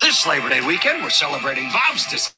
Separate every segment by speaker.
Speaker 1: This Labor Day weekend, we're celebrating Bob's dis.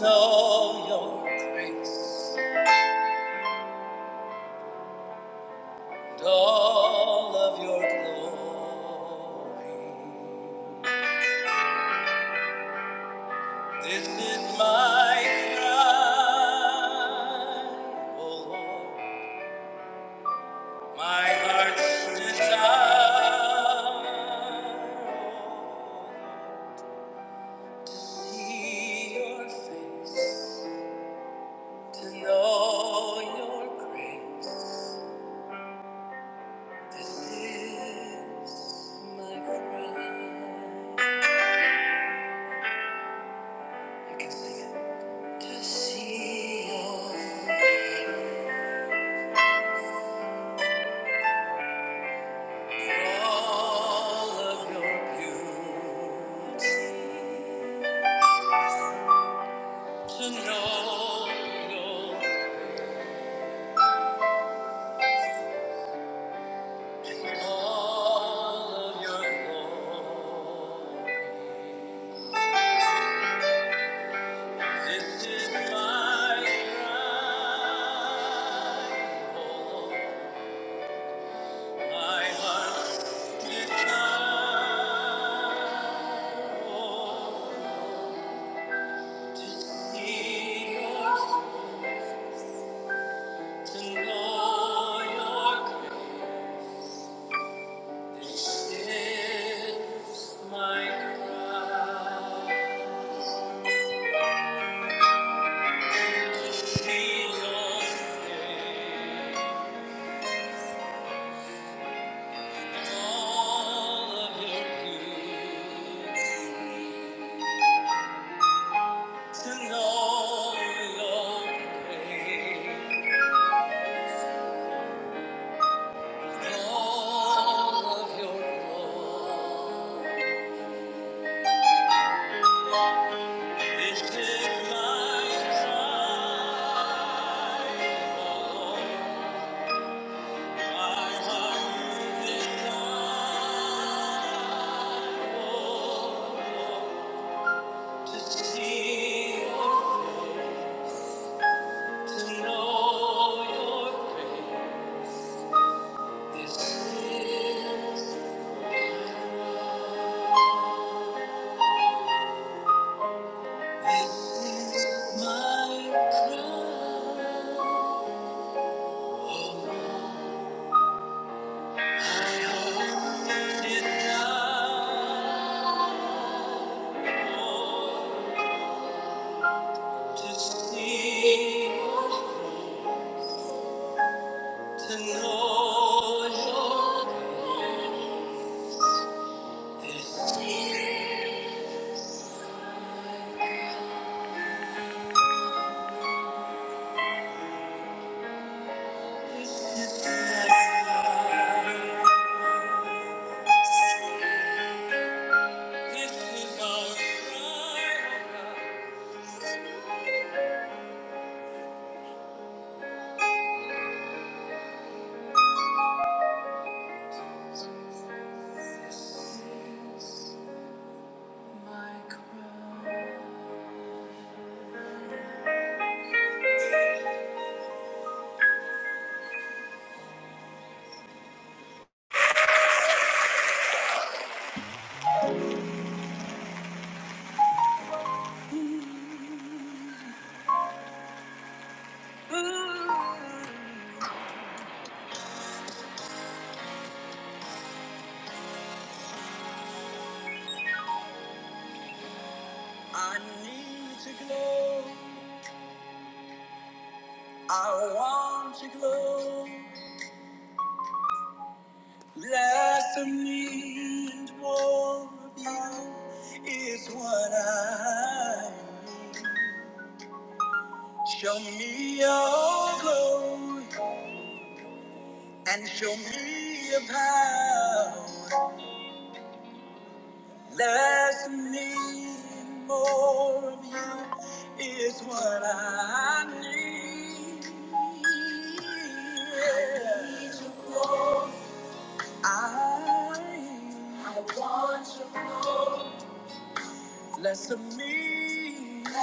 Speaker 1: Know your of your beauty, to know your all of your glory. This is my cry, O Lord.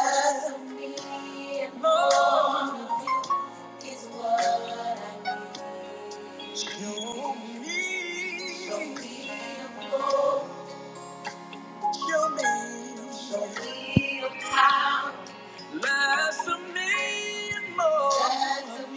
Speaker 1: Love me more is what I need. Show me, show me your power. Show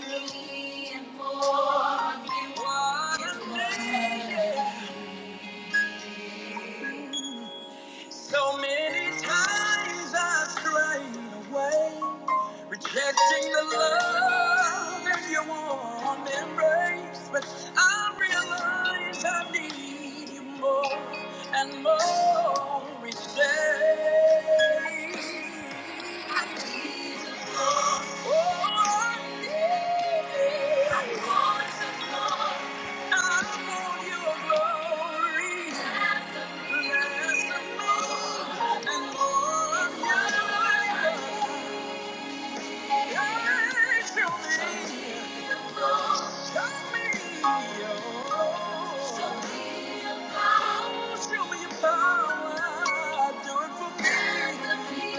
Speaker 1: me your power. Do it for me. Dance for me.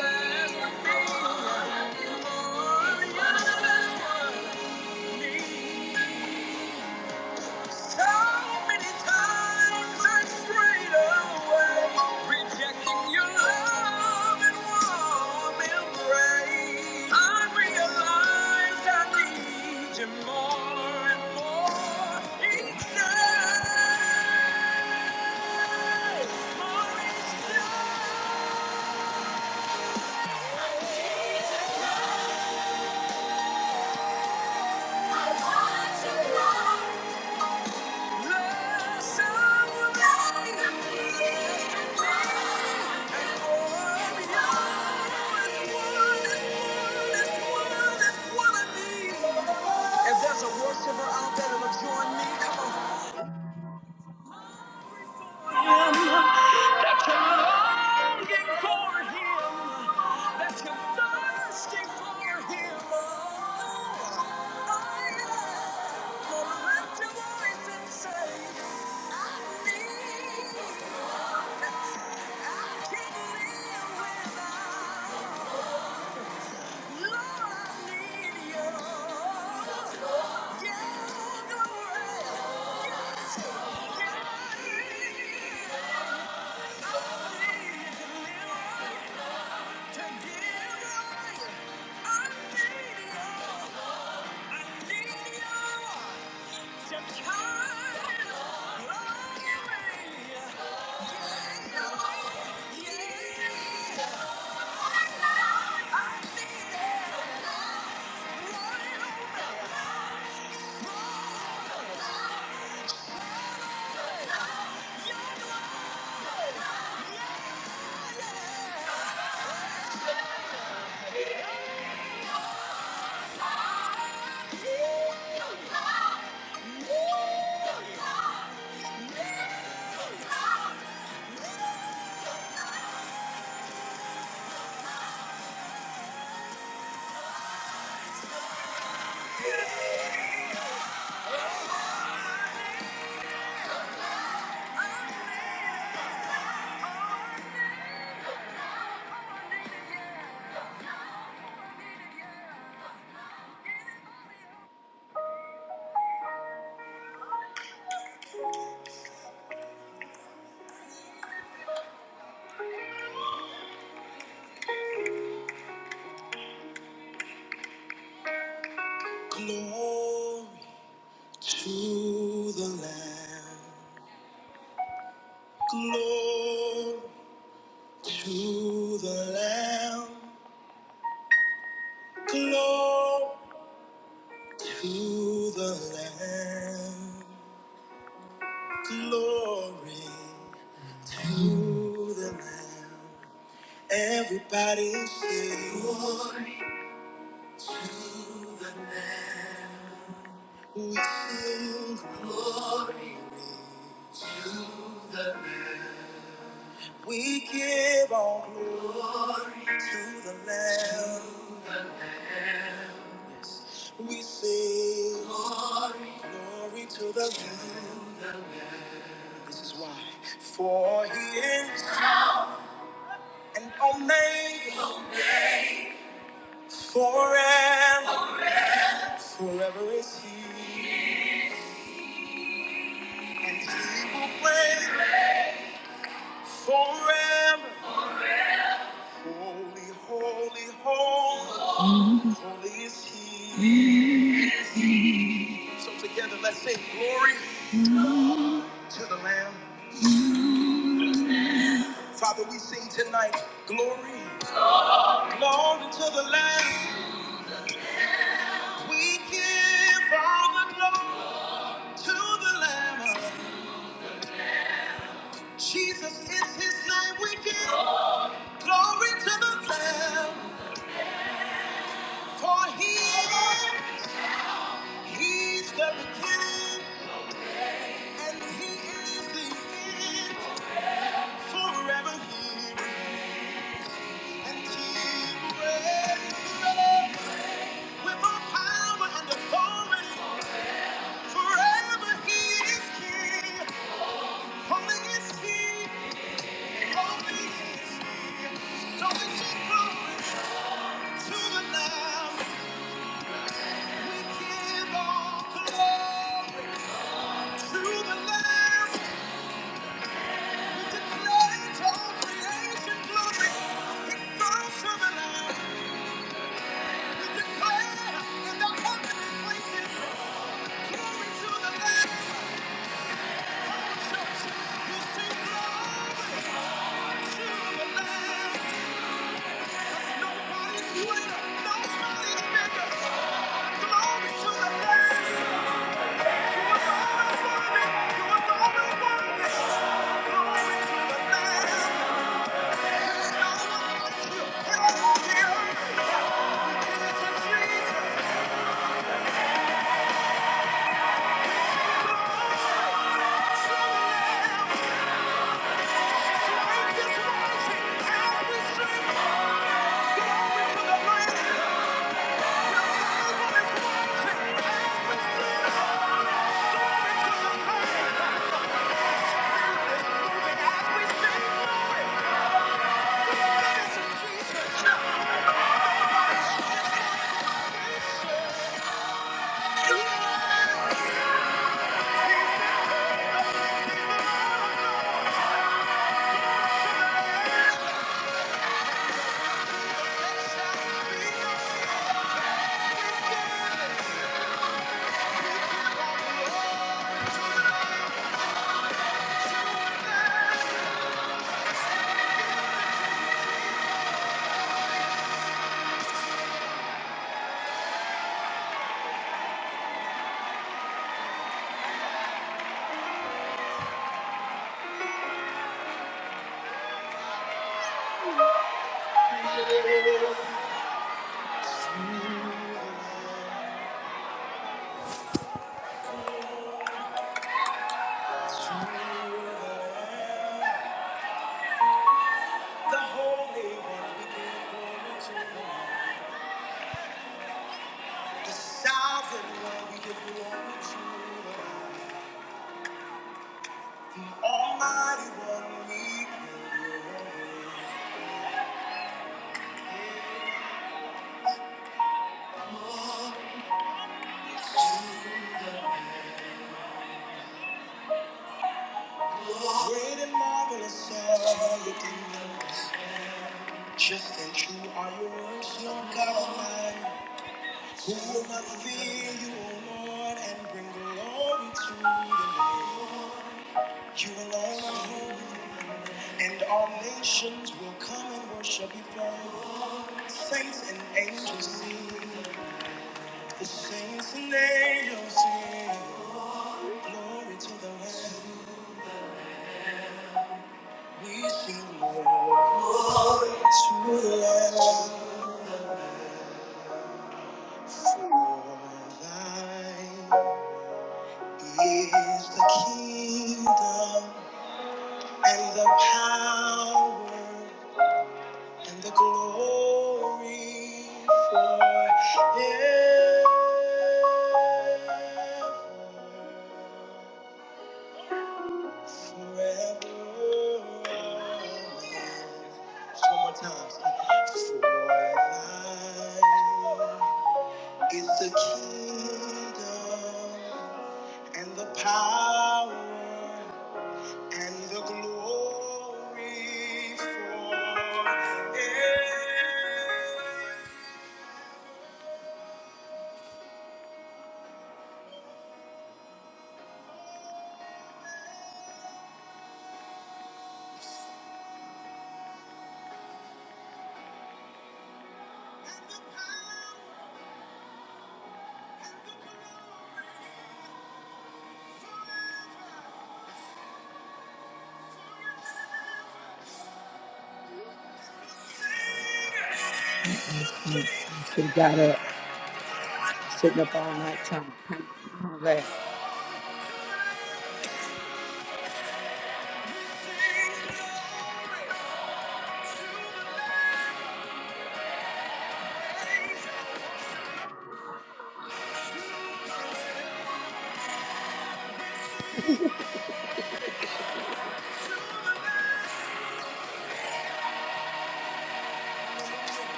Speaker 1: Warrior.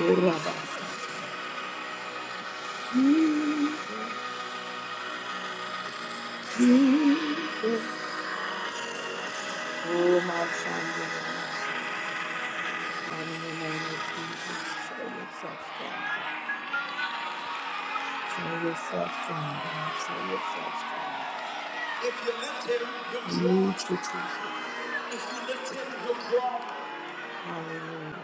Speaker 1: Urabasa, my Urabasa. In the name of show yourself strong. Show yourself strong, God. Show yourself strong. Thank you, Jesus. Hallelujah.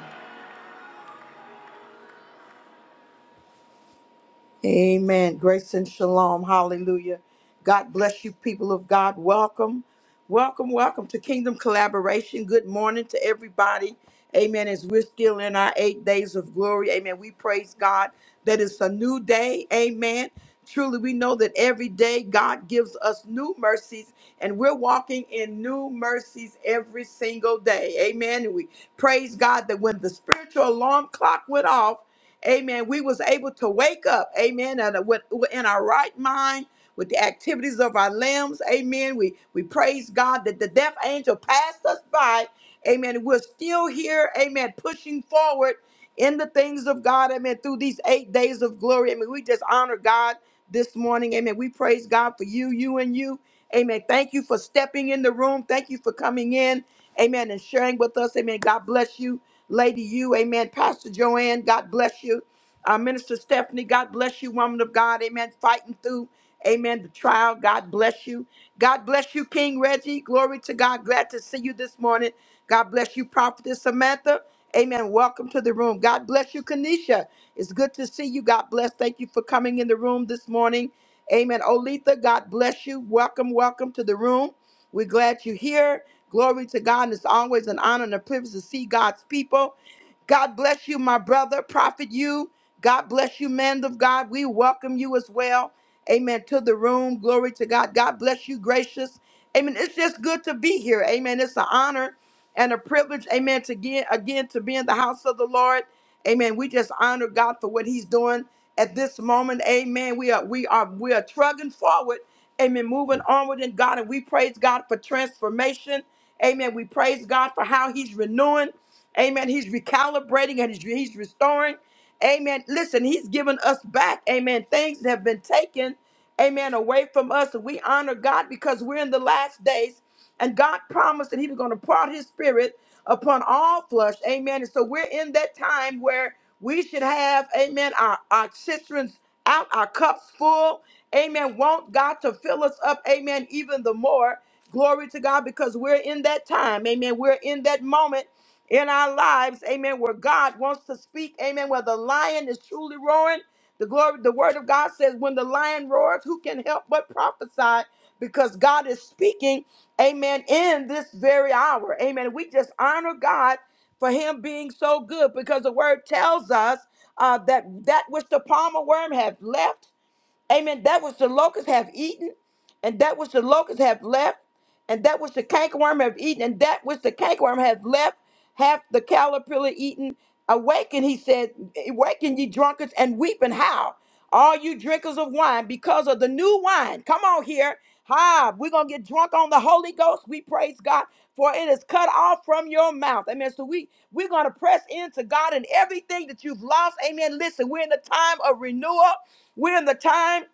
Speaker 1: Amen. Grace and shalom. Hallelujah. God bless you, people of God. Welcome, welcome, welcome to Kingdom Collaboration. Good morning to everybody. Amen. As we're still in our eight days of glory, amen. We praise God that it's a new day. Amen. Truly, we know that every day God gives us new mercies, and we're walking in new mercies every single day. Amen. And we praise God that when the spiritual alarm clock went off, Amen. We was able to wake up. Amen. And uh, with, in our right mind, with the activities of our limbs. Amen. We we praise God that the death angel passed us by. Amen. We're still here. Amen. Pushing forward in the things of God. Amen. Through these eight days of glory. Amen. We just honor God this morning. Amen. We praise God for you, you and you. Amen. Thank you for stepping in the room. Thank you for coming in. Amen. And sharing with us. Amen. God bless you. Lady you, amen. Pastor Joanne, God bless you. Uh, Minister Stephanie, God bless you, woman of God, amen. Fighting through, amen, the trial, God bless you. God bless you, King Reggie. Glory to God. Glad to see you this morning. God bless you, Prophetess Samantha. Amen. Welcome to the room. God bless you, Kanisha. It's good to see you. God bless. Thank you for coming in the room this morning. Amen. Olitha, God bless you. Welcome, welcome to the room. We're glad you're here. Glory to God. And it's always an honor and a privilege to see God's people. God bless you, my brother, prophet you. God bless you, man of God. We welcome you as well. Amen. To the room. Glory to God. God bless you, gracious. Amen. It's just good to be here. Amen. It's an honor and a privilege, amen, to get again to be in the house of the Lord. Amen. We just honor God for what He's doing at this moment. Amen. We are we are we are trudging forward. Amen. Moving onward in God. And we praise God for transformation. Amen. We praise God for how He's renewing. Amen. He's recalibrating and He's, he's restoring. Amen. Listen, He's given us back. Amen. Things that have been taken. Amen. Away from us. And we honor God because we're in the last days. And God promised that He was going to pour out His Spirit upon all flesh. Amen. And so we're in that time where we should have, amen, our, our cisterns out, our cups full. Amen. Want God to fill us up, amen, even the more. Glory to God because we're in that time. Amen. We're in that moment in our lives, amen, where God wants to speak, amen, where the lion is truly roaring. The glory, the word of God says, when the lion roars, who can help but prophesy? Because God is speaking, amen, in this very hour. Amen. We just honor God for him being so good because the word tells us uh, that that which the palmer worm hath left. Amen. That which the locusts have eaten, and that which the locusts have left, and that which the cankerworm have eaten, and that which the cankerworm have left, hath the caterpillar eaten. Awaken, he said, awaken ye drunkards and weep and howl, all you drinkers of wine, because of the new wine. Come on here. Ha, we're gonna get drunk on the Holy Ghost. We praise God, for it is cut off from your mouth. Amen. So we we're gonna press into God and everything that you've lost. Amen. Listen, we're in the time of renewal. We're in the time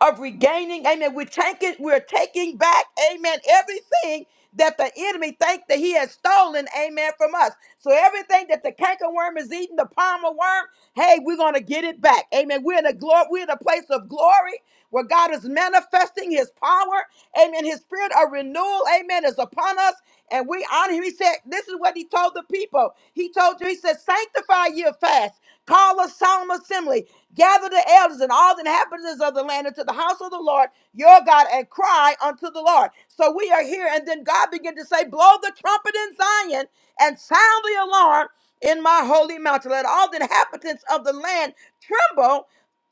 Speaker 1: of regaining, amen. We're taking, we're taking back, amen, everything that the enemy think that he has stolen, amen, from us. So everything that the cankerworm is eating, the palmer worm, hey, we're gonna get it back. Amen. We're in a glory, we're in a place of glory where God is manifesting his power. Amen. His spirit of renewal, amen, is upon us. And we honor him. He said, This is what he told the people. He told you, he said, sanctify your fast. Call a solemn assembly. Gather the elders and all the inhabitants of the land into the house of the Lord your God and cry unto the Lord. So we are here. And then God began to say, Blow the trumpet in Zion and sound the alarm in my holy mountain. Let all the inhabitants of the land tremble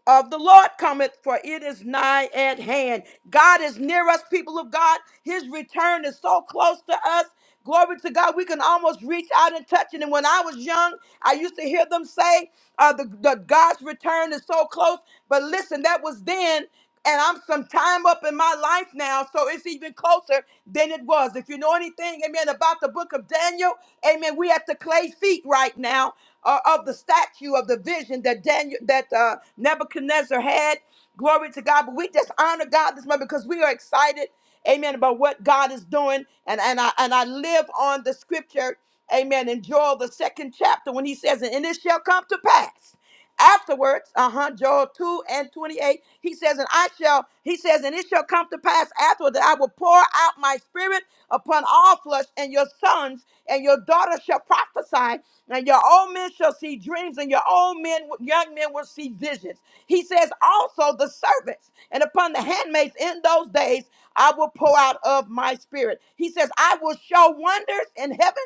Speaker 1: of the Lord cometh, for it is nigh at hand. God is near us, people of God. His return is so close to us. Glory to God, we can almost reach out and touch it. And when I was young, I used to hear them say, uh, the, the God's return is so close. But listen, that was then and I'm some time up in my life now, so it's even closer than it was. If you know anything, amen, about the book of Daniel, amen, we at the clay feet right now uh, of the statue of the vision that Daniel, that uh, Nebuchadnezzar had. Glory to God. But we just honor God this morning because we are excited, amen, about what God is doing. And, and, I, and I live on the scripture, amen, in Joel, the second chapter, when he says, And it shall come to pass. Afterwards, uh-huh, Joel 2 and 28, he says, and I shall, he says, and it shall come to pass afterward that I will pour out my spirit upon all flesh, and your sons and your daughters shall prophesy, and your old men shall see dreams, and your old men, young men will see visions. He says, also the servants and upon the handmaids in those days, I will pour out of my spirit. He says, I will show wonders in heaven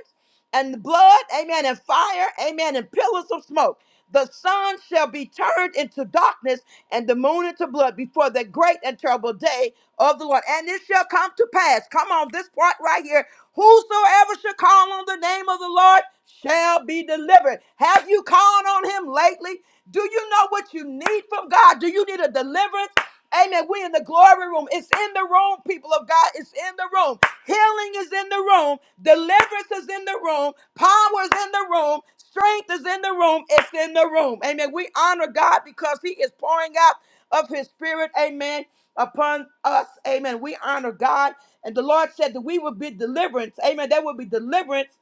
Speaker 1: and blood, amen, and fire, amen, and pillars of smoke. The sun shall be turned into darkness and the moon into blood before the great and terrible day of the Lord. And it shall come to pass. Come on, this part right here. Whosoever shall call on the name of the Lord shall be delivered. Have you called on him lately? Do you know what you need from God? Do you need a deliverance? Amen. We in the glory room. It's in the room, people of God. It's in the room. Healing is in the room. Deliverance is in the room. Power is in the room. Strength is in the room. It's in the room. Amen. We honor God because He is pouring out of His Spirit. Amen. Upon us. Amen. We honor God. And the Lord said that we will be deliverance. Amen. There will be deliverance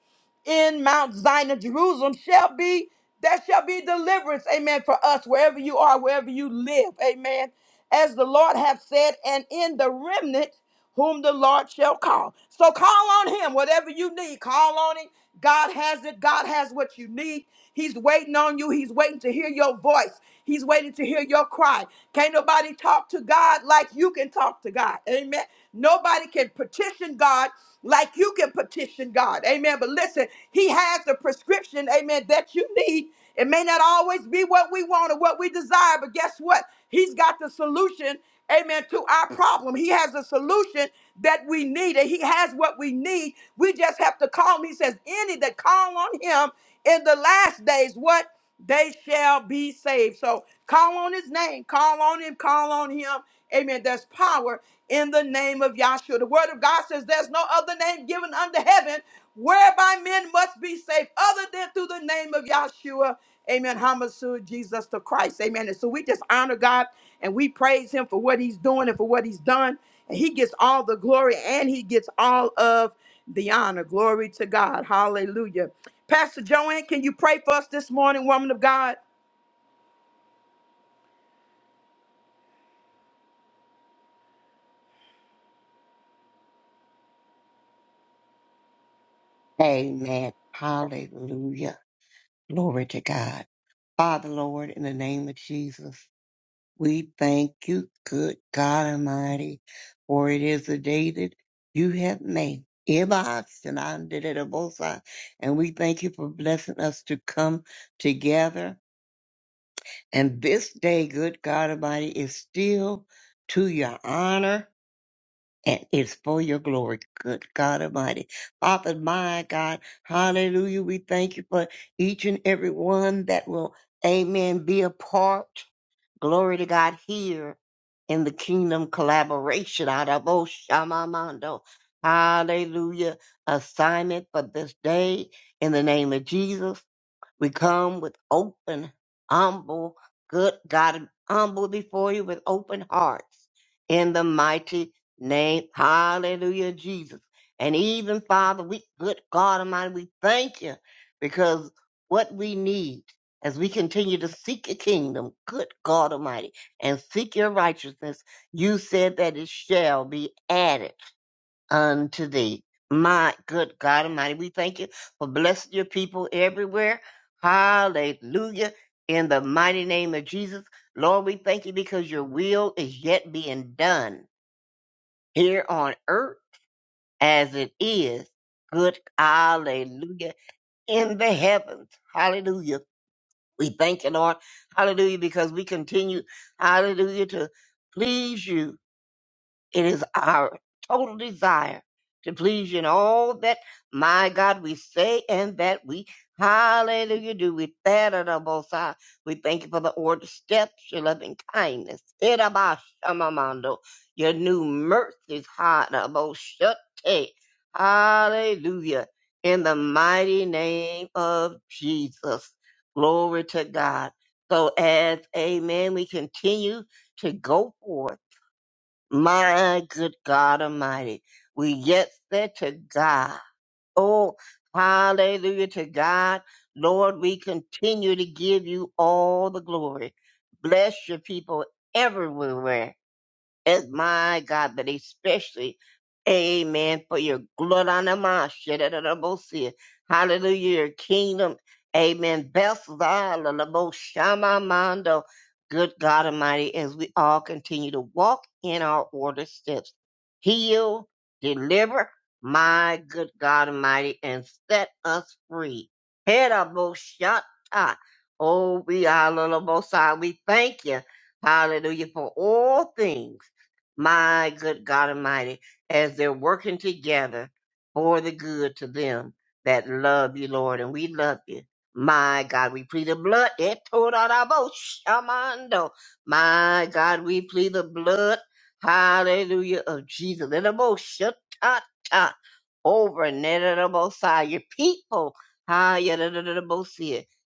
Speaker 1: in Mount Zion of Jerusalem shall be there shall be deliverance, amen, for us wherever you are, wherever you live, amen. As the Lord hath said, and in the remnant whom the Lord shall call. So call on him, whatever you need, call on him. God has it, God has what you need. He's waiting on you, he's waiting to hear your voice. He's waiting to hear your cry. Can't nobody talk to God like you can talk to God. Amen. Nobody can petition God like you can petition God. Amen. But listen, He has the prescription, amen, that you need. It may not always be what we want or what we desire, but guess what? He's got the solution amen, to our problem. He has a solution that we need, and He has what we need. We just have to call Him. He says, Any that call on Him in the last days, what? They shall be saved. So call on His name, call on Him, call on Him. Amen. There's power in the name of Yahshua. The word of God says, There's no other name given under heaven whereby men must be saved other than through the name of Yahshua. Amen. Hamasu, Jesus the Christ. Amen. And so we just honor God and we praise him for what he's doing and for what he's done. And he gets all the glory and he gets all of the honor. Glory to God. Hallelujah. Pastor Joanne, can you pray for us this morning, woman of God?
Speaker 2: Amen. Hallelujah. Glory to God. Father, Lord, in the name of Jesus, we thank you, good God Almighty, for it is the day that you have made. Ibas and I did it a both sides, And we thank you for blessing us to come together. And this day, good God Almighty, is still to your honor and it's for your glory, good God Almighty. Father, my God, hallelujah. We thank you for each and every one that will, amen, be a part, glory to God, here in the kingdom collaboration out of Oshamamando. Hallelujah. Assignment for this day in the name of Jesus. We come with open, humble, good God, humble before you with open hearts in the mighty name. Hallelujah, Jesus. And even Father, we, good God Almighty, we thank you because what we need as we continue to seek your kingdom, good God Almighty, and seek your righteousness, you said that it shall be added unto thee. My good God Almighty, we thank you for blessing your people everywhere. Hallelujah. In the mighty name of Jesus, Lord, we thank you because your will is yet being done here on earth as it is. Good hallelujah in the heavens. Hallelujah. We thank you, Lord. Hallelujah, because we continue, hallelujah, to please you it is our total desire to please you in all that, my God, we say and that we, hallelujah, do. We thank you, Most High. We thank you for the order steps, your loving kindness, Erabashamamando, your new mercies, Hanaboshate. hallelujah, in the mighty name of Jesus. Glory to God. So as, amen, we continue to go forth. My good God Almighty, we get there to God. Oh, hallelujah to God. Lord, we continue to give you all the glory. Bless your people everywhere it's my God, but especially, amen, for your blood on the mouth, shit out the most here. Hallelujah, your kingdom, amen. Belshazzar, la la bo shama mando. Good God Almighty, as we all continue to walk in our order steps, heal, deliver, my good God Almighty, and set us free. Head up, bo shata. Oh, we are, la la bo side. We thank you. Hallelujah for all things my good God Almighty, as they're working together for the good to them that love you, Lord, and we love you. My God, we plead the blood. Et torarabo shamando. My God, we plead the blood, hallelujah, of Jesus. Etabo shatata. Over Nedabosai, your people, hi,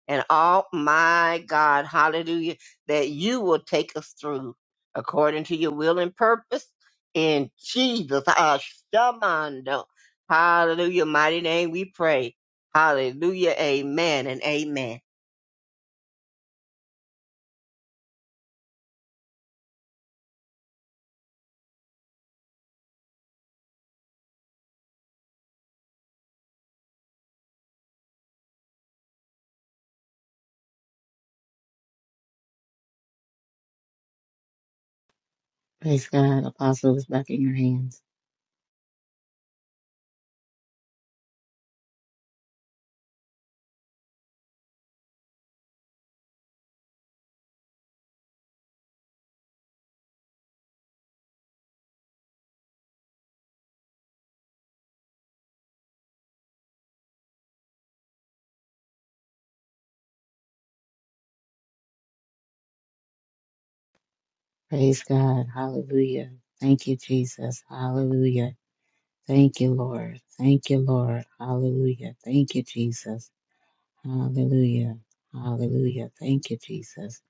Speaker 2: and all my God, hallelujah, that you will take us through according to your will and purpose. In Jesus, Ashamando. Hallelujah. Mighty name we pray. Hallelujah. Amen and amen.
Speaker 3: Praise God. Apostle is back in your hands. Praise God. Hallelujah. Thank you, Jesus. Hallelujah. Thank you, Lord. Thank you, Lord. Hallelujah. Thank you, Jesus. Hallelujah. Hallelujah. Thank you, Jesus.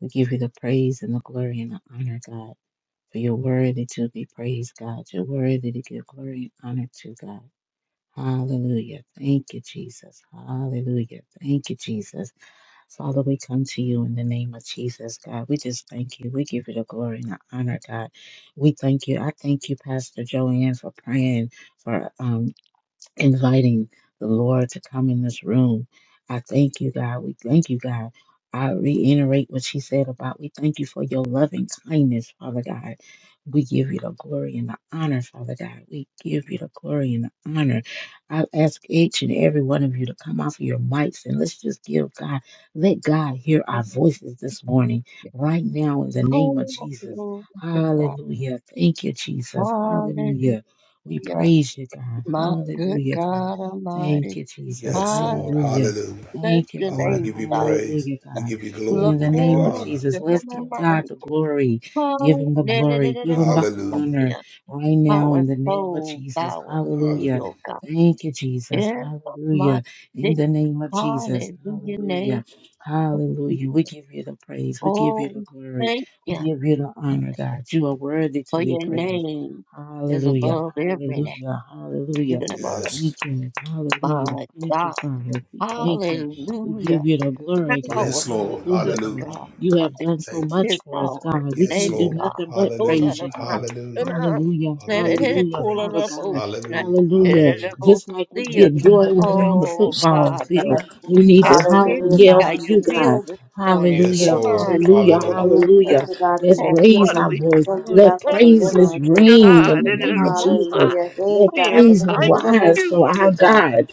Speaker 3: We give you the praise and the glory and the honor, God. For you're worthy to be praised, God. You're worthy to give glory and honor to God. Hallelujah. Thank you, Jesus. Hallelujah. Thank you, Jesus. Father, we come to you in the name of Jesus, God. We just thank you. We give you the glory and the honor, God. We thank you. I thank you, Pastor Joanne, for praying for um, inviting the Lord to come in this room. I thank you, God. We thank you, God. I reiterate what she said about we thank you for your loving kindness, Father God. We give you the glory and the honor, Father God. We give you the glory and the honor. I ask each and every one of you to come off of your mics and let's just give God, let God hear our voices this morning, right now, in the
Speaker 2: Oh,
Speaker 3: name of Jesus.
Speaker 2: glory to God.
Speaker 3: Hallelujah. Thank you, Jesus. Hallelujah.
Speaker 2: Hallelujah.
Speaker 3: We praise you, God.
Speaker 2: My good
Speaker 3: Hallelujah, God.
Speaker 2: God
Speaker 3: Thank
Speaker 2: Almighty.
Speaker 3: you, Jesus.
Speaker 4: Yes,
Speaker 2: Hallelujah.
Speaker 4: Lord.
Speaker 3: Hallelujah.
Speaker 4: Hallelujah.
Speaker 2: Bless
Speaker 3: Thank you,
Speaker 2: your
Speaker 4: Father, we
Speaker 3: Lord.
Speaker 2: name,
Speaker 4: give you
Speaker 2: God.
Speaker 4: praise.
Speaker 3: Hallelujah,
Speaker 4: We
Speaker 3: God.
Speaker 4: give you glory.
Speaker 3: In
Speaker 2: Look,
Speaker 4: We
Speaker 3: the
Speaker 4: give you
Speaker 3: name of
Speaker 2: oh,
Speaker 4: honor.
Speaker 3: Jesus, let's give God
Speaker 2: Shemaiah,
Speaker 3: the glory. Give him the glory. Give him the
Speaker 4: Hallelujah.
Speaker 3: honor
Speaker 2: Hallelujah.
Speaker 3: right now
Speaker 2: Our
Speaker 3: in the name of
Speaker 2: soul
Speaker 3: Jesus.
Speaker 2: bows to thee,
Speaker 3: Hallelujah.
Speaker 4: Hallelujah.
Speaker 2: O God.
Speaker 3: Thank you, Jesus.
Speaker 2: In my
Speaker 3: Hallelujah. In
Speaker 2: sick,
Speaker 3: the name of Jesus.
Speaker 2: hallelujah, name.
Speaker 3: Hallelujah. Hallelujah. We give you the praise. We give you
Speaker 2: Oh,
Speaker 3: the
Speaker 2: we
Speaker 3: glory.
Speaker 2: thank
Speaker 3: We
Speaker 2: you
Speaker 3: give you the honor, God. You are worthy to
Speaker 2: for
Speaker 3: be
Speaker 2: your
Speaker 3: praised.
Speaker 2: name is
Speaker 3: Hallelujah.
Speaker 2: above every name,
Speaker 3: Hallelujah. Hallelujah.
Speaker 2: even above
Speaker 3: Thank
Speaker 4: Yes.
Speaker 3: you. Hallelujah.
Speaker 2: my
Speaker 3: Thank you,
Speaker 2: God.
Speaker 3: Father. We thank you. We
Speaker 2: Hallelujah.
Speaker 3: give you the glory, God.
Speaker 2: Power,
Speaker 4: Yes, Lord.
Speaker 3: Hallelujah,
Speaker 2: good
Speaker 3: God.
Speaker 4: Hallelujah.
Speaker 3: You have
Speaker 2: God.
Speaker 3: done so
Speaker 4: Thank you.
Speaker 3: much
Speaker 2: His
Speaker 3: for us,
Speaker 2: Lord,
Speaker 3: God. We
Speaker 4: Yes,
Speaker 2: thank
Speaker 3: can't
Speaker 2: you,
Speaker 3: do
Speaker 4: Lord.
Speaker 2: God.
Speaker 3: nothing but
Speaker 2: Hold on,
Speaker 3: praise
Speaker 4: Hallelujah.
Speaker 3: you,
Speaker 2: look at
Speaker 3: God.
Speaker 2: that.
Speaker 4: Hallelujah.
Speaker 3: Hallelujah.
Speaker 4: Father,
Speaker 2: Let
Speaker 4: we
Speaker 2: it
Speaker 4: give
Speaker 2: let
Speaker 4: you
Speaker 2: it
Speaker 3: Hallelujah,
Speaker 2: cool on
Speaker 3: Father
Speaker 2: up
Speaker 4: praise.
Speaker 2: ocean.
Speaker 3: God.
Speaker 2: Let
Speaker 4: Hallelujah.
Speaker 2: it
Speaker 3: Hallelujah.
Speaker 2: let
Speaker 4: Hallelujah.
Speaker 2: it go
Speaker 3: Just like we
Speaker 2: see us.
Speaker 3: get joy when
Speaker 5: Hallelujah,
Speaker 3: we're on the
Speaker 2: Oh
Speaker 3: football
Speaker 2: God,
Speaker 3: field,
Speaker 2: we
Speaker 3: we need to
Speaker 2: have
Speaker 3: holler and
Speaker 2: risen
Speaker 3: yell for
Speaker 5: God,
Speaker 2: by your
Speaker 3: you,
Speaker 5: Jesus.
Speaker 3: God.
Speaker 2: will this morning.
Speaker 4: Yes,
Speaker 5: Thank
Speaker 3: Hallelujah.
Speaker 5: you,
Speaker 4: Lord.
Speaker 2: Somebody
Speaker 5: Jesus.
Speaker 3: Hallelujah.
Speaker 2: cool on up
Speaker 4: Hallelujah.
Speaker 5: Hallelujah. Thank
Speaker 2: ocean.
Speaker 3: Hallelujah.
Speaker 5: you, God, for
Speaker 3: Let's
Speaker 5: your
Speaker 2: And
Speaker 3: raise
Speaker 2: what
Speaker 5: healing.
Speaker 3: our
Speaker 2: we
Speaker 3: voice.
Speaker 5: Thank you,
Speaker 2: do,
Speaker 5: God,
Speaker 3: Let
Speaker 5: for
Speaker 2: let
Speaker 3: praises
Speaker 5: deliverance, oh
Speaker 2: ocean
Speaker 5: God.
Speaker 3: ring
Speaker 2: on
Speaker 3: in
Speaker 2: it
Speaker 3: the
Speaker 2: let
Speaker 3: name
Speaker 2: it
Speaker 3: of
Speaker 2: up
Speaker 3: Jesus.
Speaker 2: ocean.
Speaker 5: Hallelujah. Hey,
Speaker 3: Let
Speaker 2: We
Speaker 5: God.
Speaker 3: praises
Speaker 2: invite
Speaker 3: rise
Speaker 2: you
Speaker 3: for
Speaker 5: Bullshit,
Speaker 3: our
Speaker 5: God.
Speaker 3: God.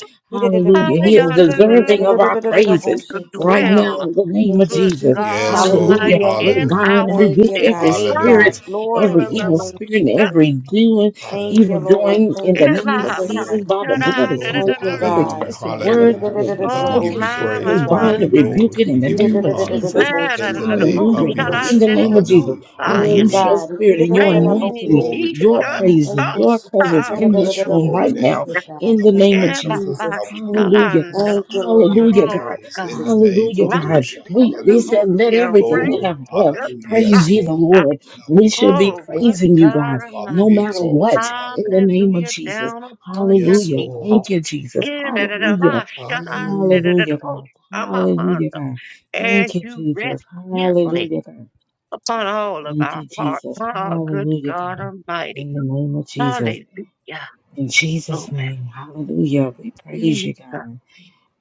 Speaker 2: high
Speaker 3: Hallelujah. He is
Speaker 2: on the
Speaker 3: deserving of
Speaker 2: little
Speaker 3: our
Speaker 2: side
Speaker 3: praises
Speaker 2: to
Speaker 5: Bullshit,
Speaker 3: right
Speaker 5: God.
Speaker 2: dwell
Speaker 3: now in the name of
Speaker 5: Thank you,
Speaker 2: good
Speaker 3: Jesus.
Speaker 5: Jesus.
Speaker 2: God
Speaker 4: Yes, Lord.
Speaker 3: Hallelujah.
Speaker 2: Almighty
Speaker 5: Hallelujah.
Speaker 3: We
Speaker 2: in
Speaker 4: Hallelujah.
Speaker 3: bind and
Speaker 2: our
Speaker 5: Thank
Speaker 3: rebuke
Speaker 5: you,
Speaker 2: midst.
Speaker 5: God.
Speaker 3: every
Speaker 5: Hey, God.
Speaker 3: spirit,
Speaker 4: Hallelujah.
Speaker 5: Glory
Speaker 3: every
Speaker 5: to your
Speaker 3: evil
Speaker 4: Glory.
Speaker 5: name,
Speaker 3: spirit, and
Speaker 2: Hallelujah.
Speaker 3: every
Speaker 5: Jesus.
Speaker 3: doing,
Speaker 5: Thank
Speaker 3: evil
Speaker 5: you,
Speaker 4: Hallelujah.
Speaker 5: Lord.
Speaker 3: doing in
Speaker 5: Thank
Speaker 3: the
Speaker 5: you,
Speaker 2: Yeah,
Speaker 3: name of
Speaker 2: my,
Speaker 4: Thank you,
Speaker 5: Jesus.
Speaker 2: my,
Speaker 3: Jesus
Speaker 4: Lord.
Speaker 3: by the
Speaker 2: should
Speaker 4: Thank
Speaker 3: blood
Speaker 4: you,
Speaker 2: I,
Speaker 3: of
Speaker 2: da, da,
Speaker 4: Lord.
Speaker 3: Jesus.
Speaker 2: da,
Speaker 5: Thank
Speaker 2: da,
Speaker 5: you,
Speaker 2: da,
Speaker 3: Every
Speaker 2: bo-
Speaker 5: God.
Speaker 4: Hallelujah.
Speaker 3: curse of
Speaker 2: yeah.
Speaker 3: word
Speaker 4: Hallelujah.
Speaker 3: that has been
Speaker 4: God, we
Speaker 2: Oh,
Speaker 4: give
Speaker 3: spoken,
Speaker 4: you
Speaker 5: Bullshit,
Speaker 2: my,
Speaker 3: we
Speaker 2: my,
Speaker 4: praise. We
Speaker 2: my,
Speaker 4: give
Speaker 3: bind
Speaker 5: God.
Speaker 4: you
Speaker 3: and
Speaker 2: my.
Speaker 4: glory.
Speaker 3: rebuke it in
Speaker 4: We
Speaker 3: the
Speaker 4: give you
Speaker 3: name of
Speaker 4: honor.
Speaker 3: Jesus.
Speaker 4: In
Speaker 5: Bullshit,
Speaker 4: the name
Speaker 2: Oh,
Speaker 3: Hallelujah,
Speaker 4: of
Speaker 2: shut
Speaker 3: God.
Speaker 2: on,
Speaker 3: In
Speaker 4: Yahushua.
Speaker 3: the
Speaker 5: Jesus.
Speaker 3: name of Jesus.
Speaker 4: Hallelujah.
Speaker 3: We
Speaker 5: Hey,
Speaker 2: fire.
Speaker 3: loose
Speaker 4: Hallelujah.
Speaker 3: your
Speaker 5: God.
Speaker 3: spirit and your
Speaker 4: Glory,
Speaker 3: anointing,
Speaker 2: Rain,
Speaker 5: bullshit,
Speaker 4: glory
Speaker 2: be
Speaker 4: to the
Speaker 3: your
Speaker 2: shut
Speaker 4: Lamb of
Speaker 5: Thank
Speaker 3: praises,
Speaker 2: up.
Speaker 4: God.
Speaker 5: you,
Speaker 3: your
Speaker 4: Father,
Speaker 3: presence
Speaker 4: we
Speaker 2: Oh,
Speaker 3: in this
Speaker 4: bless your
Speaker 3: room
Speaker 4: holy
Speaker 3: right now,
Speaker 4: name.
Speaker 5: bullshit,
Speaker 3: in
Speaker 5: God.
Speaker 3: the
Speaker 4: God, we
Speaker 5: Thank
Speaker 3: name
Speaker 5: you,
Speaker 3: of
Speaker 2: yeah, but
Speaker 4: magnify.
Speaker 3: Jesus.
Speaker 2: by
Speaker 5: Jesus.
Speaker 4: God, we
Speaker 2: shut
Speaker 4: glorify.
Speaker 3: Hallelujah,
Speaker 2: on.
Speaker 3: God.
Speaker 5: Thank you,
Speaker 4: God, we give
Speaker 5: Lord.
Speaker 4: you
Speaker 3: Hallelujah,
Speaker 2: Oh,
Speaker 3: God.
Speaker 4: praise
Speaker 2: God.
Speaker 4: in
Speaker 5: Jesus.
Speaker 4: the name
Speaker 3: Hallelujah,
Speaker 4: of
Speaker 2: Fire,
Speaker 3: God.
Speaker 4: Yahushua.
Speaker 3: We they
Speaker 4: Hallelujah.
Speaker 3: said, let everything that
Speaker 2: rain.
Speaker 4: Glory.
Speaker 3: have breath
Speaker 2: Shut
Speaker 4: Hallelujah.
Speaker 3: praise
Speaker 4: Yes,
Speaker 3: ye the
Speaker 4: Lord.
Speaker 2: up.
Speaker 3: Lord.
Speaker 4: God,
Speaker 3: We
Speaker 4: we
Speaker 3: should be
Speaker 2: Oh,
Speaker 4: glorify.
Speaker 2: good
Speaker 3: praising you,
Speaker 2: God
Speaker 4: Oh,
Speaker 3: God,
Speaker 4: Father,
Speaker 3: no
Speaker 4: we
Speaker 2: Almighty.
Speaker 3: matter
Speaker 4: exalt
Speaker 3: what,
Speaker 4: you.
Speaker 3: in the
Speaker 4: Hallelujah.
Speaker 3: name of
Speaker 2: Hallelujah
Speaker 3: Jesus.
Speaker 2: down upon your
Speaker 4: Yes,
Speaker 3: Hallelujah.
Speaker 4: Lord.
Speaker 3: Thank
Speaker 2: people.
Speaker 3: you, Jesus.
Speaker 2: In da da da
Speaker 3: Hallelujah.
Speaker 2: la shine, da
Speaker 4: Hallelujah.
Speaker 2: da da da
Speaker 3: Hallelujah,
Speaker 2: oh,
Speaker 3: God. Hallelujah,
Speaker 2: shamamando.
Speaker 3: God.
Speaker 2: As
Speaker 3: Thank you,
Speaker 2: you rest
Speaker 3: Jesus.
Speaker 2: gently
Speaker 3: Hallelujah, God.
Speaker 2: upon all of
Speaker 3: Thank
Speaker 2: our
Speaker 3: you,
Speaker 2: hearts.
Speaker 3: Jesus.
Speaker 2: Oh, good
Speaker 3: Hallelujah,
Speaker 2: God
Speaker 3: God.
Speaker 2: Almighty.
Speaker 3: In the name of Jesus.
Speaker 2: Hallelujah.
Speaker 3: In Jesus' name. Hallelujah. We praise
Speaker 2: Glory.
Speaker 3: you, God.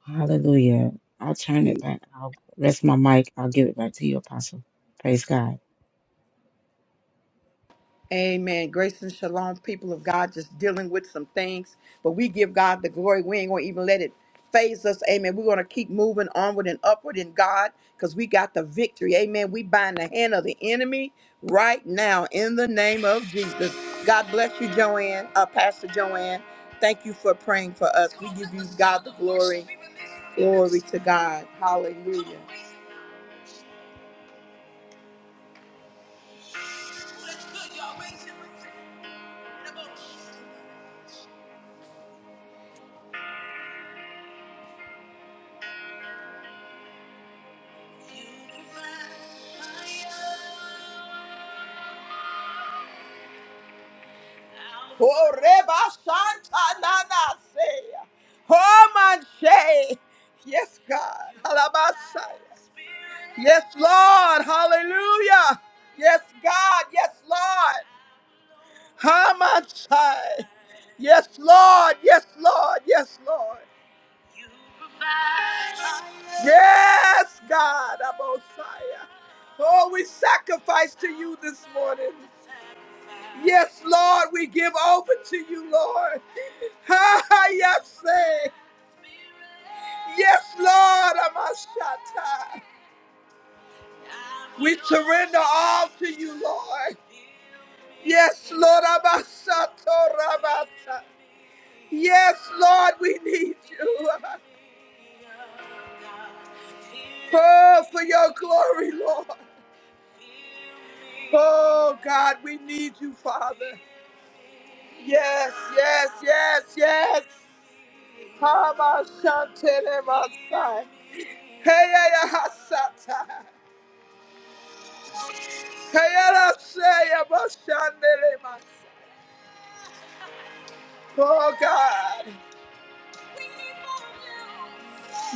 Speaker 3: Hallelujah. I'll turn it back. I'll rest my mic. I'll give it back to you, Apostle. Praise God.
Speaker 1: Amen. Grace and shalom, people of God, just dealing with some things. But we give God the glory. We ain't going to even let it phase us. Amen. We're going to keep moving onward and upward in God because we got the victory. Amen. We bind the hand of the enemy right now in the name of Jesus. God bless you, Joanne, uh, Pastor Joanne. Thank you for praying for us. We God the glory to God. Hallelujah. Oh, Reba Shanta Nana Seya. Oh, Manche. Yes, God. Alabasaya. Yes, Lord. Hallelujah. Yes, God. Yes, Lord. Hamanchai. Yes, Lord. Yes, Lord. Yes, Lord. Yes, God. Abosaya. Oh, we sacrifice to you this morning. Yes, Lord, we give over to you, Lord. Ha ha, yes, Yes, Lord, Amashata. We surrender all to you, Lord. Yes, Lord, Amashato Rabasa. Yes, Lord, we need you. Oh, for your glory, Lord. Oh, God, we need you, Father. Yes, yes, yes, yes. Amashantele Masai. Hey, hey, Hasata. Hey, Rasaya Mashandele Masai. Oh, God.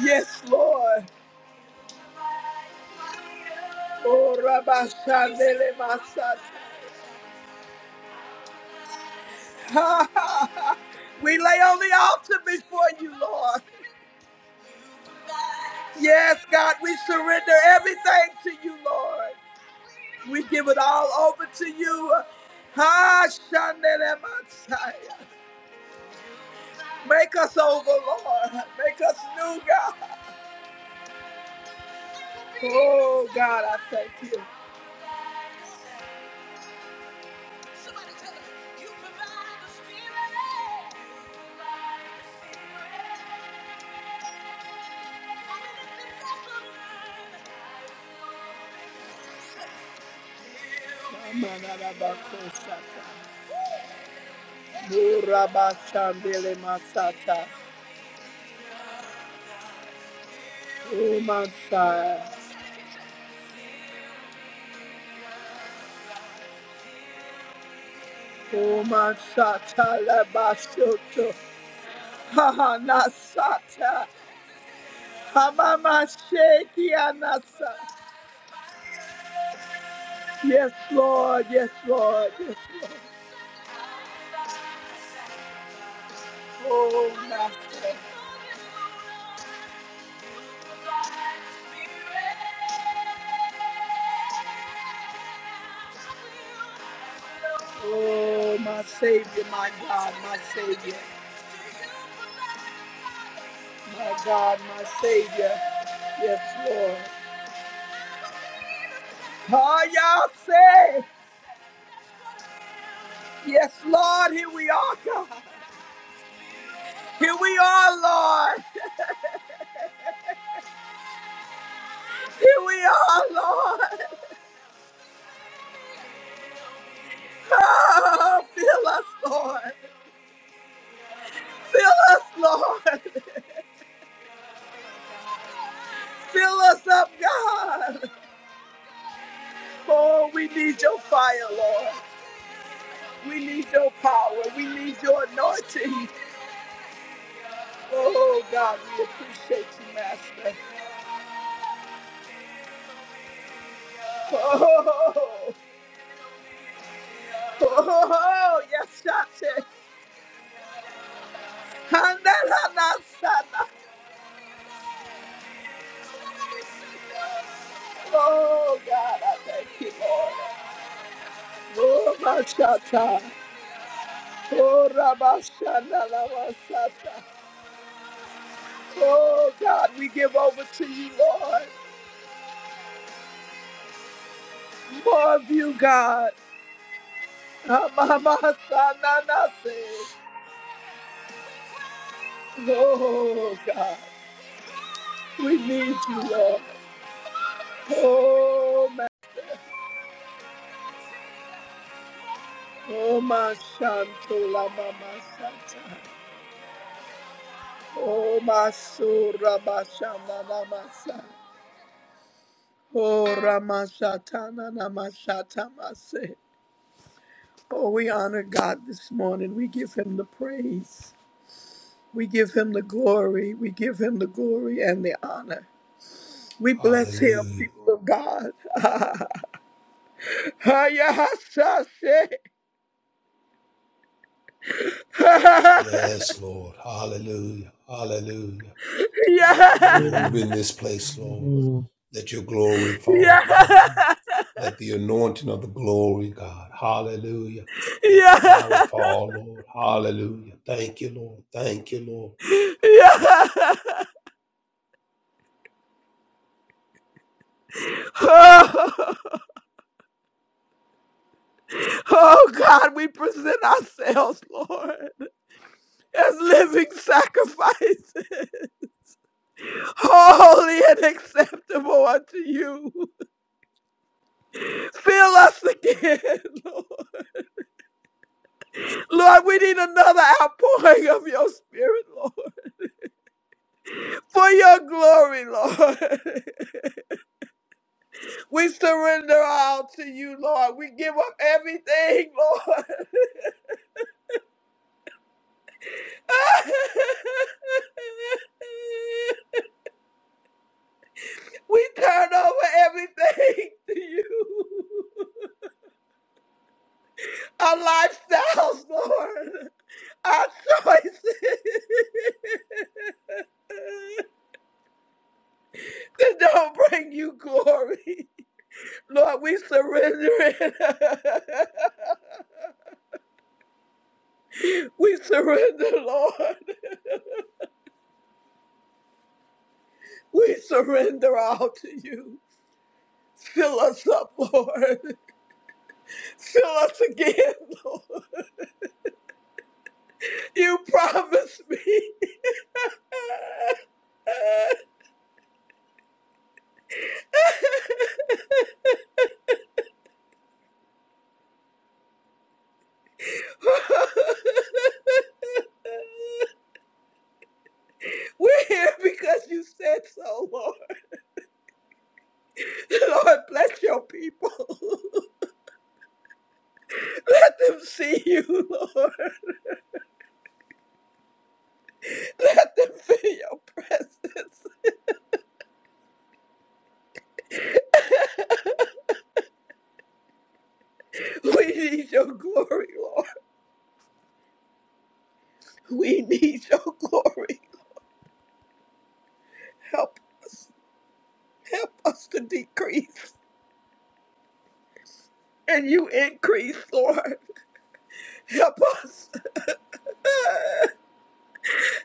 Speaker 1: Yes, Lord. Oh, Rabba Shandele Masat. Ha, ha, ha. We lay on the altar before you, Lord. Yes, God, we surrender everything to you, Lord. We give it all over to you. Ha Shandele Masai. Make us over, Lord. Make us new, God. Oh, God, I thank you. Amanarabakosata. Murabashandele Masata. Oh, Masai. Oma sata la basoto. Haha nasata. Hamama sheki anasa. Yes, Lord. Yes, Lord. Yes, Lord. Oh, Master. Oh, my Savior, my God, my Savior, my God, my Savior. Yes, Lord. Oh, y'all say, yes, Lord, here we are, God. Here we are, Lord. Here we are, Lord. Oh, fill us, Lord. Fill us, Lord. Fill us up, God. Oh, we need your fire, Lord. We need your power. We need your anointing. Oh, God, we appreciate you, Master. Oh, oh, oh yes, Shante. Handaranasana. Oh, God, I thank you, Lord. Oh, Mashata. Oh, Rabashana Lavasata. Oh, God, we give over to you, Lord. More of you, God. Amamasananase. Oh, God. We need you, Lord. Oh, my, oh, my Shantola Mama Santa. Oh, my Sura Bashana Namasa. Oh, Ramashatana Namashata Mase. Oh, we honor God this morning. We give him the praise. We give him the glory. We give him the glory and the honor. We bless him,
Speaker 4: Hallelujah.
Speaker 1: people of God. Hayahasase. Yeah.
Speaker 4: Yes, Lord. Hallelujah. Hallelujah.
Speaker 1: Yeah.
Speaker 4: Move
Speaker 3: Hallelujah.
Speaker 4: in this place, Lord.
Speaker 3: Hallelujah.
Speaker 4: Let your glory fall, Father.
Speaker 1: Yeah.
Speaker 4: Let the anointing of the glory, God. Hallelujah. Let the power fall, Lord. Hallelujah. Thank you, Lord. Thank you, Lord.
Speaker 1: Yeah. Oh, oh God, we present ourselves, Lord, as living sacrifices, holy and acceptable unto you. Fill us again, Lord. Lord, we need another outpouring of your spirit, Lord, for your glory, Lord. We surrender all to you, Lord. We give up everything, Lord. we turn over everything to you. Our lifestyles, Lord. Our choices. that don't bring you glory. Lord, we surrender it. we surrender, Lord. We surrender all to you. Fill us up, Lord. Fill us again, Lord. You promised me. We're here because you said so, Lord. Lord, bless your people. Let them see you, Lord. Let them feel your presence. We need your glory, Lord. We need your glory. Help us. Help us to decrease. and you increase, Lord. Help us.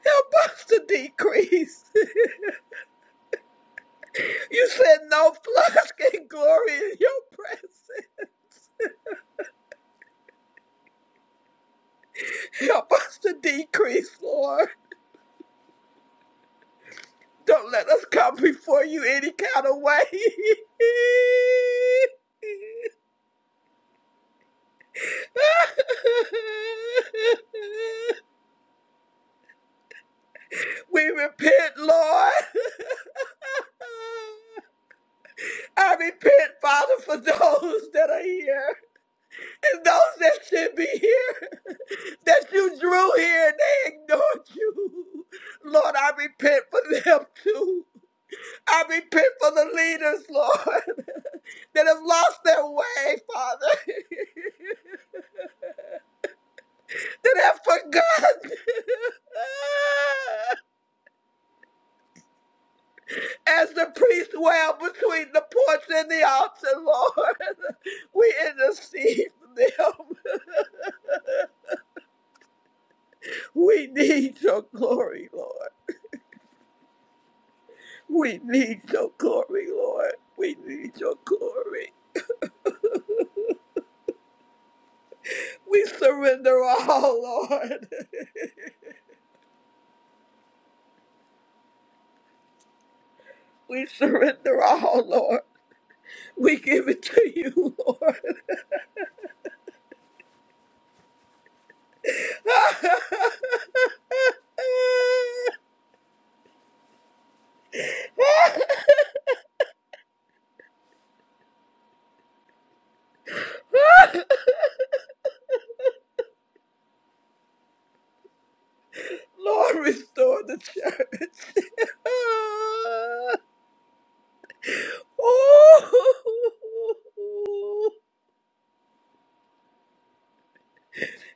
Speaker 1: Help us to decrease. You said no flesh can glory in your presence. Help us to decrease, Lord. Don't let us come before you any kind of way. We repent, Lord. I repent, Father, for those that are here and those that should be here, that you drew here and they ignored you. Lord, I repent for them too. I repent for the leaders, Lord, that have lost their way, Father, that have forgotten. As the priest wailed between the porch and the altar, Lord, we intercede for them. We need your glory, Lord. We need your glory, Lord. We need your glory. We surrender all, Lord. We surrender all, Lord. We give it to you, Lord. Lord, restore the church. oh,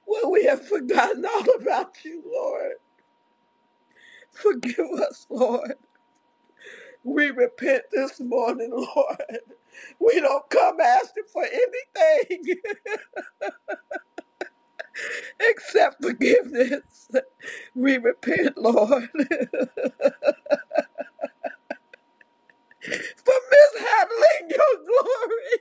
Speaker 1: Well, we have forgotten all about you, Lord. Forgive us, Lord. We repent this morning, Lord. We don't come asking for anything except forgiveness. We repent, Lord, for mishandling your glory.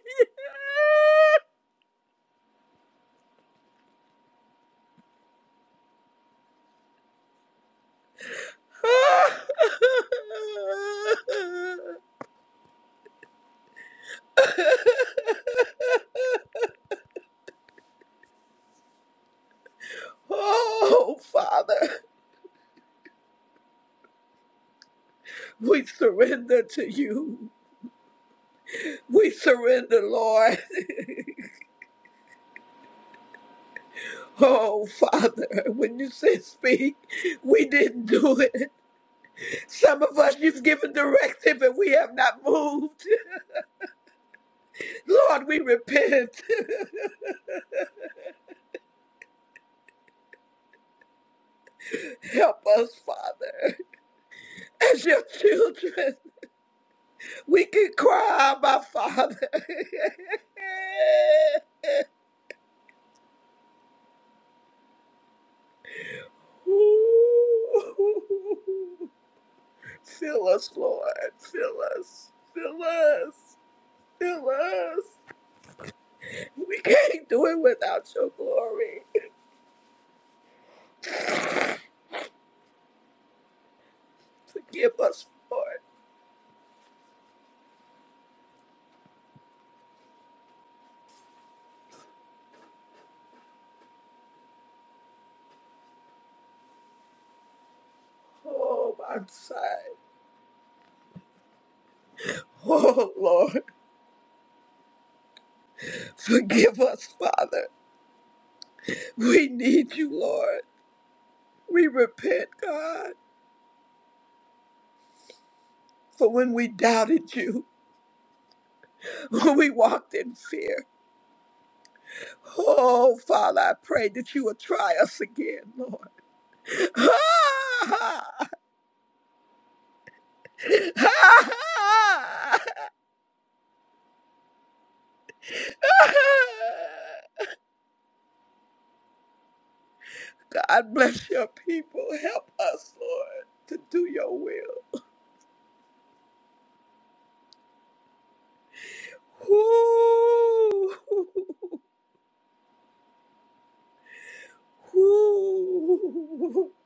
Speaker 1: Oh, Father, we surrender to you. We surrender, Lord. Oh, Father, when you said speak, we didn't do it. Some of us, you've given directive and we have not moved. Lord, we repent. Help us, Father. As your children, we can cry, my Father. Ooh. Fill us, Lord. Fill us. Fill us. Fill us. We can't do it without your glory. Forgive us, Lord. Oh, my side. Oh, Lord. Forgive us, Father. We need you, Lord. We repent, God, for when we doubted you, when we walked in fear. Oh, Father, I pray that you will try us again, Lord. God bless your people. Help us, Lord, to do your will. Whoo! Whoo!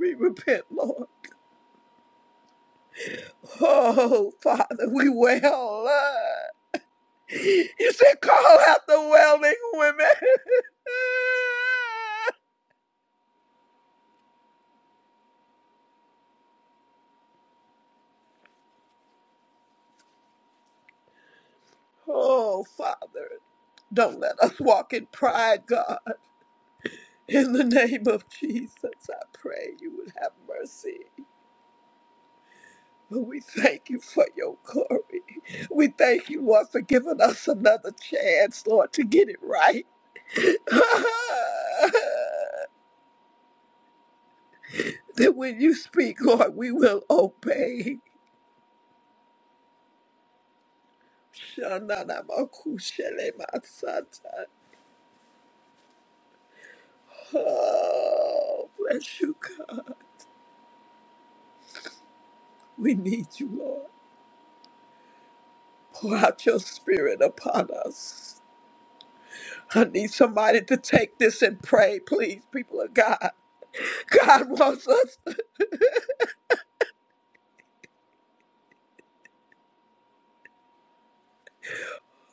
Speaker 1: We repent, Lord. Oh, Father, we wail, Lord. You said, call out the wailing women. oh, Father, don't let us walk in pride, God. In the name of Jesus, I pray you would have mercy. But we thank you for your glory. We thank you, Lord, for giving us another chance, Lord, to get it right. that when you speak, Lord, we will obey. Shananamakushelemansata. Oh, bless you, God. We need you, Lord. Pour out your spirit upon us. I need somebody to take this and pray, please, people of God. God wants us.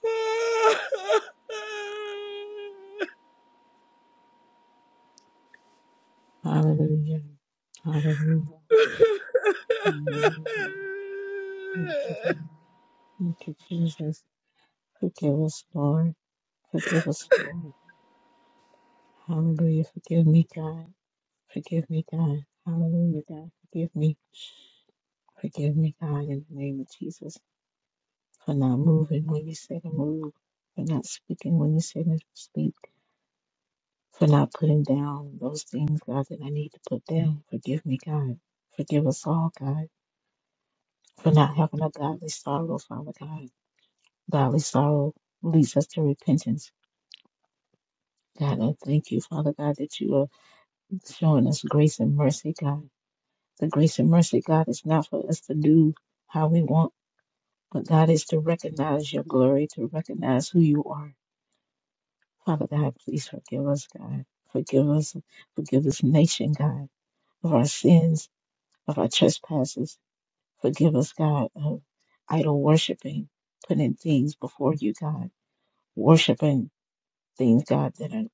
Speaker 3: Hallelujah. Hallelujah. Hallelujah. Thank you, God. Thank you, Jesus. Forgive us, Lord. Forgive us, Lord. Hallelujah. Forgive me, God. Forgive me, God. Hallelujah, God. Forgive me. Forgive me, God, in the name of Jesus, for not moving when you say to move, for not speaking when you say to speak, for not putting down those things, God, that I need to put down. Forgive me, God. Forgive us all, God, for not having a godly sorrow, Father God. Godly sorrow leads us to repentance. God, I thank you, Father God, that you are showing us grace and mercy, God. The grace and mercy, God, is not for us to do how we want But God is to recognize your glory, to recognize who you are. Father God, please forgive us, God. Forgive us. Forgive this nation, God, of our sins, of our trespasses. Forgive us, God, of idol worshiping, putting things before you, God, worshiping things, God, that are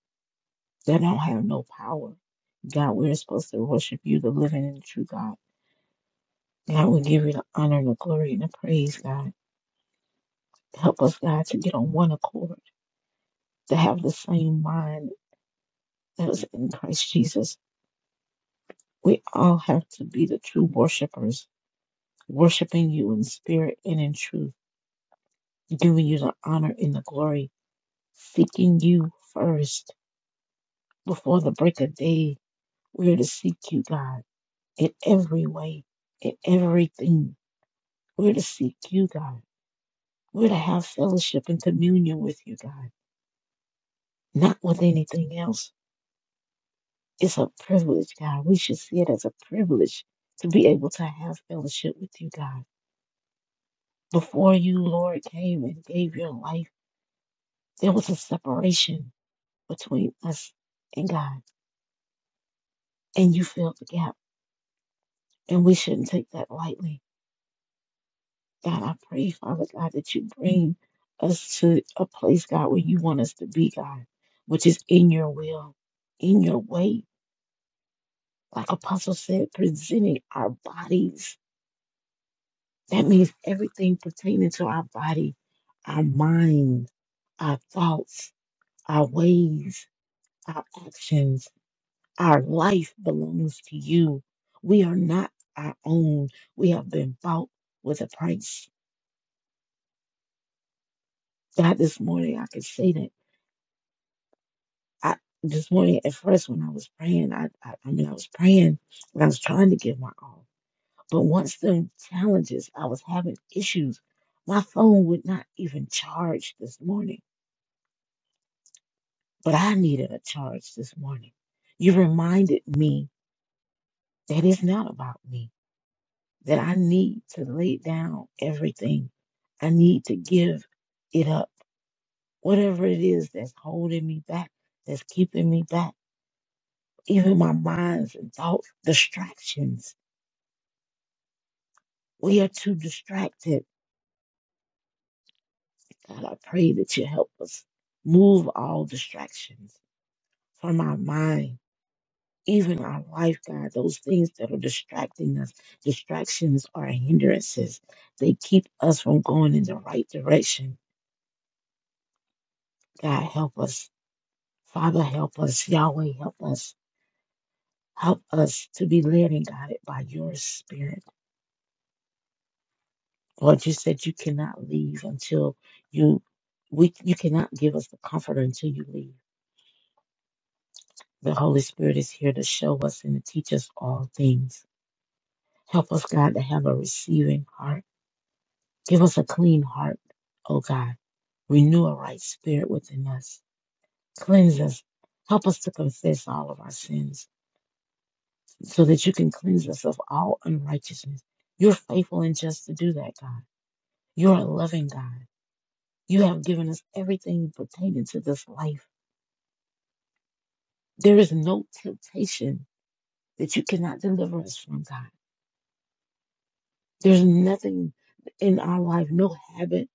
Speaker 3: that don't have no power. God, we're supposed to worship you, the living and true God. God, we give you the honor and the glory and the praise, God. Help us, God, to get on one accord, to have the same mind that's in Christ Jesus. We all have to be the true worshipers, worshiping you in spirit and in truth, giving you the honor and the glory, seeking you first before the break of day. We are to seek you, God, in every way, in everything. We're to seek you, God. We're to have fellowship and communion with you, God, not with anything else. It's a privilege, God. We should see it as a privilege to be able to have fellowship with you, God. Before you, Lord, came and gave your life, there was a separation between us and God, and you filled the gap. And we shouldn't take that lightly. God, I pray, Father God, that you bring us to a place, God, where you want us to be, God, which is in your will, in your way. Like Apostle said, presenting our bodies. That means everything pertaining to our body, our mind, our thoughts, our ways, our actions Our life belongs to you. We are not our own. We have been bought with a price. God, this morning I could say that. I this morning at first when I was praying, I I, I mean I was praying and I was trying to give my all. But once them challenges, I was having issues. My phone would not even charge this morning. But I needed a charge this morning. You reminded me that it's not about me. that I need to lay down everything. I need to give it up. Whatever it is that's holding me back, that's keeping me back, even my minds and thoughts, distractions. We are too distracted. God, I pray that you help us move all distractions from our mind, even our life, God, those things that are distracting us. Distractions are hindrances, they keep us from going in the right direction. God, help us Father, help us. Yahweh, help us. Help us to be led and guided by your spirit. Lord, you said you cannot leave until you, we, you cannot give us the comforter until you leave. The Holy Spirit is here to show us and to teach us all things. Help us, God, to have a receiving heart. Give us a clean heart, oh God. Renew a right spirit within us. Cleanse us. Help us to confess all of our sins so that you can cleanse us of all unrighteousness. You're faithful and just to do that, God. You're a loving God. You have given us everything pertaining to this life. There is no temptation that you cannot deliver us from, God. There's nothing in our life, no habit,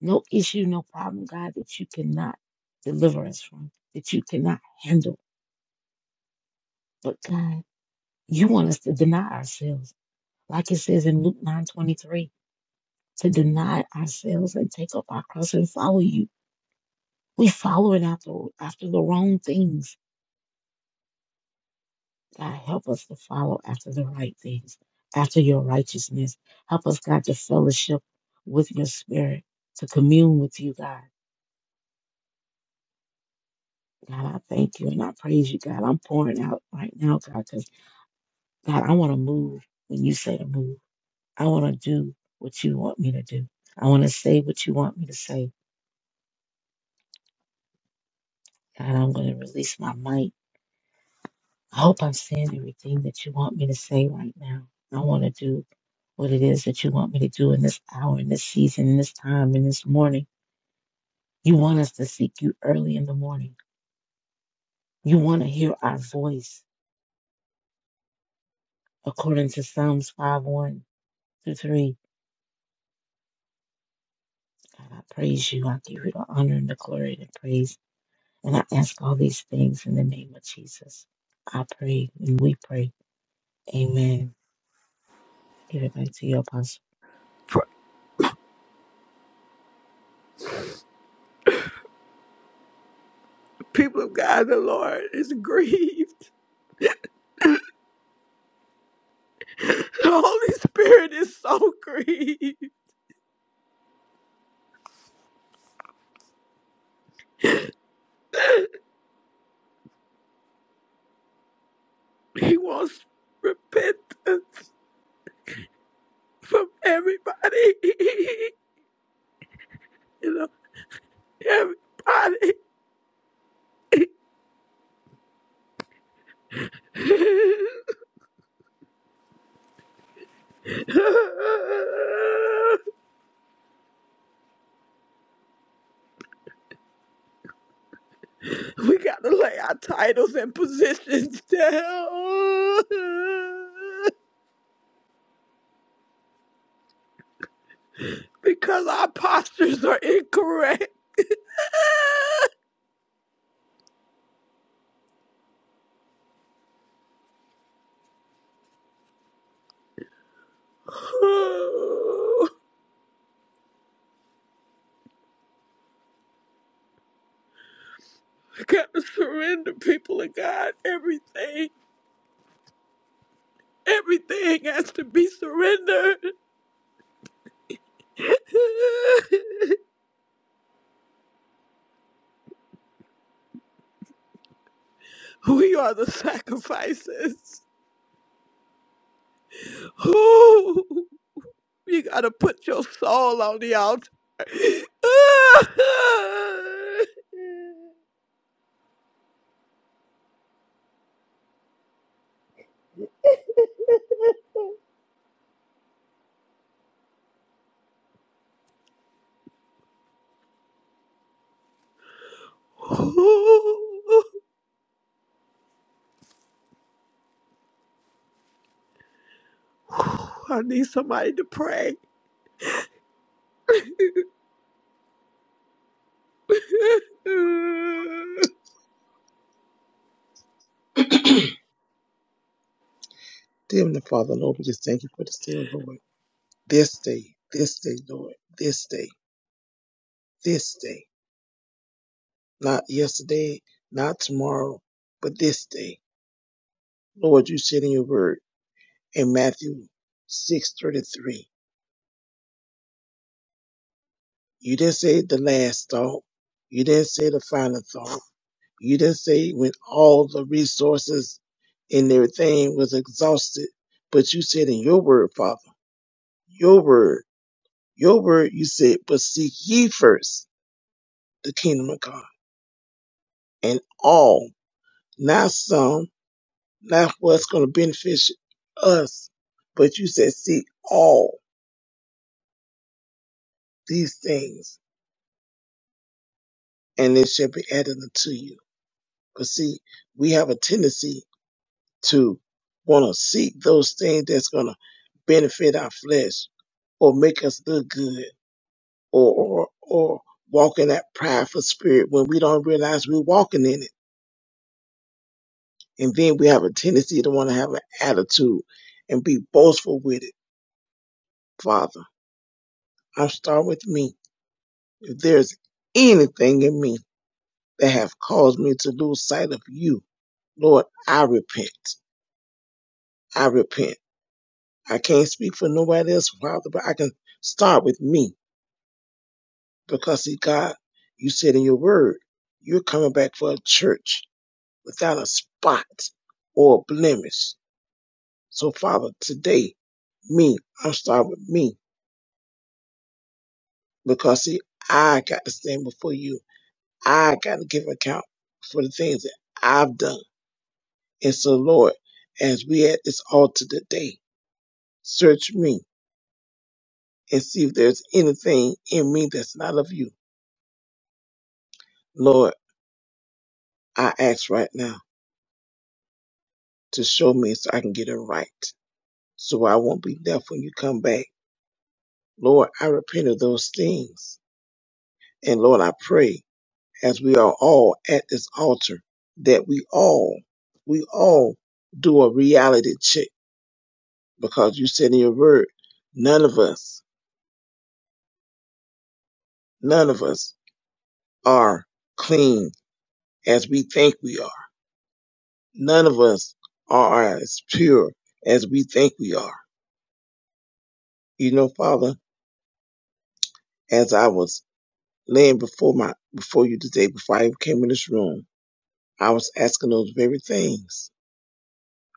Speaker 3: no issue, no problem, God, that you cannot deliver us from, that you cannot handle. But God, you want us to deny ourselves. Like it says in Luke 9:23. to deny ourselves and take up our cross and follow you. We're following after, after the wrong things. God, help us to follow after the right things, after your righteousness. Help us, God, to fellowship with your spirit, to commune with you, God. God, I thank you and I praise you, God. I'm pouring out right now, God, because, God, I want to move when you say to move. I want to do what you want me to do. I want to say what you want me to say. God, I'm going to release my might. I hope I'm saying everything that you want me to say right now. I want to do what it is that you want me to do in this hour, in this season, in this time, in this morning. You want us to seek you early in the morning. You want to hear our voice according to Psalms 5 1 through 3. God, I praise you. I give you the honor and the glory and the praise. And I ask all these things in the name of Jesus. I pray and we pray. Amen. Give it back to you, Apostle.
Speaker 1: People of God, the Lord is grieved. The Holy Spirit is so grieved. He wants repentance from everybody. You know, everybody. we gotta lay our titles and positions down. because our postures are incorrect. Oh, I gotta surrender, people of God. Everything, everything has to be surrendered. we are the sacrifices. Oh, you gotta put your soul on the altar. Oh, I need somebody to pray.
Speaker 6: Dear Heavenly Father, Lord, we just thank you for this day, oh Lord. This day, this day, Lord. This day, this day. Not yesterday, not tomorrow, but this day. Lord, you said in your word in Matthew 6.33, you didn't say the last thought. You didn't say the final thought. You didn't say when all the resources and everything was exhausted. But you said in your word, Father, your word, your word, you said, but seek ye first. the kingdom of God. And all, not some, not what's going to benefit us, but you said, see all these things and it shall be added unto you. But see, we have a tendency to want to seek those things that's going to benefit our flesh or make us look good or, or, or walk in that prideful spirit when we don't realize we're walking in it. And then we have a tendency to want to have an attitude and be boastful with it Father, I start with me. If there's anything in me that have caused me to lose sight of you, Lord, I repent. I repent. I can't speak for nobody else, Father, but I can start with me because, see, God, you said in your word, you're coming back for a church without a spot or a blemish. So, Father, today, me, I'm starting with me because, see, I got to stand before you I got to give account for the things that I've done. And so, Lord, as we at this altar today, search me and see if there's anything in me that's not of you. Lord, I ask right now to show me so I can get it right, so I won't be left when you come back. Lord, I repent of those things. And Lord, I pray as we are all at this altar that we all, we all do a reality check because you said in your word, none of us, none of us are clean as we think we are. None of us are as pure as we think we are. You know, Father, as I was laying before my before you today, before I came in this room, I was asking those very things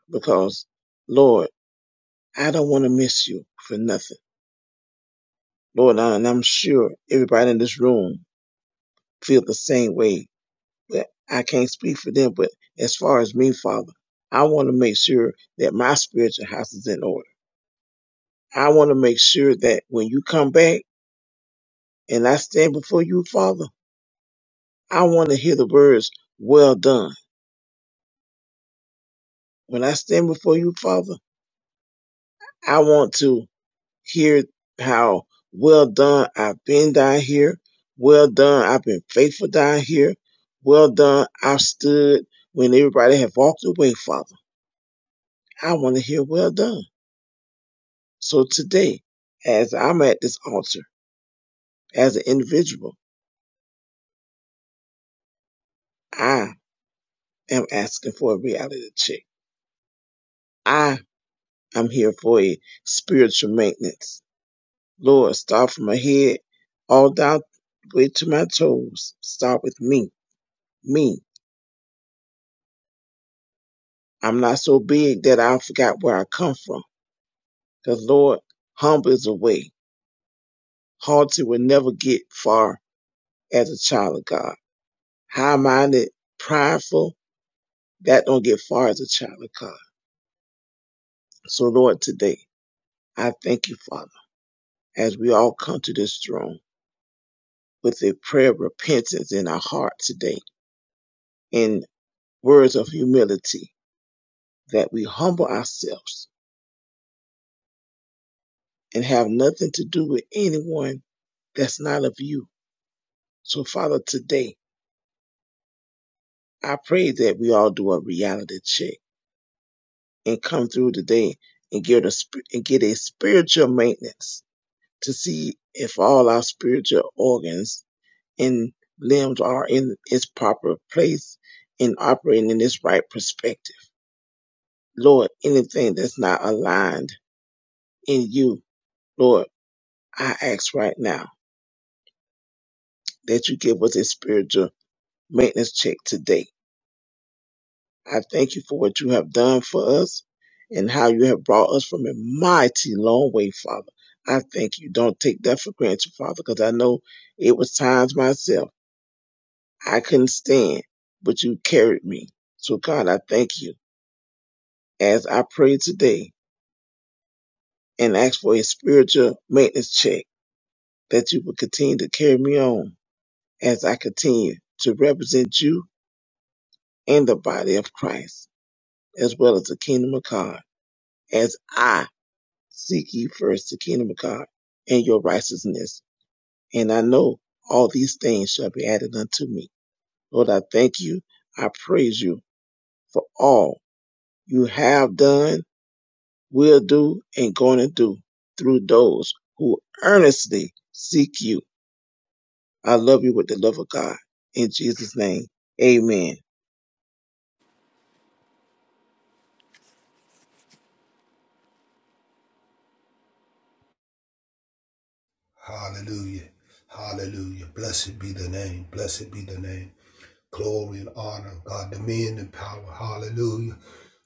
Speaker 6: because, Lord, I don't want to miss you for nothing. Lord, and I'm sure everybody in this room feel the same way that I can't speak for them, but as far as me, Father, I want to make sure that my spiritual house is in order. I want to make sure that when you come back and I stand before you, Father, I want to hear the words, well done. When I stand before you, Father, I want to hear how well done I've been down here. Well done. I've been faithful down here. Well done. I've stood when everybody have walked away, Father. I want to hear well done. So today, as I'm at this altar, as an individual, I am asking for a reality check. I am here for a spiritual maintenance. Lord, start from my head all down the way to my toes. Start with me. Me. I'm not so big that I forgot where I come from. Cause Lord, humble is a way. Haughty will never get far as a child of God. High minded, prideful, that don't get far as a child of God. So, Lord, today, I thank you, Father, as we all come to this throne with a prayer of repentance in our heart today and words of humility that we humble ourselves and have nothing to do with anyone that's not of you. So, Father, today, I pray that we all do a reality check and come through today and get a, sp- and get a spiritual maintenance to see if all our spiritual organs and limbs are in its proper place and operating in its right perspective. Lord, anything that's not aligned in you, Lord, I ask right now that you give us a spiritual maintenance check today. I thank you for what you have done for us and how you have brought us from a mighty long way, Father. I thank you. Don't take that for granted, Father, because I know it was times myself I couldn't stand, but you carried me. So, God, I thank you as I pray today and ask for a spiritual maintenance check that you will continue to carry me on as I continue to represent you and the body of Christ, as well as the kingdom of God, as I seek ye first the kingdom of God and your righteousness. And I know all these things shall be added unto me. Lord, I thank you. I praise you for all you have done will do and going to do through those who earnestly seek you. I love you with the love of God. In Jesus' name, amen.
Speaker 4: Hallelujah. Hallelujah. Blessed be the name. Blessed be the name. Glory and honor, God, dominion and power. Hallelujah.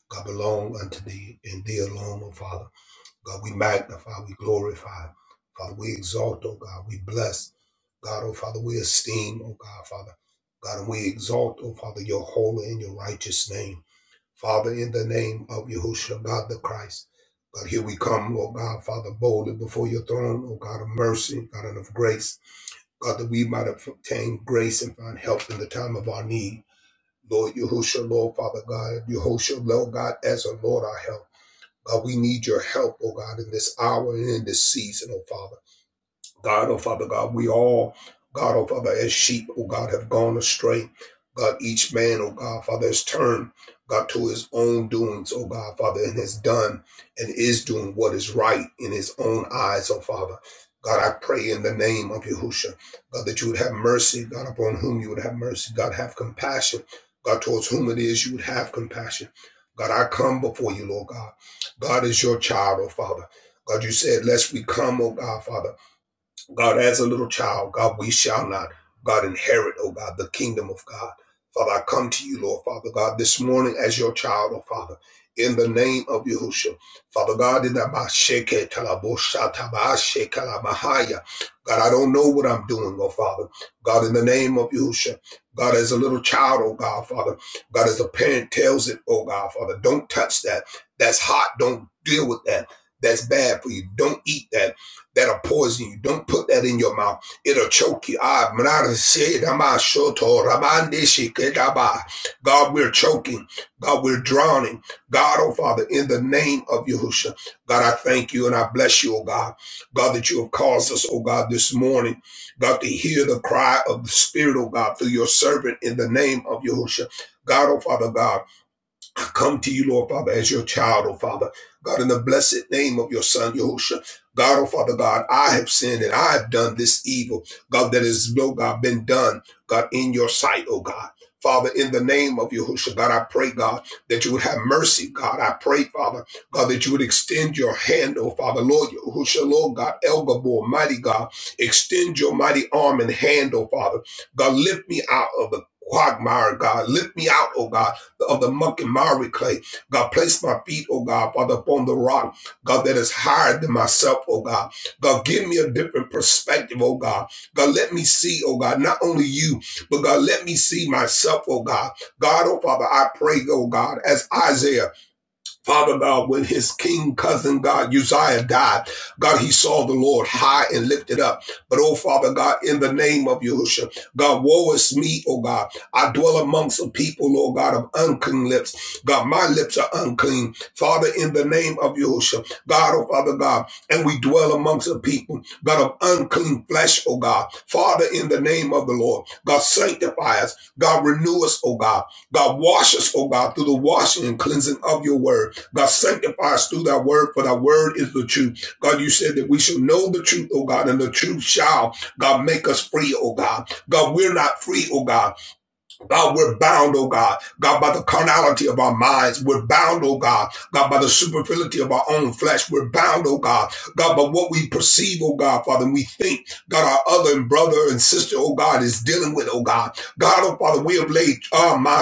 Speaker 4: God belong unto thee and thee alone, O Father. God, we magnify, we glorify. Father, we exalt, oh God, we bless. God, oh Father, we esteem, oh God, Father. God, and we exalt, oh Father, your holy and your righteous name. Father, in the name of Yahushua, God the Christ. God, here we come, oh God, Father, boldly before your throne, oh God of mercy, God and of grace. God, that we might obtain grace and find help in the time of our need. Lord Yahushua, Lord Father God, Yahushua, Lord God, as a Lord our help. God, we need your help, oh God, in this hour and in this season, oh Father. God, oh Father God, we all, God, oh Father, as sheep, oh God, have gone astray. God, each man, oh God, Father, has turned, God, to his own doings, oh God, Father, and has done and is doing what is right in his own eyes, oh Father. God, I pray in the name of Yahushua, God, that you would have mercy, God, upon whom you would have mercy. God, have compassion, God, towards whom it is you would have compassion. God, I come before you, Lord God. God is your child, oh Father. God, you said, lest we come, oh God, Father. God, as a little child, God, we shall not, God, inherit, oh God, the kingdom of God. Father, I come to you, Lord, Father God, this morning as your child, oh Father, in the name of Yahushua. Father God, in the God, I don't know what I'm doing, oh Father. God, in the name of Yahushua. God, as a little child, oh God, Father. God, as the parent tells it, oh God, Father, don't touch that. That's hot. Don't deal with that. That's bad for you. Don't eat that that are poisoning you. Don't put that in your mouth. It'll choke you. Ah, God, we're choking. God, we're drowning. God, oh Father, in the name of Yahusha. God, I thank you and I bless you, oh God. God, that you have caused us, oh God, this morning. God, to hear the cry of the Spirit, oh God, through your servant in the name of Yahusha. God, oh Father God. I come to you, Lord Father, as your child, oh Father. God, in the blessed name of your son, Yahushua. God, oh Father God, I have sinned and I have done this evil. God, That has no God, been done, God, in your sight, oh God. Father, in the name of Yahushua, God, I pray, God, that you would have mercy, God. I pray, Father, God, that you would extend your hand, oh Father, Lord Yahushua, Lord God, El Gabor, mighty God, extend your mighty arm and hand, oh Father. God, lift me out of the quagmire, God. Lift me out, oh God of the muck and miry clay. God, place my feet, oh God, Father, upon the rock, God, that is higher than myself, oh God. God, give me a different perspective, oh God. God, let me see, oh God, not only you, but God, let me see myself, oh God. God, oh Father, I pray, oh God, as Isaiah. Father God, when his king cousin God Uzziah died, God, he saw the Lord high and lifted up. But oh Father God, in the name of Yahushua, God, woe is me, oh God. I dwell amongst a people, oh God, of unclean lips. God, my lips are unclean. Father, in the name of Yahushua, God, oh Father God, and we dwell amongst a people, God, of unclean flesh, oh God. Father, in the name of the Lord, God, sanctify us. God, renew us, oh God. God, wash us, oh God, through the washing and cleansing of your word. God, sanctify us through thy word, for thy word is the truth. God, you said that we shall know the truth, oh God, and the truth shall, God, make us free, oh God. God, we're not free, oh God. God, we're bound, oh God. God, by the carnality of our minds, we're bound, oh God. God, by the superfluity of our own flesh, we're bound, oh God. God, by what we perceive, oh God, Father, and we think, God, our other and brother and sister, oh God, is dealing with, oh God. God, oh Father, we have laid, ah, my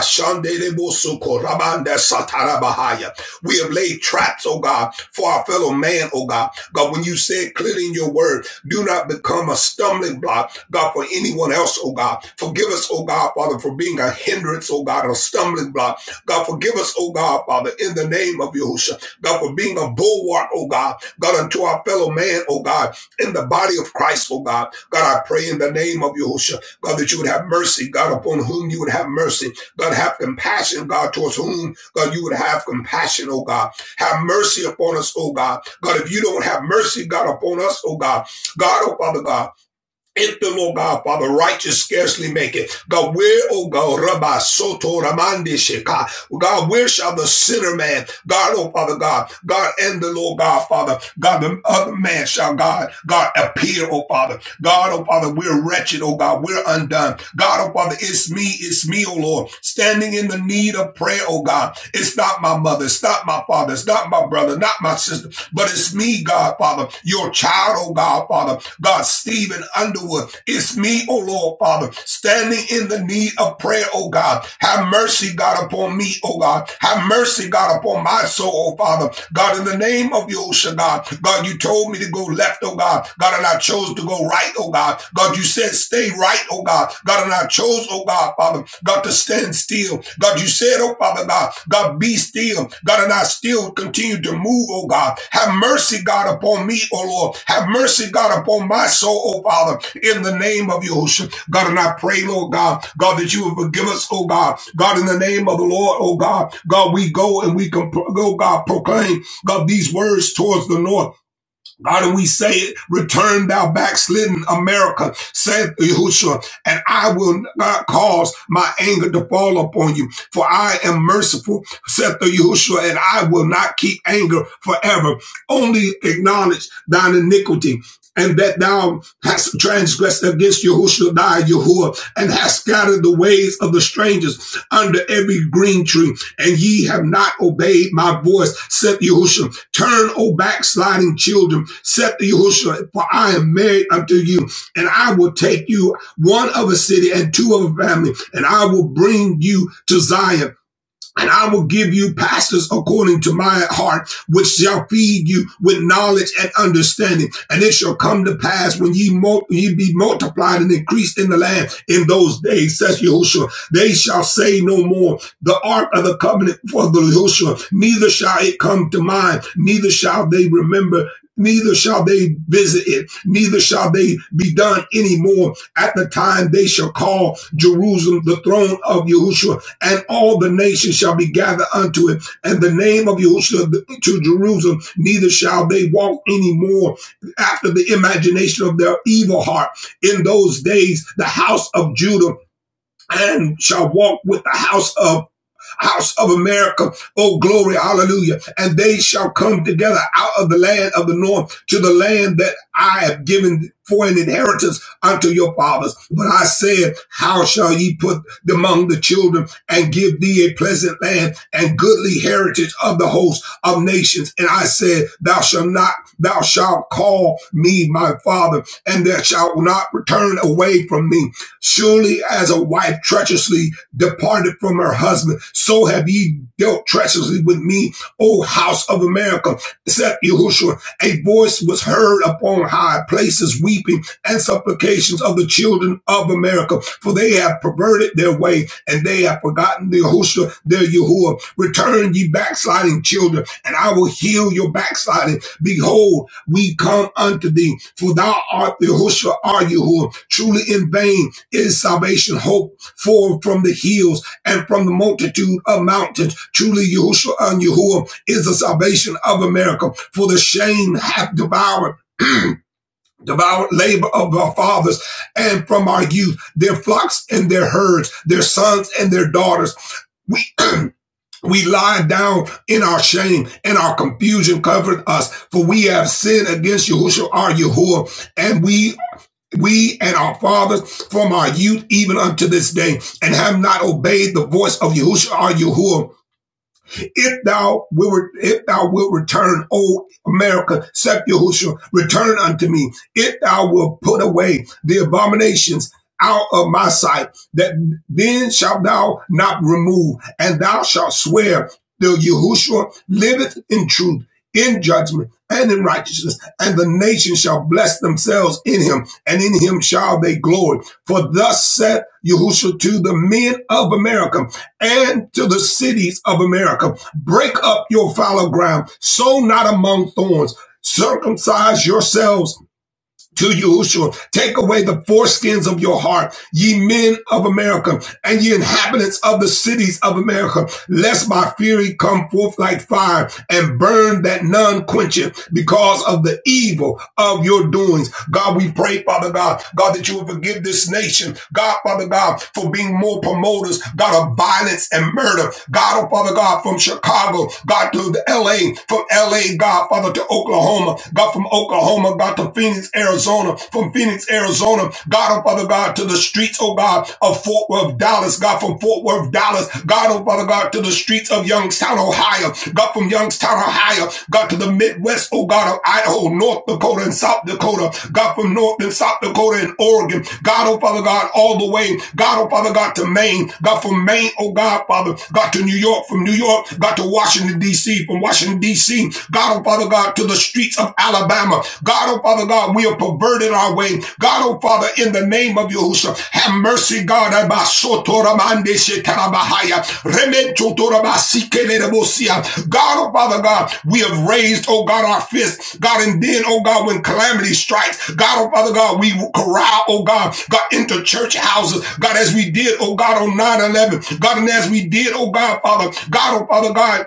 Speaker 4: We have laid traps, oh God, for our fellow man, oh God. God, when you said clearly in your word, do not become a stumbling block God, for anyone else, oh God. Forgive us, oh God, Father, for being a hindrance, oh God, or a stumbling block. God, forgive us, oh God, Father, in the name of Yahushua. God, for being a bulwark, oh God. God, unto our fellow man, oh God, in the body of Christ, oh God. God, I pray in the name of Yahushua, God, that you would have mercy, God, upon whom you would have mercy. God, have compassion, God, towards whom, God, you would have compassion, oh God. Have mercy upon us, oh God. God, if you don't have mercy, God, upon us, oh God. God, oh Father God. If the Lord God, Father, righteous scarcely make it. God, where, oh God, Rabbi Soto Ramandi Sheka. God, where shall the sinner man, God, oh Father God, God and the Lord God, Father, God, the other man shall God, God appear, oh Father. God, oh Father, we're wretched, oh God, we're undone. God, oh Father, it's me, it's me, oh Lord, standing in the need of prayer, oh God. It's not my mother, it's not my father, it's not my brother, not my sister, but it's me, God, Father, your child, oh God, Father. God, Stephen Underwood. It's me, oh Lord, Father, standing in the need of prayer, oh God. Have mercy, God, upon me, oh God. Have mercy, God, upon my soul, oh Father. God, in the name of Yosha, God, God, you told me to go left, oh God. God, and I chose to go right, oh God. God, you said stay right, oh God. God, and I chose, oh God, Father. God, God, to stand still. God, you said, oh Father God, God, be still. God, and I still continue to move, oh God. Have mercy, God, upon me, oh Lord. Have mercy, God, upon my soul, oh Father, in the name of Yahushua. God, and I pray, Lord God, God, that you would forgive us, oh God. God, in the name of the Lord, oh God, God, we go and we can, go, God, proclaim, God, these words towards the north. God, and we say it, return thou backslidden America, saith Yahushua, and I will not cause my anger to fall upon you, for I am merciful, saith Yahushua, and I will not keep anger forever. Only acknowledge thine iniquity. And that thou hast transgressed against Yahushua thy Yahuwah, and hast scattered the ways of the strangers under every green tree, and ye have not obeyed my voice, saith Yahushua. Turn, O backsliding children, said to Yahushua, for I am married unto you, and I will take you one of a city and two of a family, and I will bring you to Zion and I will give you pastors according to my heart, which shall feed you with knowledge and understanding. And it shall come to pass when ye, mul- ye be multiplied and increased in the land in those days, says Yahushua. They shall say no more the ark of the covenant for the Yahushua, neither shall it come to mind, neither shall they remember Neither shall they visit it, neither shall they be done anymore. At the time they shall call Jerusalem the throne of Yahushua, and all the nations shall be gathered unto it, and the name of Yahushua to Jerusalem, neither shall they walk any more after the imagination of their evil heart. In those days, the house of Judah and shall walk with the house of house of America. Oh, glory, hallelujah. And they shall come together out of the land of the north to the land that I have given for an inheritance unto your fathers. But I said, how shall ye put them among the children and give thee a pleasant land and goodly heritage of the host of nations? And I said, thou shalt not, thou shalt call me my father and thou shalt not return away from me. Surely as a wife treacherously departed from her husband. So have ye dealt treacherously with me, O house of America, said Yahushua. A voice was heard upon high places, weeping and supplications of the children of America, for they have perverted their way and they have forgotten the Yahushua, their Yahuwah. Return, ye backsliding children, and I will heal your backsliding. Behold, we come unto thee, for thou art Yahushua, our Yahuwah. Truly in vain is salvation hope forth from the hills and from the multitude of mountains. Truly, Yahushua and Yahuwah is the salvation of America. For the shame hath devoured devoured labor of our fathers and from our youth, their flocks and their herds, their sons and their daughters. We we lie down in our shame and our confusion covered us, for we have sinned against Yahushua our Yahuwah, and we we and our fathers from our youth even unto this day, and have not obeyed the voice of Yahushua or Yahuwah, if thou wilt, if thou wilt return, O America, saith Yahushua, return unto me. If thou wilt put away the abominations out of my sight, that then shalt thou not remove, and thou shalt swear till Yahushua liveth in truth, in judgment, and in righteousness, and the nation shall bless themselves in him, and in him shall they glory. For thus saith Yahushua to the men of America, and to the cities of America. Break up your fallow ground. Sow not among thorns. Circumcise yourselves to Yahushua. Take away the foreskins of your heart, ye men of America, and ye inhabitants of the cities of America, lest my fury come forth like fire and burn that none quench it because of the evil of your doings. God, we pray, Father God, God, that you will forgive this nation. God, Father God, for being more promoters, God, of violence and murder. God, oh Father God, from Chicago, God, to the LA, from LA, God, Father, to Oklahoma. God, God, from Oklahoma, God, to Phoenix, Arizona, from Phoenix, Arizona, God, oh Father God, to the streets, oh God, of Fort Worth, Dallas, God, from Fort Worth, Dallas, God, oh Father God, to the streets of Youngstown, Ohio, God, from Youngstown, Ohio, God, to the Midwest, oh God, of Idaho, North Dakota, and South Dakota, God, from North and South Dakota and Oregon, God, oh Father God, all the way, God, oh Father God, to Maine, God, from Maine, oh God, Father, God, to New York, from New York, God, to Washington, D.C., from Washington, D.C., way. God, oh Father God, to the streets of Alabama. God, oh Father God, we have perverted our way. God, oh Father, in the name of Yahushua, have mercy, God. God, oh Father God, we have raised, oh God, our fists. God, and then, oh God, when calamity strikes, God, oh Father God, we corral, oh God, God, into church houses. God, as we did, oh God, on nine eleven. God, and as we did, oh God, Father, God, oh Father God,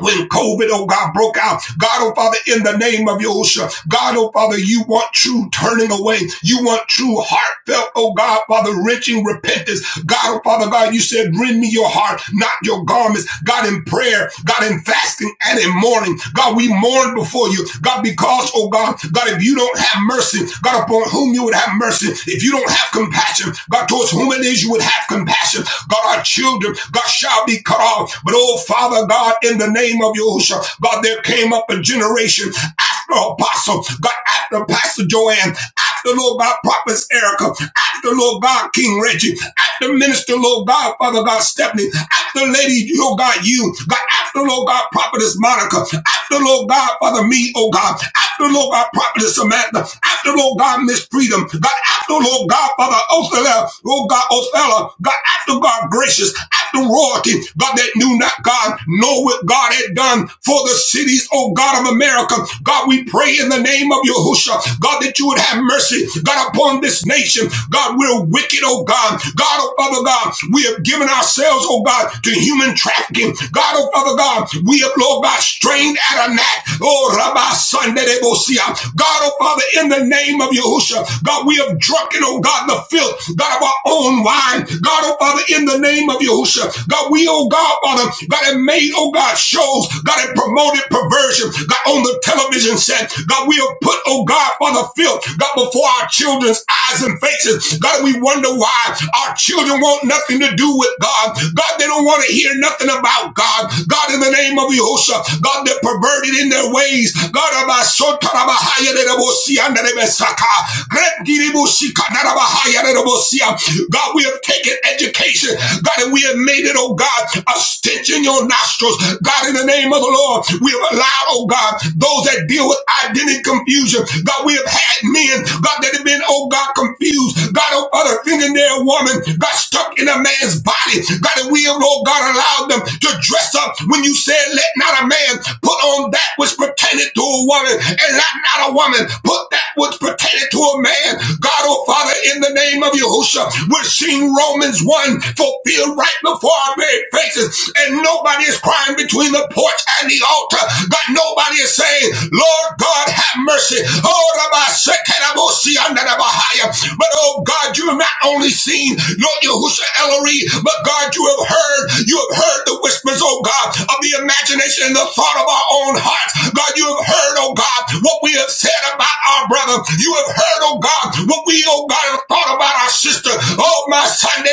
Speaker 4: when COVID, oh God, broke out. God, oh Father, in the name of Yosha, God, oh Father, you want true turning away. You want true heartfelt, oh God, Father, wrenching repentance. God, oh Father, God, you said, rend me your heart, not your garments. God, in prayer, God, in fasting and in mourning. God, we mourn before you. God, because, oh God, God, if you don't have mercy, God, upon whom you would have mercy, if you don't have compassion, God, towards whom it is you would have compassion, God, our children, God, shall be cut off. But, oh Father God, in the name of Yahushua, God, there came up a generation after Apostle, God, after Pastor Joanne, after, Lord God, Prophet Erica, after, Lord God, King Reggie, after Minister, Lord God, Father God, Stephanie, after Lady, Lord God, you, God, after, Lord God, Prophetess Monica, after, Lord God, Father, me, oh God. After, Lord God, Prophetess Samantha. After, Lord God, Miss Freedom. God, after, Lord God, Father, Othella. Lord God, Othella. God, after, God, gracious. After royalty. God, that knew not, God, know what God had done for the cities, oh God of America. God, we pray in the name of Yahusha. God, that you would have mercy, God, upon this nation. God, we're wicked, oh God. God, oh Father God, we have given ourselves ourselves, oh God, to human trafficking. God, oh Father God, we have, Lord God, strained at a gnat. Oh, Rabbi Sunday, God, oh Father, in the name of Yahusha, God, we have drunken, oh God, the filth, God, of our own wine. God, oh Father, in the name of Yahusha, God, we, oh God, Father, God, have made, oh God, shows, God, have promoted perversion, God, on the television set. God, we have put, oh God, Father, filth, God, before our children children's eyes and faces. God, we wonder why our children want nothing to do with God. God, they don't want to hear nothing about God. God, in the name of Yahusha, God, they're perverted in their ways. God, Abasotarabahaya Nerebosiandarebesaka. Gretgiribushikandarabahayanerebosia. God, we have taken education, God, and we have made it, oh God, a stench in your nostrils. God, in the name of the Lord, we have allowed, oh God, God, those that deal with identity confusion. God, we have had men, God, that have been, oh God, confused. God, oh other thinking they're woman. God, stuck in a man's body. God, and we have, oh God, allowed them to dress up when you said, let not a man put on that which pertained to a woman and let not a woman put that which pertained to a man. God, oh Father, in the name of Yahushua, we're seeing Romans 1 fulfilled right before our buried places, and nobody is crying between the porch and the altar. God, nobody is saying, Lord God, have mercy. Oh, Rabbi, under the Bahaya. But oh God, you have not only seen Lord Yahusha Ellery, but God, you have heard, you have heard the whispers, oh God, of the imagination and the thought of our own hearts. God, you have heard, oh God, what we have said about our brother. You have heard, oh God, what we, oh God, about it, thought about our sister. Oh, my Sunday,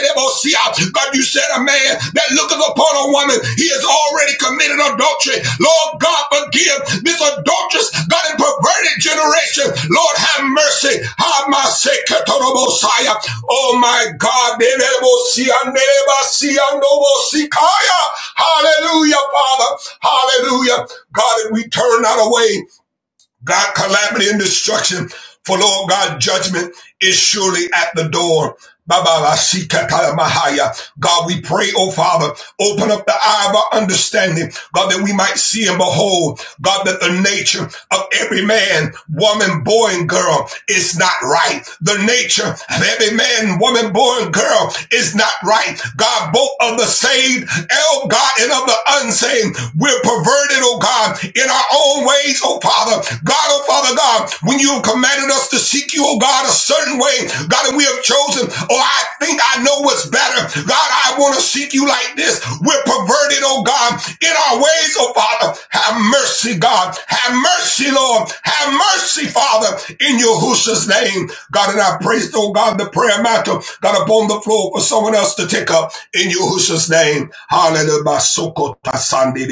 Speaker 4: God, you said a man that looketh upon a woman, he has already committed adultery. Lord God, forgive this adulterous, God, and perverted generation. Lord, have mercy. Have my sake, Messiah. Oh, my God. Hallelujah, Father. Hallelujah. God, and we turn not away. God, calamity and destruction. For Lord God, judgment is surely at the door. Baba la sika tala mahaya. God, we pray, oh Father, open up the eye of our understanding, God, that we might see and behold, God, that the nature of every man, woman, boy, and girl is not right. The nature of every man, woman, boy, and girl is not right. God, both of the saved saved, El God, and of the unsaved. We're perverted, oh God, in our own ways, oh Father. God, oh Father God, when you have commanded us to seek you, oh God, a certain way, God, and we have chosen, oh, I think I know what's better. God, I want to seek you like this. We're perverted, oh God, in our ways, oh Father. Have mercy, God. Have mercy, Lord. Have mercy, Father, in Yahushua's name. God, and I praise, oh God, the prayer matter, God, upon the floor for someone else to take up. In Yahushua's name, hallelujah. Sokota Sunday.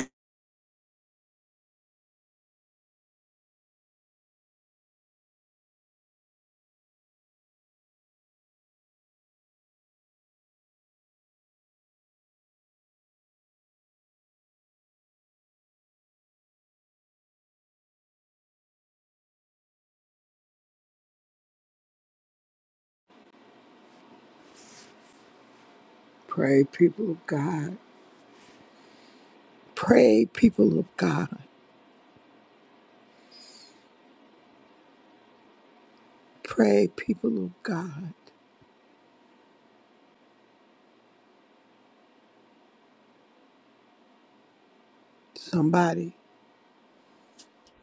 Speaker 1: Pray, people of God. Pray, people of God. Pray, people of God. Somebody.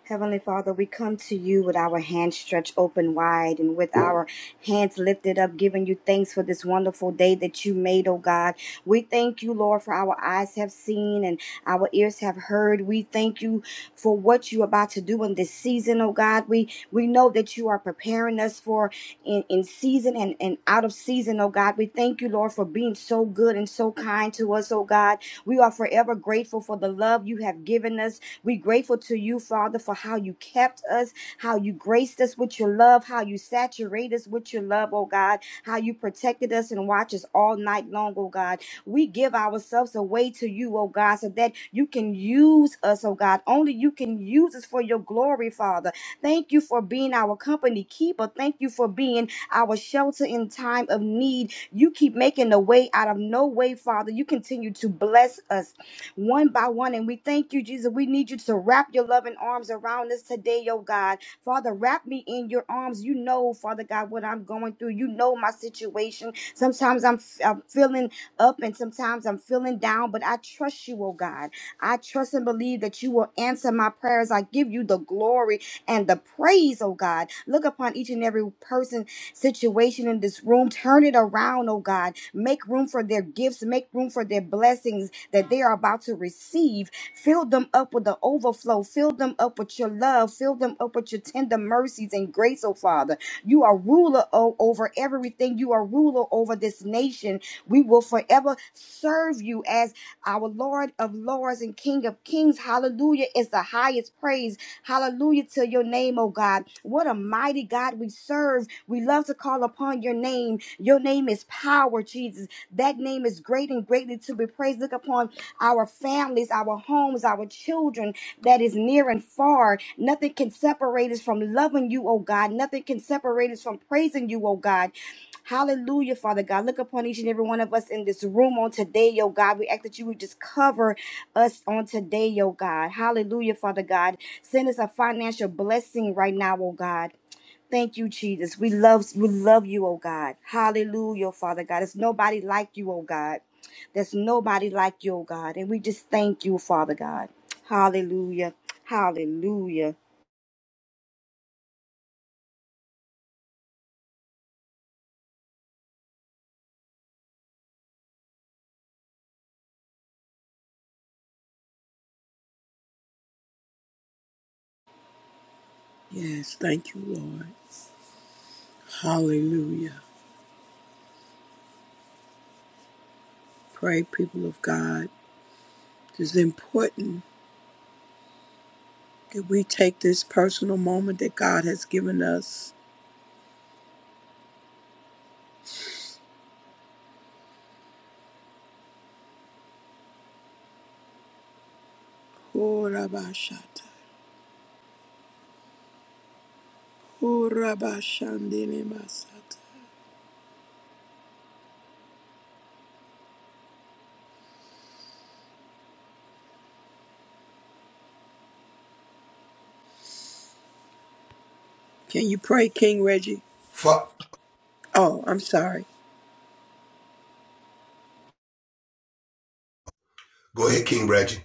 Speaker 5: Heavenly Father, we come to you with our hands stretched open wide and with our hands lifted up, giving you thanks for this wonderful day that you made, oh God. We thank you, Lord, for our eyes have seen and our ears have heard. We thank you for what you're about to do in this season, oh God. We we know that you are preparing us for in, in season and, and out of season, oh God. We thank you, Lord, for being so good and so kind to us, oh God. We are forever grateful for the love you have given us we grateful to you, Father, for how you kept us, how you graced us with your love, how you saturated us with your love, oh God, how you protected us and watched us all night long, oh God. We give ourselves away to you, oh God, so that you can use us, oh God. Only you can use us for your glory, Father. Thank you for being our company keeper. Thank you for being our shelter in time of need. You keep making a way out of no way, Father. You continue to bless us one by one. And we thank you, Jesus. We need you to wrap your loving arms around us today, oh God. Father, wrap me in your arms. You know, Father God, what I'm going through. You know my situation. Sometimes I'm, I'm feeling up and sometimes I'm feeling down, but I trust you, oh God. I trust and believe that you will answer my prayers. I give you the glory and the praise, oh God. Look upon each and every person, situation in this room. Turn it around, oh God. Make room for their gifts, make room for their blessings, that they are about to receive. Fill them up with the overflow. Fill them up with your love. Fill them up with your tender mercies and grace, oh Father. You are ruler o- over everything. You are ruler over this nation. We will forever serve you as our Lord of Lords and King of Kings. Hallelujah is the highest praise. Hallelujah to your name, oh God. What a mighty God we serve. We love to call upon your name. Your name is power, Jesus. That name is great and greatly to be praised. Look upon our families, our homes, our children that is near and far. Nothing can separate us from loving you, oh God. Nothing can separate us from praising you, oh God. Hallelujah, Father God. Look upon each and every one of us in this room on today, oh God. We ask that you would just cover us on today, oh God. Hallelujah, Father God. Send us a financial blessing right now, oh God. Thank you, Jesus. We love we love you, oh God. Hallelujah, Father God. There's nobody like you, oh God. There's nobody like you, oh God. And we just thank you, Father God. Hallelujah. Hallelujah.
Speaker 1: Yes, thank you, Lord. Hallelujah. Pray, people of God. It is important that we take this personal moment that God has given us. Oh, Rabbi Shatta. Oh, Rabbi Shandini Masata. Can you pray, King Reggie?
Speaker 4: Go
Speaker 1: Oh, I'm sorry.
Speaker 4: ahead, King Reggie.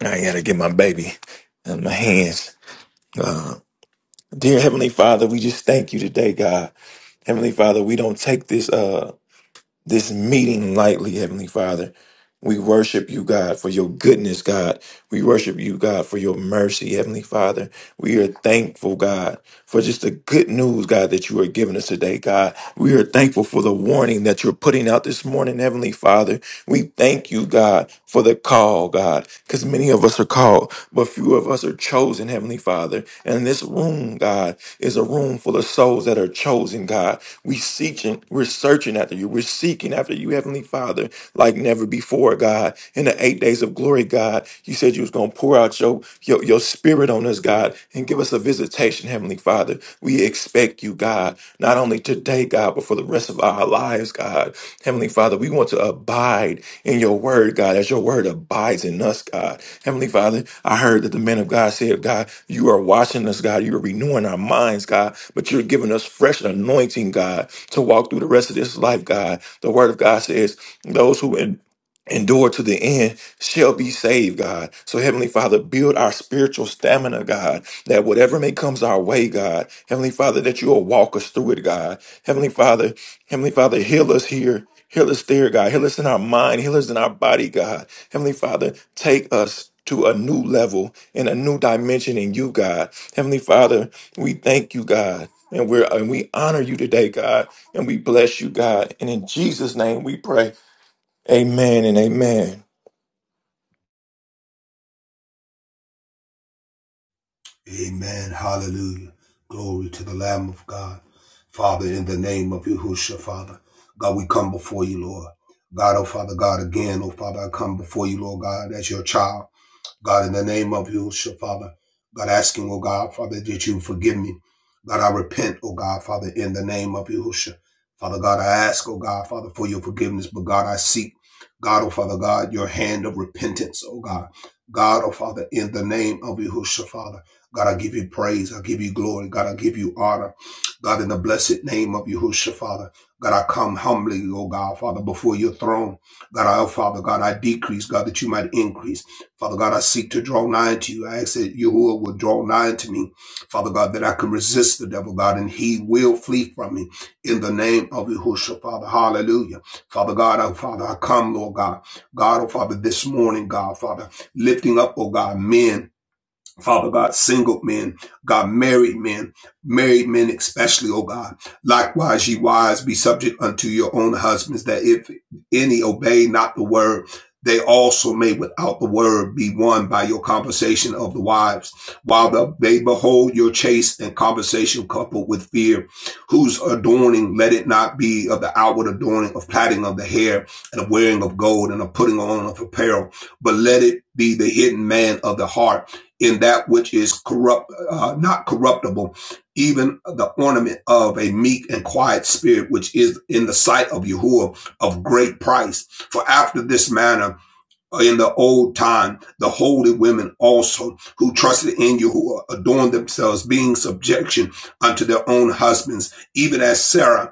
Speaker 7: I had to get my baby in my hands. Uh, dear Heavenly Father, we just thank you today, God. Heavenly Father, we don't take this. Uh, this meeting lightly, Heavenly Father. We worship you, God, for your goodness, God. We worship you, God, for your mercy, Heavenly Father. We are thankful, God, for just the good news, God, that you are giving us today, God. We are thankful for the warning that you're putting out this morning, Heavenly Father. We thank you, God, for the call, God, because many of us are called, but few of us are chosen, Heavenly Father. And this room, God, is a room full of souls that are chosen, God. We seeking, we're searching after you. We're seeking after you, Heavenly Father, like never before, God. In the eight days of glory, God, you said you was gonna pour out your your, your spirit on us, God, and give us a visitation, Heavenly Father. We expect you, God, not only today, God, but for the rest of our lives, God. Heavenly Father, we want to abide in your word, God, as your word abides in us, God. Heavenly Father, I heard that the man of God said, God, you are watching us, God. You are renewing our minds, God, but you're giving us fresh anointing, God, to walk through the rest of this life, God. The word of God says, those who en- endure to the end shall be saved, God. So, Heavenly Father, build our spiritual stamina, God, that whatever may comes our way, God, Heavenly Father, that you will walk us through it, God. Heavenly Father, Heavenly Father, heal us here. Heal us there, God. Heal us in our mind. Heal us in our body, God. Heavenly Father, take us to a new level and a new dimension in you, God. Heavenly Father, we thank you, God. And we're and we honor you today, God, and we bless you, God. And in Jesus' name we pray. Amen and amen.
Speaker 4: Amen. Hallelujah. Glory to the Lamb of God. Father, in the name of Yahushua, Father. God, we come before you, Lord. God, oh Father, God, again, oh Father, I come before you, Lord God, as your child. God, in the name of Yahushua, Father, God, asking, oh God, Father, that you forgive me. God, I repent, oh God, Father, in the name of Yahushua. Father God, I ask, oh God, Father, for your forgiveness, but God, I seek, God, oh Father God, your hand of repentance, oh God. God, oh Father, in the name of Yahushua, Father, God, I give you praise, I give you glory, God, I give you honor. God, in the blessed name of Yahushua, Father, God, I come humbly, oh God, Father, before your throne. God, I, oh Father, God, I decrease, God, that you might increase. Father God, I seek to draw nigh to you. I ask that Yahuwah will draw nigh to me. Father God, that I can resist the devil, God, and he will flee from me in the name of Yahushua, Father. Hallelujah. Father God, oh Father, I come, Lord God. God, oh Father, this morning, God, Father, lifting up, oh God, men Father God, single men, God, married men, married men especially, oh God. Likewise, ye wives, be subject unto your own husbands, that if any obey not the word, they also may without the word be won by your conversation of the wives, while the, they behold your chaste and conversation coupled with fear, whose adorning let it not be of the outward adorning of plaiting of the hair and of wearing of gold and of putting on of apparel, but let it be the hidden man of the heart in that which is corrupt, uh, not corruptible, even the ornament of a meek and quiet spirit, which is in the sight of Yahuwah of great price. For after this manner, uh, in the old time, the holy women also who trusted in Yahuwah adorned themselves, being subjection unto their own husbands, even as Sarah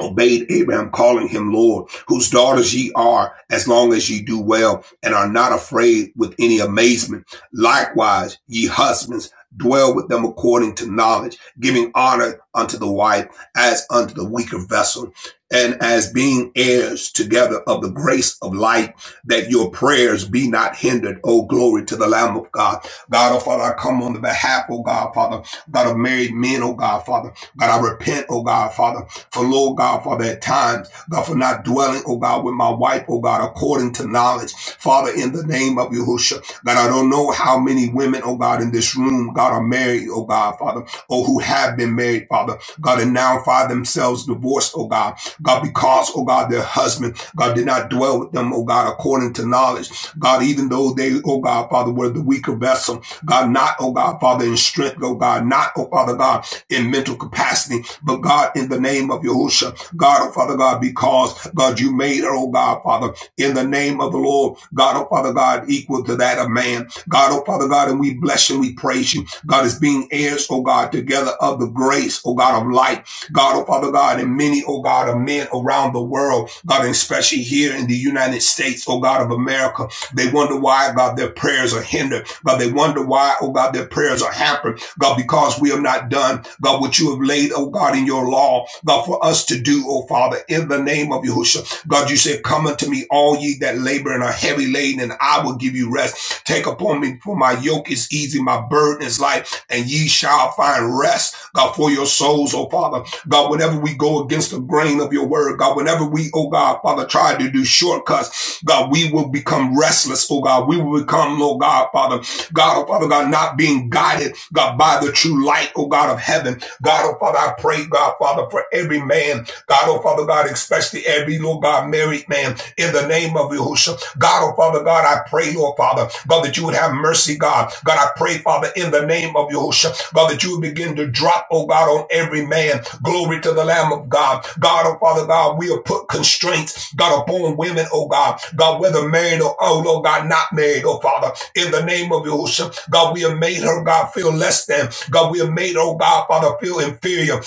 Speaker 4: obeyed Abraham, calling him Lord, whose daughters ye are, as long as ye do well and are not afraid with any amazement. Likewise, ye husbands, dwell with them according to knowledge, giving honor unto the wife as unto the weaker vessel, and as being heirs together of the grace of life, that your prayers be not hindered. Oh, glory to the Lamb of God. God, oh Father, I come on the behalf, oh God, Father, God of married men, oh God, Father. God, I repent, oh God, Father. For Lord God, Father, at times, God, for not dwelling, oh God, with my wife, oh God, according to knowledge. Father, in the name of Yahushua, God, I don't know how many women, oh God, in this room, God, are married, oh God, Father, or who have been married, Father, God, and now find themselves divorced, oh God, God, because, oh God, their husband, God, did not dwell with them, oh God, according to knowledge. God, even though they, oh God, Father, were the weaker vessel, God, not, oh God, Father, in strength, oh God, not, oh Father God, in mental capacity. But God, in the name of Yahusha, God, oh Father God, because God, you made her, oh God, Father, in the name of the Lord, God, oh Father God, equal to that of man. God, oh Father God, and we bless you, we praise you. God is being heirs, oh God, together of the grace, oh God, of light. God, oh Father God, and many, oh God, of men around the world, God, and especially here in the United States, oh God of America, they wonder why, God, their prayers are hindered. God, they wonder why, oh God, their prayers are hampered. God, because we have not done, God, what you have laid, oh God, in your law, God, for us to do, oh Father, in the name of Yahushua. God, you said, come unto me, all ye that labor and are heavy laden, and I will give you rest. Take upon me, for my yoke is easy, my burden is light, and ye shall find rest, God, for your souls, oh Father. God, whenever we go against the grain of your word, God, whenever we, oh God, Father, try to do shortcuts, God, we will become restless, oh God. We will become, oh God, Father. God, oh Father God, not being guided, God, by the true light, oh God of heaven. God, oh Father, I pray, God, Father, for every man, God, oh Father God, especially every Lord God married man, in the name of Yahushua. God, oh Father God, I pray, oh Father, God, that you would have mercy, God. God, I pray, Father, in the name of Yahushua, God, that you would begin to drop, oh God, on every man. Glory to the Lamb of God. God, oh Father God, we have put constraints, God, upon women, oh God. God, whether married or, oh Lord God, not married, oh Father, in the name of Yahushua, God, we have made her, God, feel less than. God, we have made, oh God, Father, feel inferior.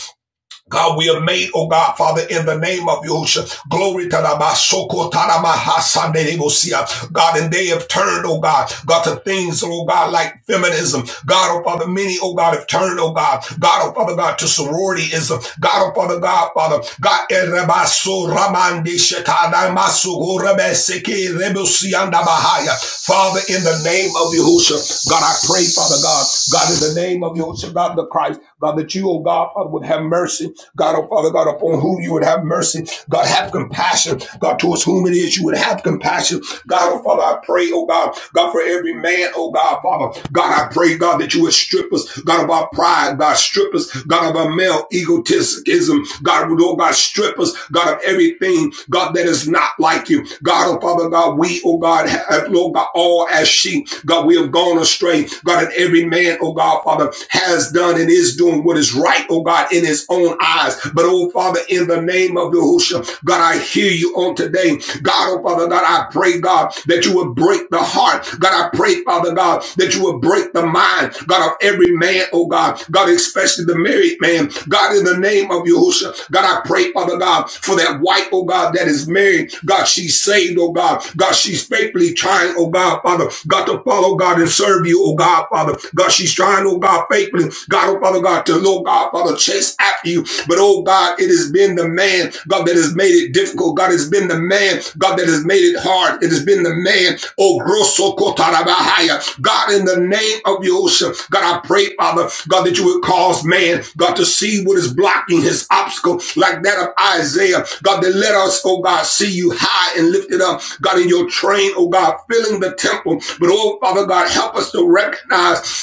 Speaker 4: God, we are made, oh God, Father, in the name of Yahushua. Glory to the Masoko Taramahasanebosia. God, and they have turned, oh God, God, to things, oh God, like feminism. God, oh Father, many, oh God, have turned, oh God, God, oh Father, God, to sororityism. God, oh Father, God, Father, God, Erebaso Ramande Shekadamasu Gorebeseke Rebusianda Bahaya. Father, in the name of Yahushua, God, I pray, Father God, God, in the name of Yahushua, God the Christ. God, that you, oh God, Father, would have mercy. God, oh Father, God, upon whom you would have mercy. God, have compassion. God, towards whom it is you would have compassion. God, oh Father, I pray, oh God, God, for every man, oh God, Father. God, I pray, God, that you would strip us, God, of our pride, God, strip us, God, of our male egotism. God, oh God, strip us, God, of everything, God, God, that is not like you. God, oh Father God, we, oh God, have, Lord God, all as sheep, God, we have gone astray. God, and every man, oh God, Father, has done and is doing what is right, oh God, in his own eyes. But oh Father, in the name of Yahushua, God, I hear you on today. God, oh Father God, I pray, God, that you would break the heart. God, I pray, Father God, God, that you will break the mind, God, of every man, oh God, God, especially the married man. God, in the name of Yahushua, God, I pray, Father God, for that wife, oh God, that is married. God, she's saved, oh God. God, she's faithfully trying, oh God, Father, God, to follow God and serve you, oh God, Father. God, she's trying, oh God, faithfully, God, oh Father God, to, Lord God, Father, chase after you, but oh God, it has been the man, God, that has made it difficult. God, it's been the man, God, that has made it hard. It has been the man, oh grosso kotarabahaya. God, in the name of Yosha, God, I pray, Father, God, that you would cause man, God, to see what is blocking his obstacle, like that of Isaiah. God, that let us, oh God, see you high and lifted up. God, in your train, oh God, filling the temple. But oh Father God, help us to recognize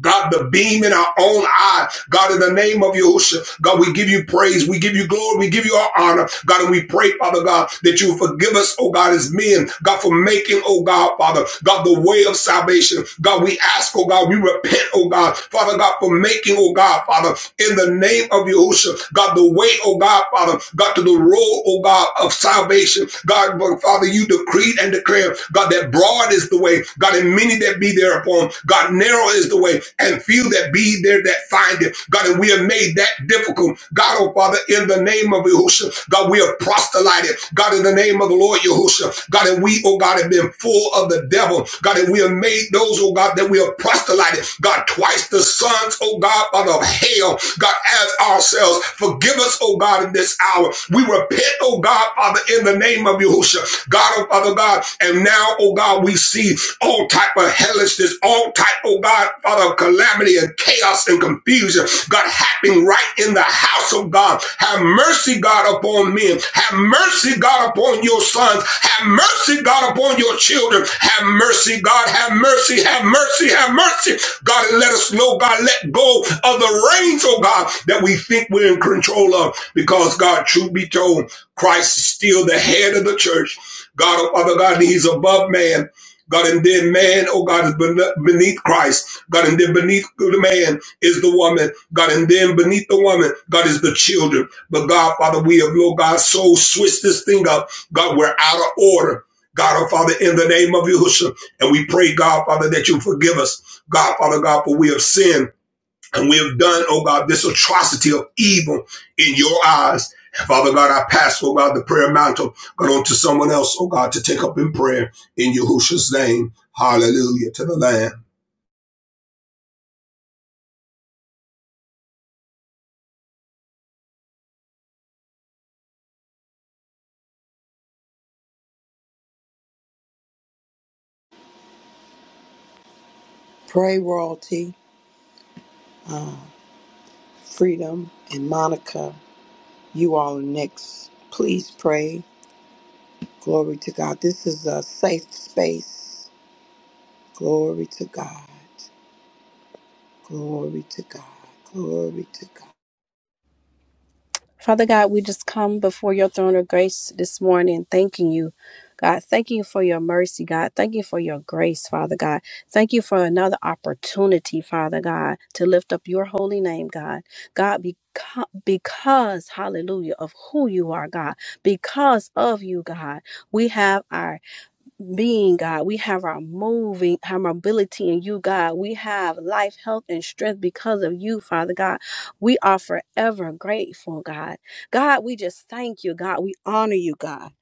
Speaker 4: God, the beam in our own eye. God, in the name of Yahushua, God, we give you praise. We give you glory. We give you our honor. God, and we pray, Father God, that you forgive us, oh God, as men. God, for making, oh God, Father, God, the way of salvation. God, we ask, oh God, we repent, oh God, Father God, for making, oh God, Father, in the name of Yahushua, God, the way, oh God, Father, God, to the road, oh God, of salvation. God, Father, you decreed and declared, God, that broad is the way. God, and many that be thereupon. God, narrow is the way, and few that be there that find it. God, and we have made that difficult. God, oh Father, in the name of Yahushua, God, we have proselyted. God, in the name of the Lord Yahushua, God, and we, oh God, have been full of the devil. God, and we have made those, oh God, that we have proselyted. God, twice the sons, oh God, Father of hell. God, as ourselves, forgive us, oh God, in this hour. We repent, oh God, Father, in the name of Yahushua. God, oh Father God, and now, oh God, we see all types type of hellishness, all type, oh God, Father, of calamity and chaos and confusion. God, happening right in the house of God. Have mercy, God, upon men. Have mercy, God, upon your sons. Have mercy, God, upon your children. Have mercy, God. Have mercy, have mercy, have mercy. God, and let us know, God, let go of the reins, oh God, that we think we're in control of. Because, God, truth be told, Christ is still the head of the church. God, oh Father God, and He's above man. God, and then man, oh God, is beneath Christ. God, and then beneath the man is the woman. God, and then beneath the woman, God is the children. But God, Father, we have, Lord God, so switched this thing up. God, we're out of order. God, oh Father, in the name of Yahushua. And we pray, God, Father, that you forgive us. God, Father, God, for we have sinned. And we have done, oh God, this atrocity of evil in your eyes. Father God, I pass, oh God, the prayer mantle, but on to someone else, oh God, to take up in prayer in Yahushua's name. Hallelujah to the Lamb.
Speaker 1: Pray, Royalty, Freedom, and Monica. You all are next. Please pray. Glory to God. This is a safe space. Glory to God. Glory to God. Glory to God.
Speaker 8: Father God, we just come before your throne of grace this morning, thanking you. God, thank you for your mercy, God. Thank you for your grace, Father God. Thank you for another opportunity, Father God, to lift up your holy name, God. God, because, because hallelujah, of who you are, God, because of you, God, we have our being, God. We have our moving, our mobility in you, God. We have life, health, and strength because of you, Father God. We are forever grateful, God. God, we just thank you, God. We honor you, God.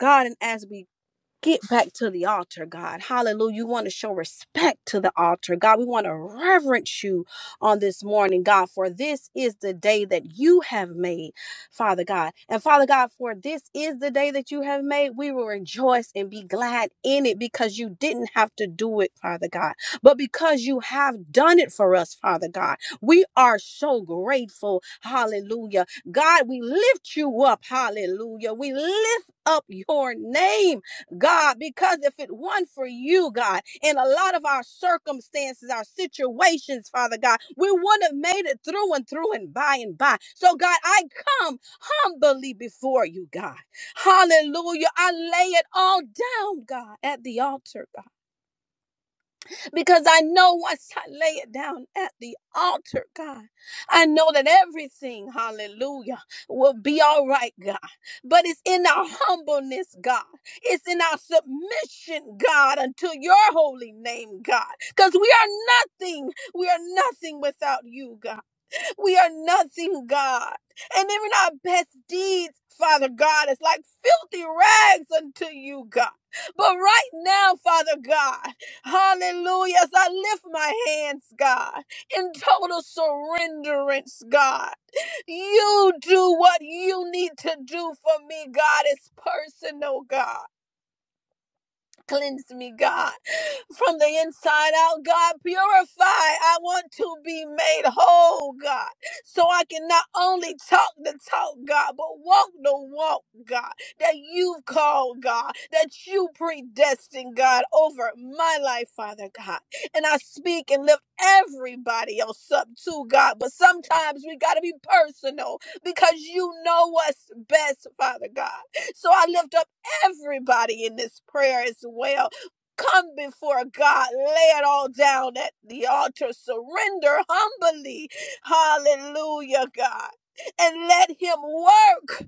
Speaker 8: God, and as we get back to the altar, God. Hallelujah. You want to show respect to the altar, God. We want to reverence you on this morning, God, for this is the day that you have made, Father God. And Father God, for this is the day that you have made, we will rejoice and be glad in it because you didn't have to do it, Father God, but because you have done it for us, Father God. We are so grateful. Hallelujah. God, we lift you up. Hallelujah. We lift up your name. God, because if it weren't for you, God, in a lot of our circumstances, our situations, Father God, we would not have made it through and through and by and by. So, God, I come humbly before you, God. Hallelujah. I lay it all down, God, at the altar, God because I know once I lay it down at the altar, God, I know that everything, hallelujah, will be all right, God. But it's in our humbleness, God. It's in our submission, God, unto your holy name, God. Because we are nothing. We are nothing without you, God. We are nothing, God. And even our best deeds, Father God, is like filthy rags unto you, God. But right now, Father God, hallelujah, as I lift my hands, God, in total surrenderance, God, you do what you need to do for me, God. It's personal, God. Cleanse me, God, from the inside out. God, purify. I want to be made whole, God, so I can not only talk the talk, God, but walk the walk, God, that you've called, God, that you predestined, God, over my life, Father God. And I speak and lift everybody else up too, God, but sometimes we got to be personal because you know what's best, Father God. So I lift up everybody in this prayer as well. Come before God, lay it all down at the altar, surrender humbly. Hallelujah, God. And let Him work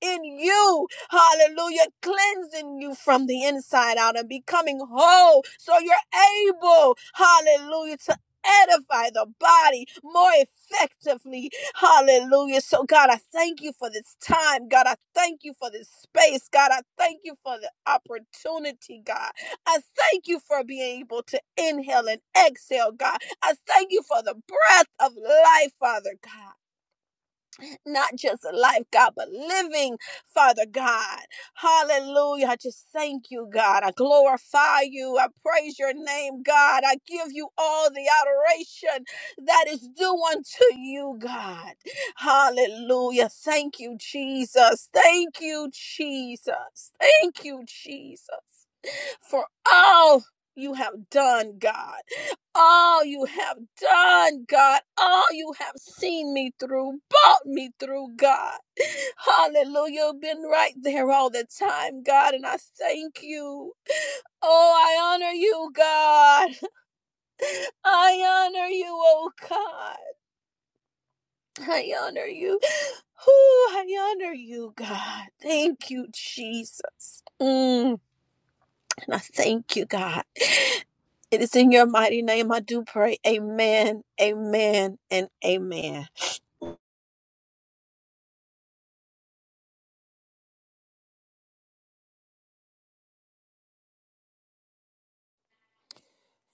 Speaker 8: in you. Hallelujah. Cleansing you from the inside out and becoming whole so you're able, hallelujah, to edify the body more effectively Hallelujah. So, God, I thank you for this time. God, I thank you for this space. God, I thank you for the opportunity, God. I thank you for being able to inhale and exhale, God. I thank you for the breath of life, Father God not just a life, God, but living, Father God. Hallelujah. I just thank you, God. I glorify you. I praise your name, God. I give you all the adoration that is due unto you, God. Hallelujah. Thank you, Jesus. Thank you, Jesus. Thank you, Jesus, for all you have done, God all you have done, God, all you have seen me through, brought me through, God. Hallelujah. Been right there all the time, God, and I thank you. Oh, I honor you, God. I honor you, oh God. I honor you. Who I honor you, God. Thank you, Jesus. Mm. And I thank you, God. It is in your mighty name I do pray. Amen, amen, and amen.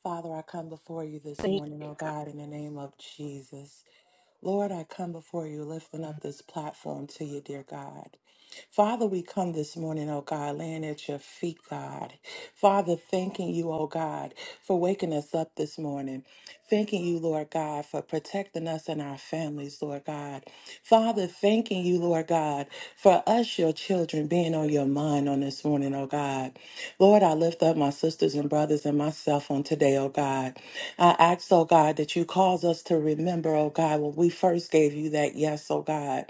Speaker 9: Father, I come before you this
Speaker 8: Thank
Speaker 9: morning,
Speaker 8: you,
Speaker 9: oh
Speaker 8: God.
Speaker 9: God, in the name of Jesus. Lord, I come before you lifting up this platform to you, dear God. Father, we come this morning, oh God, laying at your feet, God. Father, thanking you, oh God, for waking us up this morning. Thanking you, Lord God, for protecting us and our families, Lord God. Father, thanking you, Lord God, for us, your children, being on your mind on this morning, oh God. Lord, I lift up my sisters and brothers and myself on today, oh God. I ask, oh God, that you cause us to remember, oh God, when we first gave you that yes, oh God.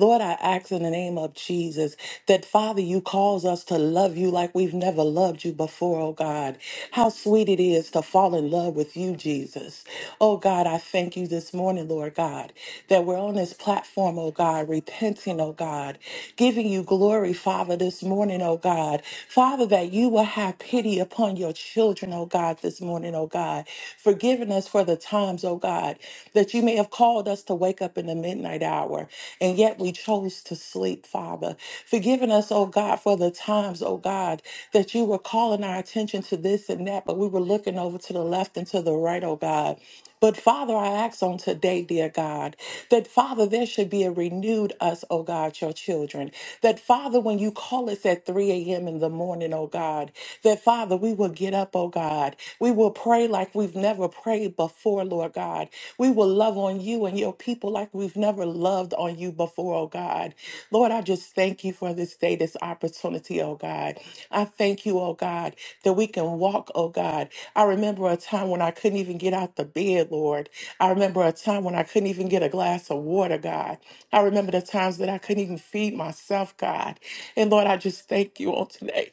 Speaker 9: Lord, I ask in the name of Jesus that, Father, you cause us to love you like we've never loved you before, oh God. How sweet it is to fall in love with you, Jesus. Oh God, I thank you this morning, Lord God, that we're on this platform, oh God, repenting, oh God, giving you glory, Father, this morning, oh God. Father, that you will have pity upon your children, oh God, this morning, oh God, forgiving us for the times, oh God, the that you may have called us to wake up in the midnight hour, and yet we chose to sleep, Father. Forgiving us, oh God, for the times, oh God, that you were calling our attention to this and that, but we were looking over to the left and to the right, oh God. But Father, I ask on today, dear God, that Father, there should be a renewed us, oh God, your children. That Father, when you call us at 3 a.m. in the morning, oh God, that Father, we will get up, oh God. we will will pray like we've never prayed before, Lord God. We will love on you and your people like we've never loved on you before, oh God. Lord, I just thank you for this day, this opportunity, oh God. I thank you, oh God, that we can walk, oh God. I remember a time when I couldn't even get out the bed, Lord. I remember a time when I couldn't even get a glass of water, God. I remember the times that I couldn't even feed myself, God. And Lord, I just thank you on today.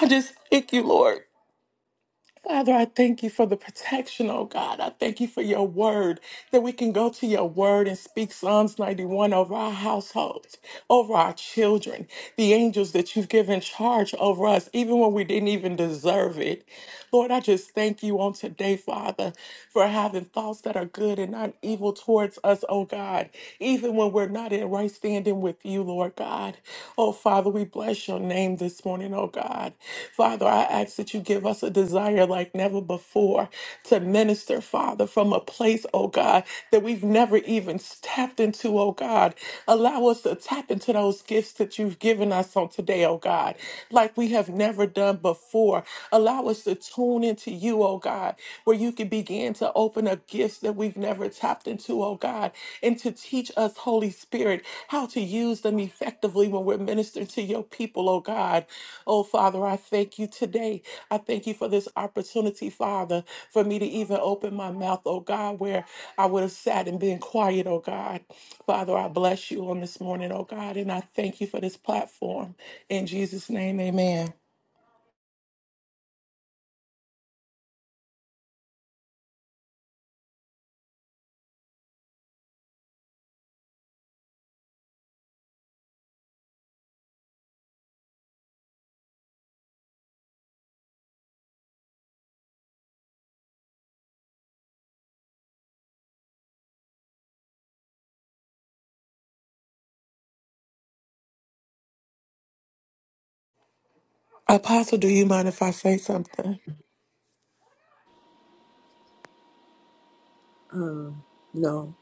Speaker 9: I just thank you, Lord. Father, I thank you for the protection, oh God. I thank you for your word, that we can go to your word and speak Psalms 91 over our households, over our children, the angels that you've given charge over us, even when we didn't even deserve it. Lord, I just thank you on today, Father, for having thoughts that are good and not evil towards us, oh God, even when we're not in right standing with you, Lord God. God. Oh, Father, we bless your name this morning, oh God. Father, I ask that you give us a desire like never before to minister, Father, from a place, oh God, that we've never even tapped into, oh God. Allow us to tap into those gifts that you've given us on today, oh God, like we have never done before. Allow us to tune into you, oh God, where you can begin to open up gifts gifts that we've never tapped into, oh God, and to teach us, Holy Spirit, how to use them effectively when we're ministering to your people, oh God. Oh Father, I thank you today. I thank you for this opportunity, Father, for me to even open my mouth, oh God, where I would have sat and been quiet, oh God. Father, I bless you on this morning, oh God, and I thank you for this platform. In Jesus' name, amen. Apostle, do you mind if I say something?
Speaker 1: Um, no.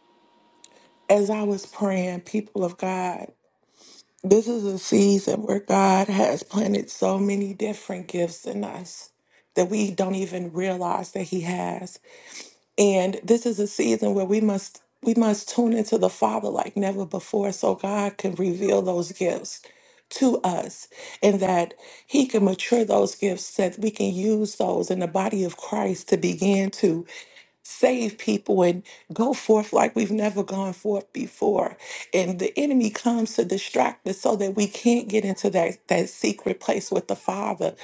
Speaker 9: As I was praying, people of God, This is a season where God has planted so many different gifts in us that we don't even realize that he has. And this is a season where we must we must tune into the Father like never before so God can reveal those gifts to us and that he can mature those gifts so that we can use those in the body of Christ to begin to save people and go forth like we've never gone forth before. And the enemy comes to distract us so that we can't get into that, that secret place with the Father.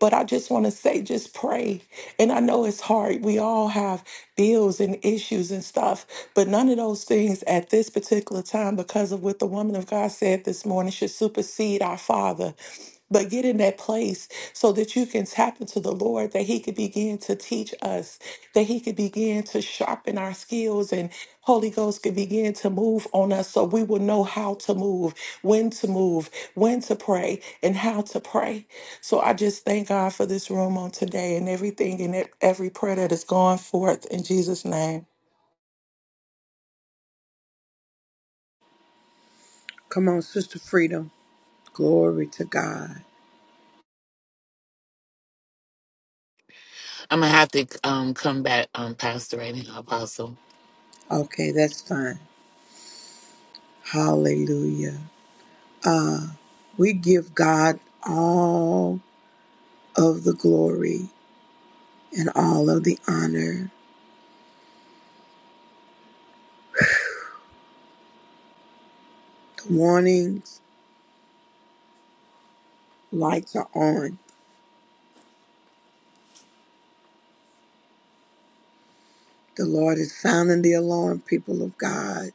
Speaker 9: But I just want to say, just pray. And I know it's hard. We all have bills and issues and stuff, but none of those things at this particular time, because of what the woman of God said this morning, should supersede our Father. But get in that place so that you can tap into the Lord, that He could begin to teach us, that He could begin to sharpen our skills, and Holy Ghost could begin to move on us so we will know how to move, when to move, when to pray, and how to pray. So I just thank God for this room on today and everything and e- every prayer that is going forth in Jesus' name.
Speaker 1: Come on, Sister Freedom. Glory to God.
Speaker 10: I'm gonna have to um come back, um, Pastor and Apostle.
Speaker 1: Okay, that's fine. Hallelujah. We give God all of the glory and all of the honor. The warnings, lights are on. The Lord is sounding the alarm, people of God.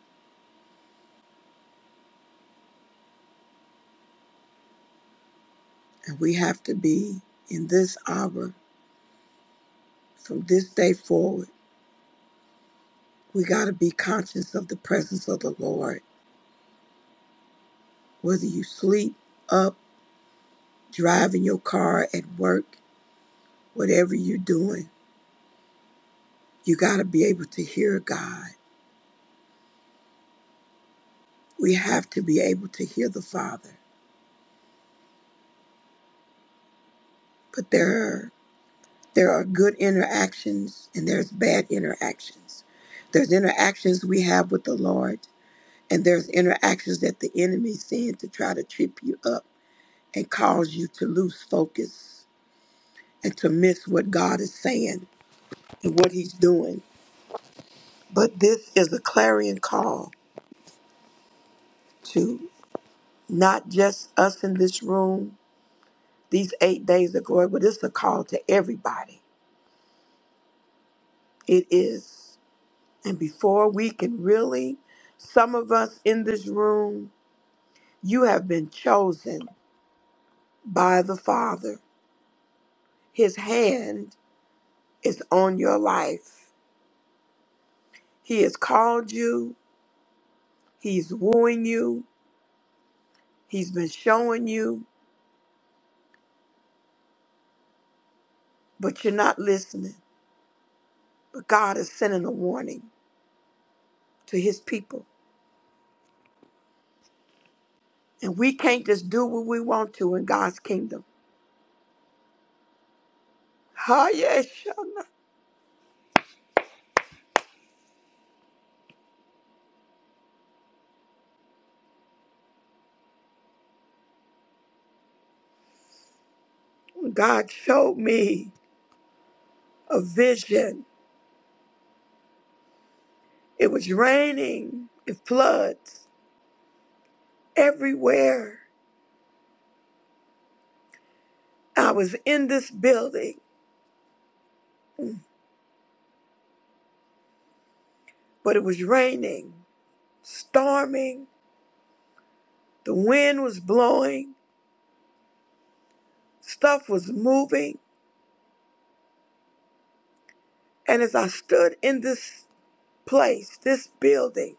Speaker 1: And we have to be in this hour From this day forward, we got to be conscious of the presence of the Lord. Whether you sleep, up, driving your car, at work, whatever you're doing, you got to be able to hear God. We have to be able to hear the Father. But there are, there are good interactions and there's bad interactions. There's interactions we have with the Lord, and there's interactions that the enemy sends to try to trip you up and cause you to lose focus And to miss what God is saying and what He's doing. But this is a clarion call to not just us in this room, these eight days of glory, but it's a call to everybody. It is. And before we can really, some of us in this room, you have been chosen by the Father. His hand is on your life. He has called you, He's wooing you, He's been showing you, but you're not listening. But God is sending a warning to his people. And we can't just do what we want to in God's kingdom. Ah, yes, Shana. God showed me a vision. It was raining and floods everywhere. I was in this building, but it was raining, storming. The wind was blowing. Stuff was moving. And as I stood in this place, this building,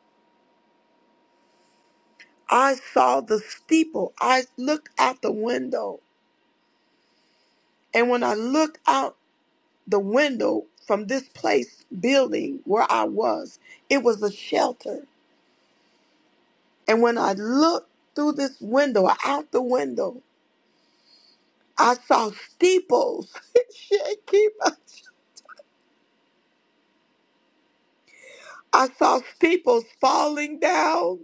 Speaker 1: I saw the steeple. I looked out the window. And when I looked out the window from this place, building where I was, it was a shelter. And when I looked through this window, out the window, I saw steeples. Shit, keep up. I saw steeples falling down.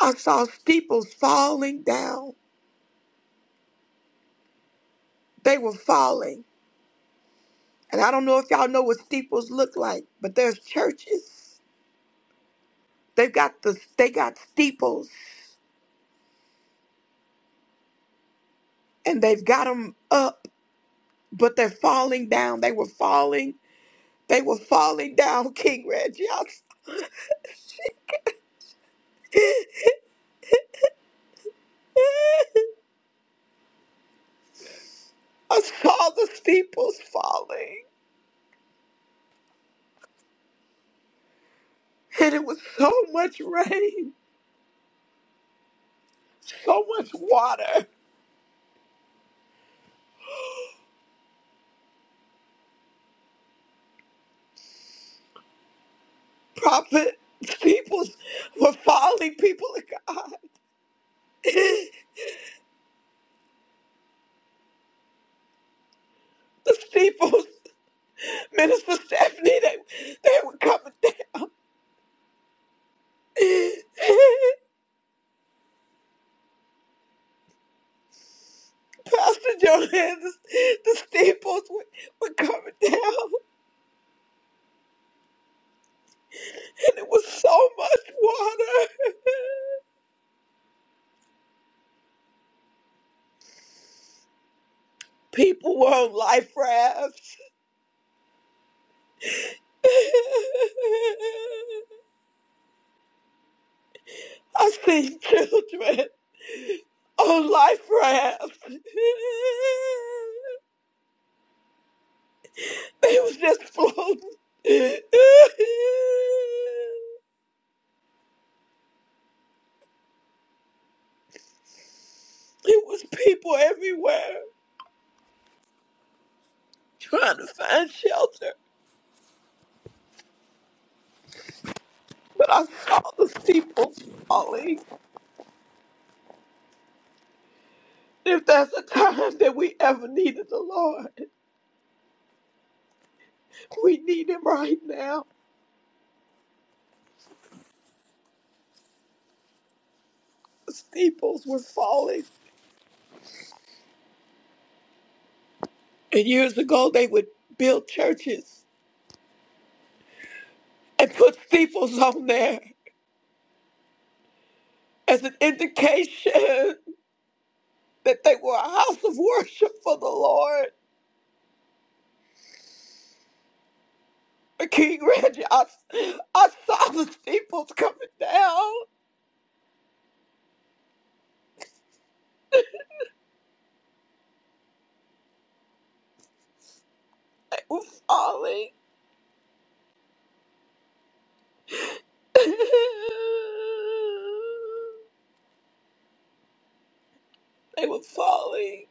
Speaker 1: I saw steeples falling down. They were falling. And I don't know if y'all know what steeples look like, but there's churches. They've got the they got steeples and they've got them up, but they're falling down. They were falling. They were falling down, King Reggie. I, I saw the steeples falling, and it was so much rain, so much water. Prophet, steeples were falling. People of God, the steeples. Minister Stephanie, they they were coming down. Pastor Joanne, the, the staples were, were coming down, and it was so much water. People were on life rafts. I seen children on life rafts. They was just floating. It was people everywhere trying to find shelter. but I saw the steeples falling. If there's a time that we ever needed the Lord, we need Him right now. The steeples were falling. And years ago, they would build churches and put steeples on there as an indication that they were a house of worship for the Lord. But King Reggie, I, I saw the steeples coming down. They were falling. They were falling.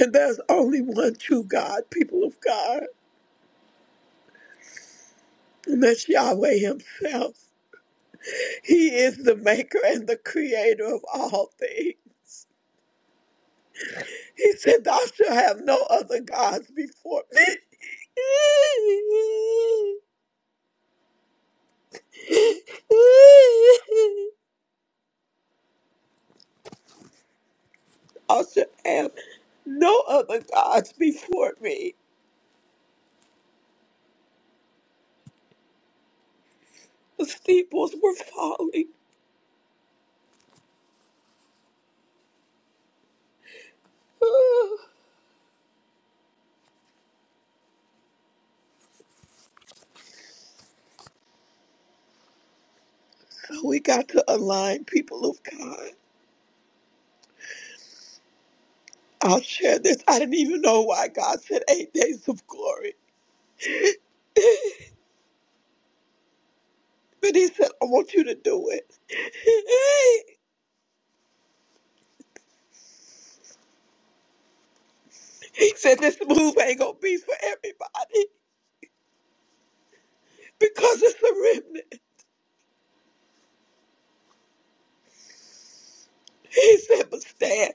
Speaker 1: And there's only one true God, people of God, and that's Yahweh Himself. He is the maker and the creator of all things. He said, Thou shalt have no other gods before me. Thou shalt have no other gods before me. The steeples were falling. So we got to align, people of God. I'll share this. I didn't even know why God said eight days of glory. But he said, I want you to do it. He said, this move ain't going to be for everybody because it's a remnant. He said, but stand.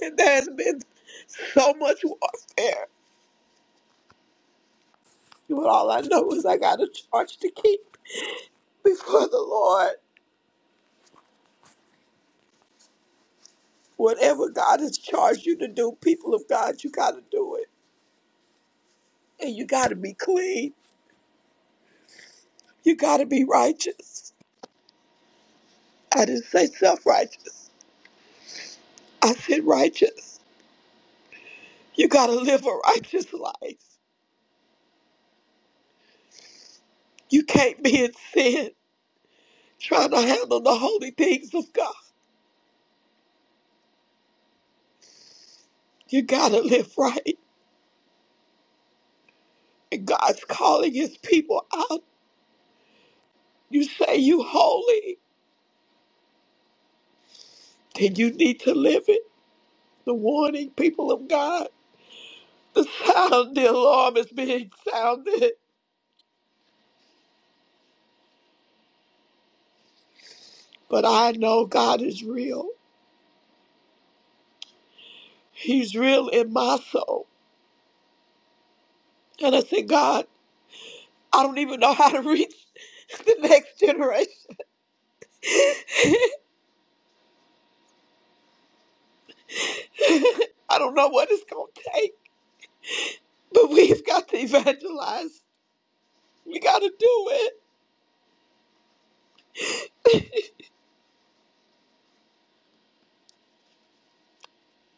Speaker 1: And there's been so much warfare. But all I know is I got a charge to keep before the Lord. Whatever God has charged you to do, people of God, you got to do it. And you got to be clean. You got to be righteous. I didn't say self righteous. I said righteous. You got to live a righteous life. You can't be in sin trying to handle the holy things of God. You got to live right. And God's calling his people out. You say you holy, then you need to live it. The warning, people of God, the sound, the alarm is being sounded. But I know God is real. He's real in my soul. And I said, God, I don't even know how to reach the next generation. I don't know what it's going to take, but we've got to evangelize. We got to do it.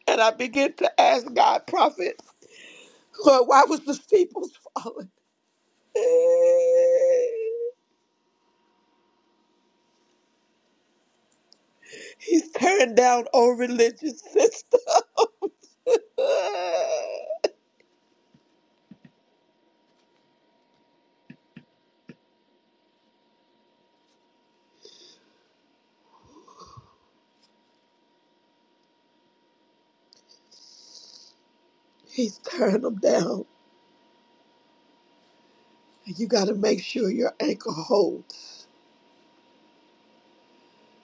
Speaker 1: And I begin to ask God, prophet, Lord, why was the steeples falling? He's tearing down old religious system. He's tearing them down. And You got to make sure your anchor holds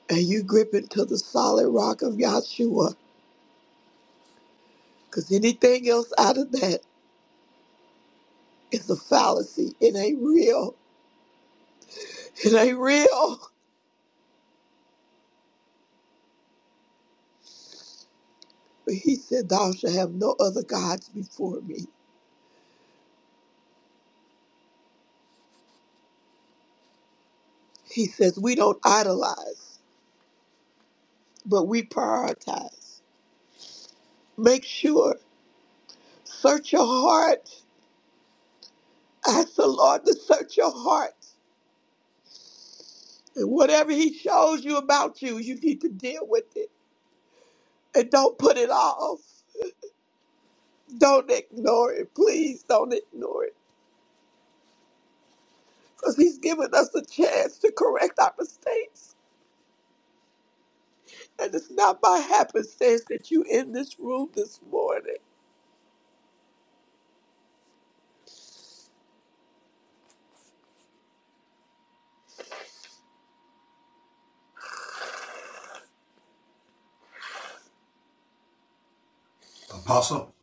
Speaker 1: and you grip into the solid rock of Yahshua Because anything else out of that is a fallacy. It ain't real. It ain't real. But he said, Thou shalt have no other gods before me. He says, We don't idolize, but we prioritize. Make sure, search your heart. Ask the Lord to search your heart. And whatever he shows you about you, you need to deal with it. And don't put it off. Don't ignore it. Please don't ignore it. Because he's given us a chance to correct our mistakes. And it's not by happenstance that you in this room this morning.
Speaker 4: Apostle,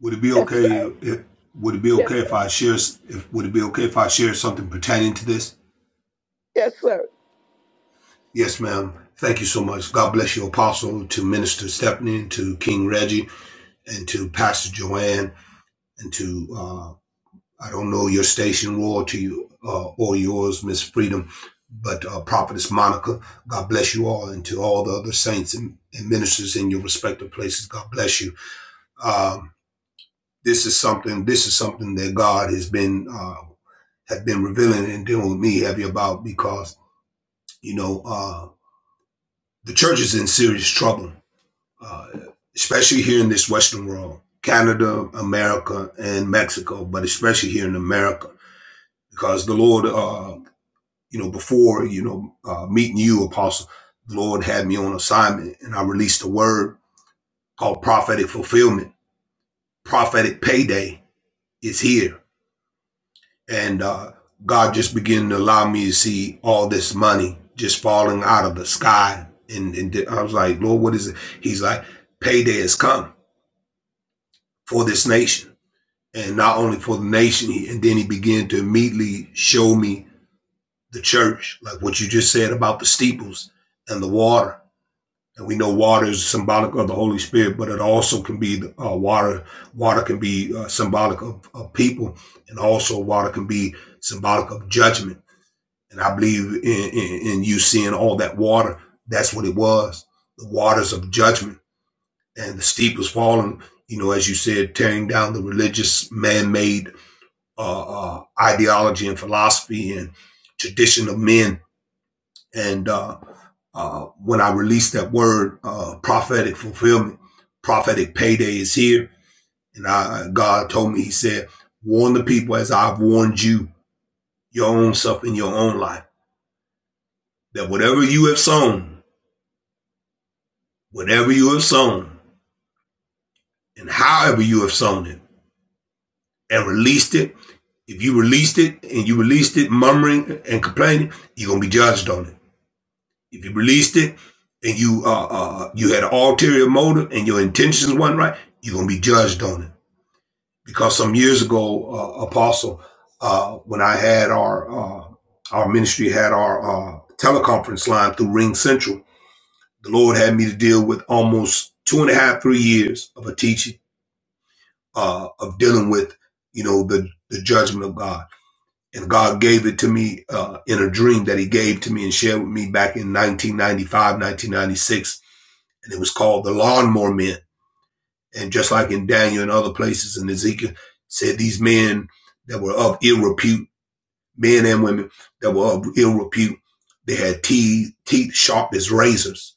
Speaker 4: would it be
Speaker 1: Yes, sir.
Speaker 4: okay if would it be
Speaker 1: Yes,
Speaker 4: okay if
Speaker 1: sir.
Speaker 4: I share if would it be okay if I share something pertaining to this?
Speaker 1: Yes, sir.
Speaker 4: Yes, ma'am. Thank you so much. God bless you, Apostle, to Minister Stephanie, to King Reggie, and to Pastor Joanne, and to uh, I don't know your station royalty uh, or yours, Miss Freedom, but uh, Prophetess Monica, God bless you all, and to all the other saints and, and ministers in your respective places, God bless you. Um, this is something. This is something that God has been uh, have been revealing and dealing with me heavy about because you know uh, the church is in serious trouble, uh, especially here in this Western world, Canada, America, and Mexico, but especially here in America because the Lord. Uh, you know, before, you know, uh, meeting you, Apostle, the Lord had me on assignment and I released a word called prophetic fulfillment. Prophetic payday is here. And uh, God just began to allow me to see all this money just falling out of the sky. And, and I was like, Lord, what is it? He's like, payday has come for this nation. And not only for the nation, and then he began to immediately show me the church, like what you just said about the steeples and the water And we know water is symbolic of the Holy Spirit, but it also can be uh, water. Water can be uh, symbolic of, of people, and also water can be symbolic of judgment. And I believe in, in, in you seeing all that water. That's what it was. The waters of judgment, and the steep was falling. You know, as you said, tearing down the religious man-made uh, uh, ideology and philosophy and tradition of men and uh, uh, when I released that word, uh, prophetic fulfillment, prophetic payday is here. And I, God told me, He said, warn the people as I've warned you, your own self in your own life, that whatever you have sown, whatever you have sown, and however you have sown it, and released it, if you released it and you released it murmuring and complaining, you're going to be judged on it. If you released it and you uh, uh uh, you had an ulterior motive and your intentions weren't right, you're gonna be judged on it. Because some years ago, uh, Apostle, uh, when I had our uh, our ministry had our uh, teleconference line through Ring Central, the Lord had me to deal with almost two and a half, three years of a teaching uh, of dealing with you know the the judgment of God. And God gave it to me uh, in a dream that He gave to me and shared with me back in 1995, 1996 and it was called the lawnmower men. And just like in Daniel and other places in Ezekiel, said these men that were of ill repute, men and women that were of ill repute, they had teeth, teeth sharp as razors.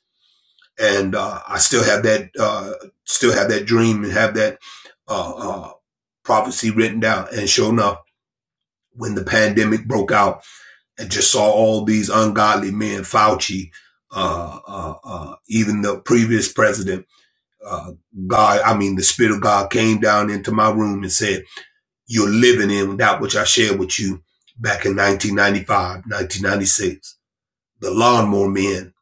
Speaker 4: And uh, I still have that, uh, still have that dream and have that uh, uh, prophecy written down. And sure enough, when the pandemic broke out, and just saw all these ungodly men, Fauci, uh, uh, uh, even the previous president uh, God, I mean, the Spirit of God came down into my room and said, You're living in that which I shared with you back in 1995, 1996. The lawnmower men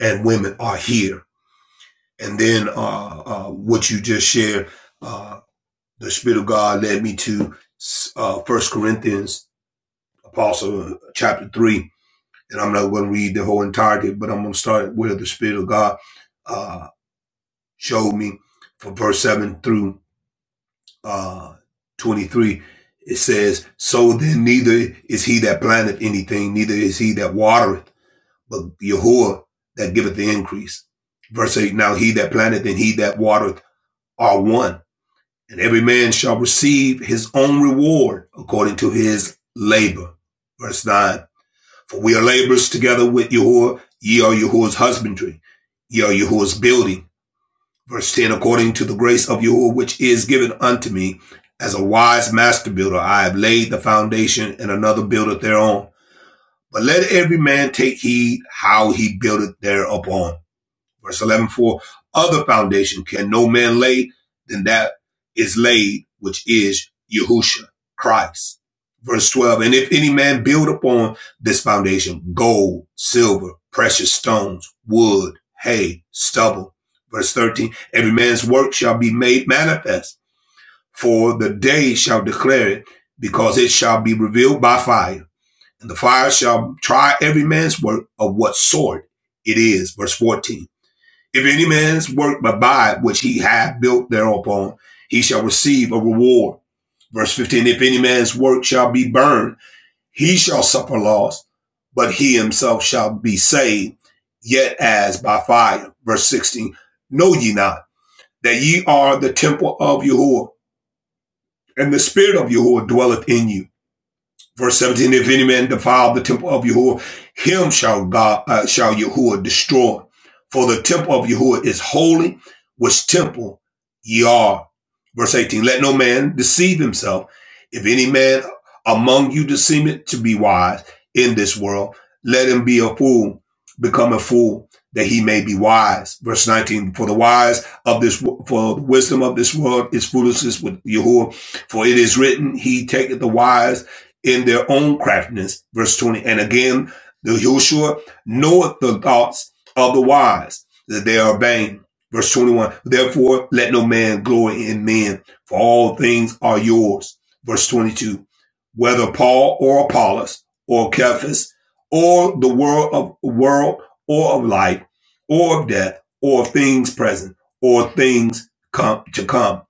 Speaker 4: and women are here. And then uh, uh, what you just shared, uh, the Spirit of God led me to uh, 1 Corinthians, Apostle, uh, chapter 3. And I'm not going to read the whole entirety, but I'm going to start where the Spirit of God uh, showed me from verse 7 through uh, 23, it says, So then neither is he that planteth anything, neither is he that watereth, but Yahuwah that giveth the increase. Verse 8 Now he that planteth and he that watereth are one, and every man shall receive his own reward according to his labor. Verse 9 For we are laborers together with Yahuwah, ye are Yahuwah's husbandry, ye are Yahuwah's building. Verse 10 According to the grace of Yahuwah, which is given unto me, as a wise master builder, I have laid the foundation, and another buildeth thereon. But let every man take heed how he buildeth thereupon. Verse 11, for other foundation can no man lay than that is laid, which is Yahusha, Christ. Verse 12, and if any man build upon this foundation gold, silver, precious stones, wood, hay, stubble. Verse 13, every man's work shall be made manifest, for the day shall declare it, because it shall be revealed by fire. And the fire shall try every man's work of what sort it is. Verse 14. If any man's work abide which he hath built thereupon, he shall receive a reward. Verse 15, if any man's work shall be burned, he shall suffer loss, but he himself shall be saved, yet as by fire. Verse 16, know ye not that ye are the temple of Yahuwah, and the spirit of Yahuwah dwelleth in you. Verse 17, if any man defile the temple of Yahuwah, him shall God, uh, shall Yahuwah destroy. For the temple of Yahuwah is holy, which temple ye are. Verse 18, let no man deceive himself. If any man among you deceive to be wise in this world, let him be a fool, become a fool, that he may be wise. Verse 19, for the wise of this, for the wisdom of this world is foolishness with Yahuwah. For it is written, he taketh the wise in their own craftiness. Verse 20. And again, the Yahushua knoweth the thoughts of the wise, that they are vain. Verse 21. Therefore, let no man glory in men, for all things are yours. Verse 22. Whether Paul or Apollos or Cephas or the world of world or of life or of death or of things present or things come to come,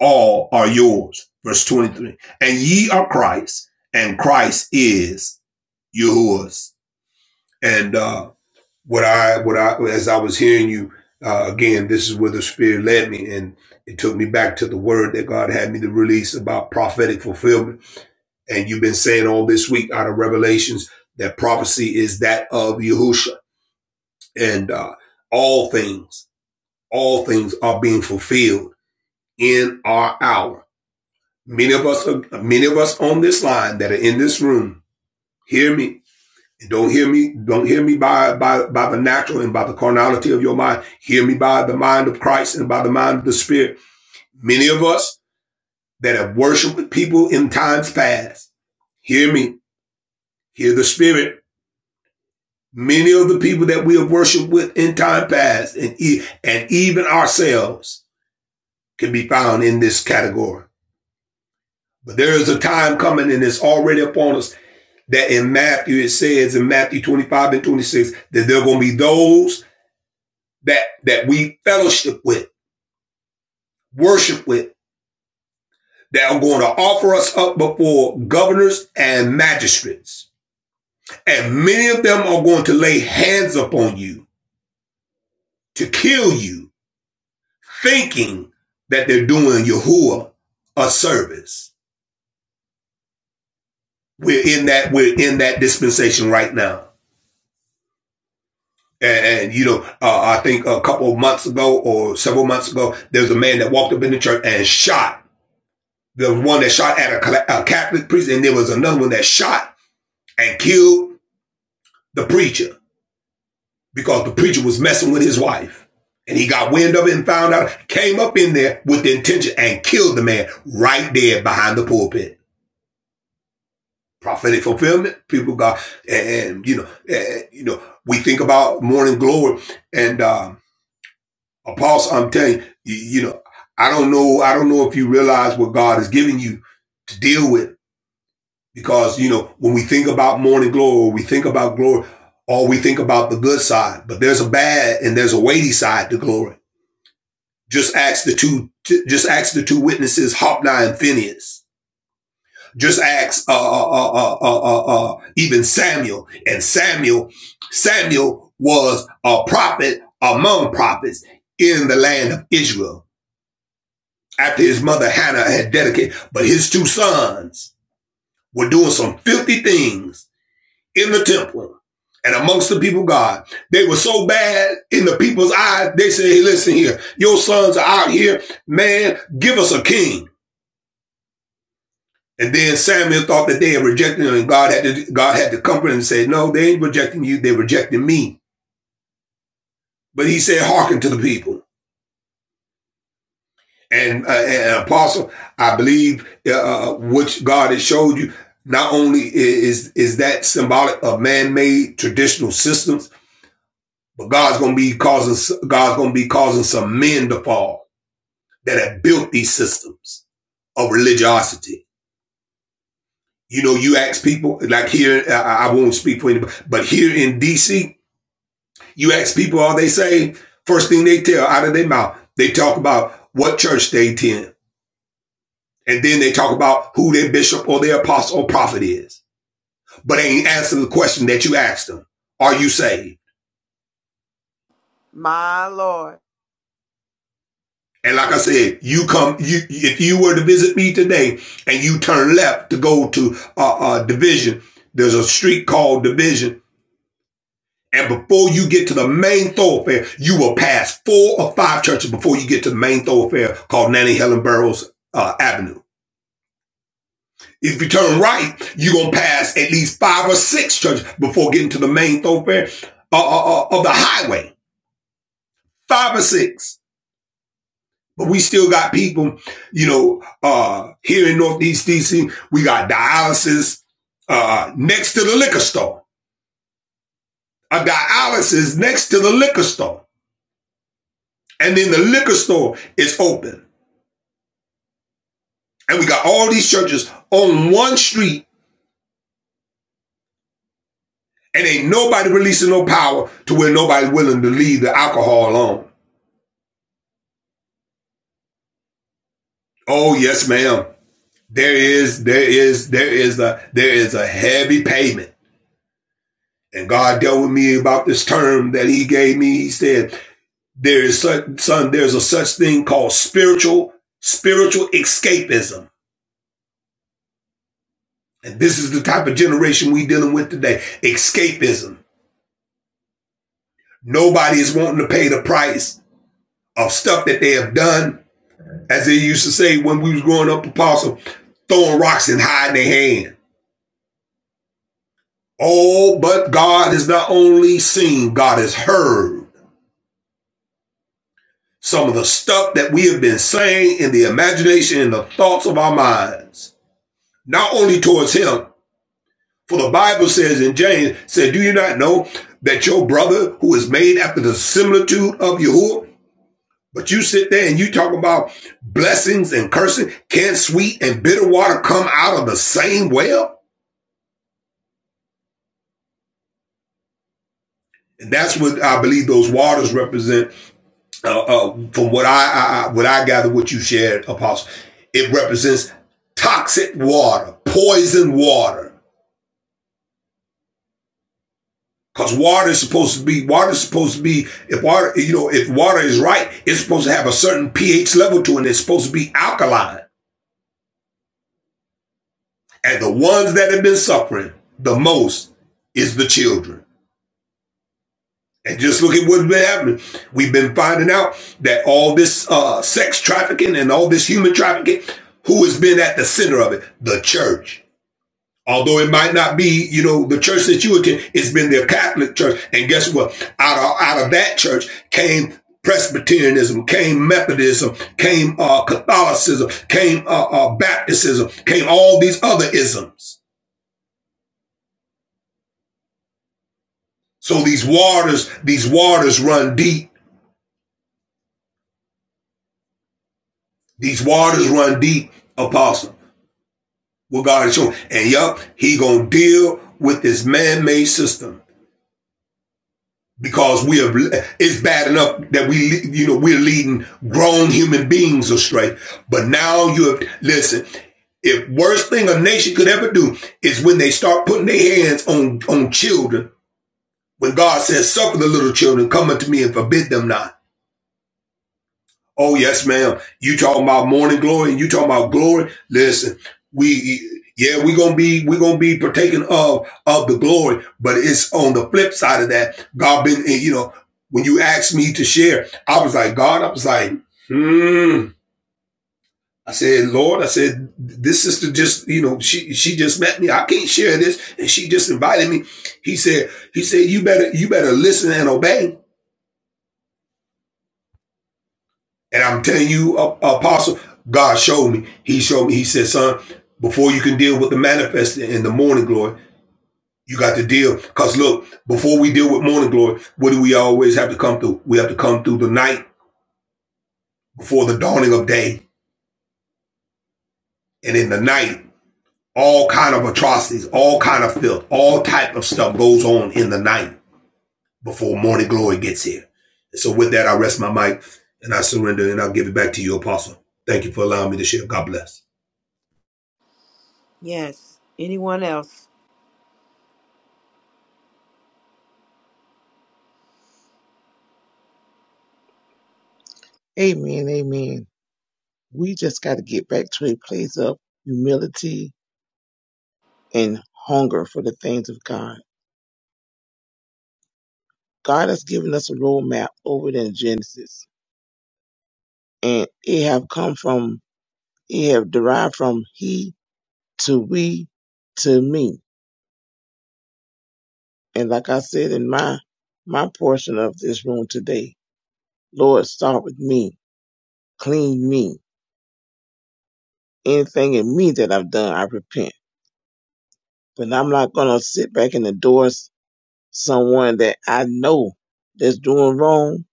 Speaker 4: all are yours. Verse 23. And ye are Christ and Christ is yours. And uh, what I what I as I was hearing you uh, again, this is where the Spirit led me, and it took me back to the word that God had me to release about prophetic fulfillment. And you've been saying all this week out of Revelations that prophecy is that of Yahusha, and uh, all things, all things are being fulfilled in our hour. Many of us, many of us on this line that are in this room, hear me Don't hear me. Don't hear me by, by, by the natural and by the carnality of your mind. Hear me by the mind of Christ and by the mind of the Spirit. Many of us that have worshiped people in times past. Hear me. Hear the Spirit. Many of the people that we have worshiped with in time past and, e- and even ourselves can be found in this category. But there is a time coming and it's already upon us that in Matthew, it says in Matthew 25 and 26 that there are going to be those that that we fellowship with, worship with, that are going to offer us up before governors and magistrates. And many of them are going to lay hands upon you to kill you, thinking that they're doing Yahuwah a service. We're in that we're in that dispensation right now. And, and, you know, uh, I think a couple of months ago or several months ago, there was a man that walked up in the church and shot the one that shot at a, a Catholic priest, and there was another one that shot and killed the preacher because the preacher was messing with his wife. And he got wind of it and found out, came up in there with the intention and killed the man right there behind the pulpit. Prophetic fulfillment, people got, and, and, you know, and, you know, we think about morning glory and, um, apostle, I'm telling you, you, you know, I don't know, I don't know if you realize what God is giving you to deal with Because, you know, when we think about morning glory, we think about glory, or we think about the good side, but there's a bad and there's a weighty side to glory. Just ask the two, just ask the two witnesses, Hophni and Phineas. Just ask, uh, uh, uh, uh, uh, uh, uh, even Samuel. And Samuel, Samuel was a prophet among prophets in the land of Israel after his mother Hannah had dedicated, but his two sons were doing some filthy things in the temple and amongst the people of God. They were so bad in the people's eyes, they said, hey, listen here, your sons are out here, man, give us a king. And then Samuel thought that they had rejected him, and God had to God had to comfort him and say, No, they ain't rejecting you, they rejected me. But he said, Hearken to the people. And, uh, and apostle, I believe uh, uh, which God has showed you not only is is that symbolic of man-made traditional systems, But God's going to be causing, God's going to be causing some men to fall that have built these systems of religiosity. You know, you ask people like here, I, I won't speak for anybody, but here in DC, you ask people all they say, first thing they tell out of their mouth, they talk about what church they attend. And then they talk about who their bishop or their apostle or prophet is, but they ain't answer the question that you asked them. Are you saved?
Speaker 1: My Lord.
Speaker 4: And like I said, you come, you, if you were to visit me today and you turn left to go to, uh, uh, Division, there's a street called Division. And before you get to the main thoroughfare, you will pass four or five churches before you get to the main thoroughfare called Nanny Helen Burroughs, uh, Avenue. If you turn right, you're going to pass at least five or six churches before getting to the main thoroughfare, uh, uh, uh, of the highway. Five or six. But we still got people, you know, uh, here in Northeast DC, we got dialysis, uh, next to the liquor store. A dialysis next to the liquor store. And then the liquor store is open. And we got all these churches on one street and ain't nobody releasing no power to where nobody's willing to leave the alcohol alone. Oh, yes, ma'am. There is, there is, there is a, there is a heavy payment. And God dealt with me about this term that he gave me. He said, There is such, son, there's a such thing called spiritual, spiritual escapism. And this is the type of generation we dealing with today. Escapism. Nobody is wanting to pay the price of stuff that they have done. As they used to say when we was growing up, apostle, throwing rocks and hiding their hand. Oh, but God has not only seen, God has heard some of the stuff that we have been saying in the imagination and the thoughts of our minds, not only towards Him, For the Bible says in James, said, Do you not know that your brother who is made after the similitude of Yahuwah? But you sit there and you talk about blessings and cursing. Can't sweet and bitter water come out of the same well? And that's what I believe those waters represent. Uh, uh, from what I, I, I what I gather, what you shared, Apostle, it represents toxic water, poison water. Cause water is supposed to be water is supposed to be if water you know if water is right, it's supposed to have a certain pH level to it. And it's supposed to be alkaline. And the ones that have been suffering the most is the children. And just look at what's been happening. We've been finding out that all this uh, sex trafficking and all this human trafficking, who has been at the center of it? The church. Although it might not be, you know, the church that you attend, it's been their Catholic church. And guess what? Out of, out of that church came Presbyterianism, came Methodism, came uh, Catholicism, came uh, uh, Baptism, came all these other isms. So these waters, these waters run deep. These waters run deep, apostle. What God is showing. And yup, he gonna deal with this man-made system. because we have it's bad enough that we you know we're leading grown human beings astray but now you have listen if worst thing a nation could ever do is when they start putting their hands on on children when god says suffer the little children come unto me and forbid them not Oh yes, ma'am. You talking about morning glory and you talking about glory? Listen, we yeah, we gonna be we gonna be partaking of of the glory, but it's on the flip side of that. God been eh, you know when you asked me to share, I was like God. I was like, hmm. I said, Lord, I said this sister just you know she she just met me. I can't share this, and she just invited me. He said he said you better you better listen and obey. And I'm telling you, uh, Apostle, God showed me. He showed me. He said, son, before you can deal with the manifest in the morning glory, you got to deal. Because look, before we deal with morning glory, what do we always have to come through? We have to come through the night before the dawning of day. And in the night, all kind of atrocities, all kind of filth, all type of stuff goes on in the night before morning glory gets here. And so with that, I rest my mic and I surrender and I'll give it back to you, Apostle. Thank you for allowing me to share. God bless.
Speaker 1: Yes. Anyone else?
Speaker 6: Amen, amen. We just got to get back to a place of humility and hunger for the things of God. God has given us a roadmap over there in Genesis, and it have come from, it have derived from he to we to me. And like I said in my, my portion of this room today, Lord, start with me, clean me. Anything in me that I've done, I repent. But I'm not gonna sit back and endorse someone that I know that's doing wrong.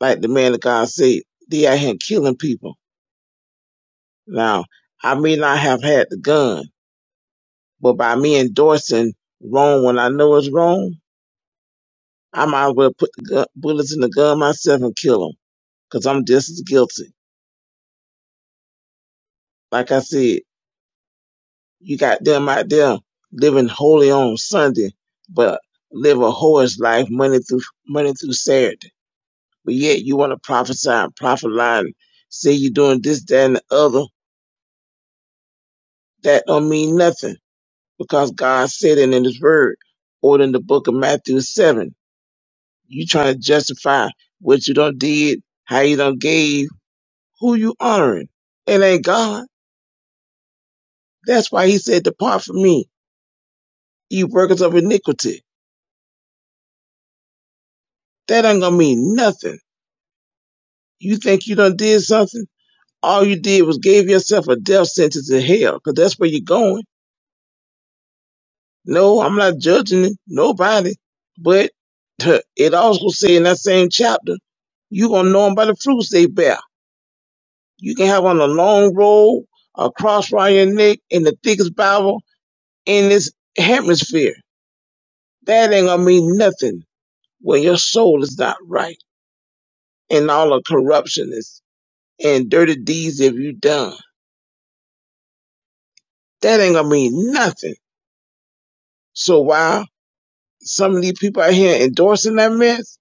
Speaker 6: Like the man of God said, they out here killing people. Now, I may not have had the gun, but by me endorsing wrong when I know it's wrong, I might as well put the gun, bullets in the gun myself and kill them, cause I'm just as guilty. Like I said, You got them out there living holy on Sunday, but live a whore's life Monday through Monday through Saturday. But yet you want to prophesy and prophet lie and say you're doing this, that, and the other. That don't mean nothing because God said it in His Word or in the book of Matthew seven. You trying to justify what you done did, how you done gave, who you honoring? It ain't God. That's why He said, "Depart from me, you workers of iniquity." That ain't gonna mean nothing You think you done did something? All you did was gave yourself a death sentence in hell, 'cause that's where you're going. No, I'm not judging nobody. But it also say in that same chapter, you going to know 'em by the fruits they bear. You can have on a long robe, a cross around your neck, and the thickest Bible in this hemisphere. That ain't going to mean nothing when your soul is not right and all the corruption is and dirty deeds have you done. That ain't going to mean nothing So while some of these people out here endorsing that mess,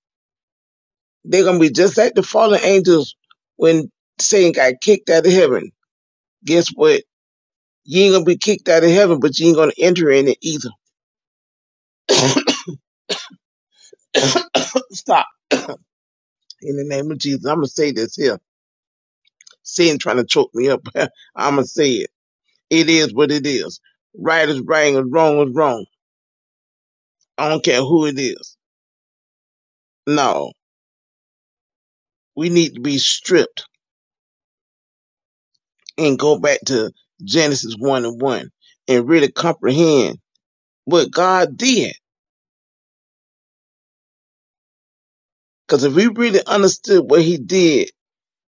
Speaker 6: they're gonna be just like the fallen angels when Satan got kicked out of heaven. Guess what? You ain't gonna be kicked out of heaven, but you ain't gonna enter in it either. Stop. In the name of Jesus, I'm gonna say this here. Satan trying to choke me up. I'm gonna say it. It is what it is. Right is right and wrong is wrong. I don't care who it is. No, we need to be stripped and go back to Genesis 1 and 1 and really comprehend what God did. Because if we really understood what He did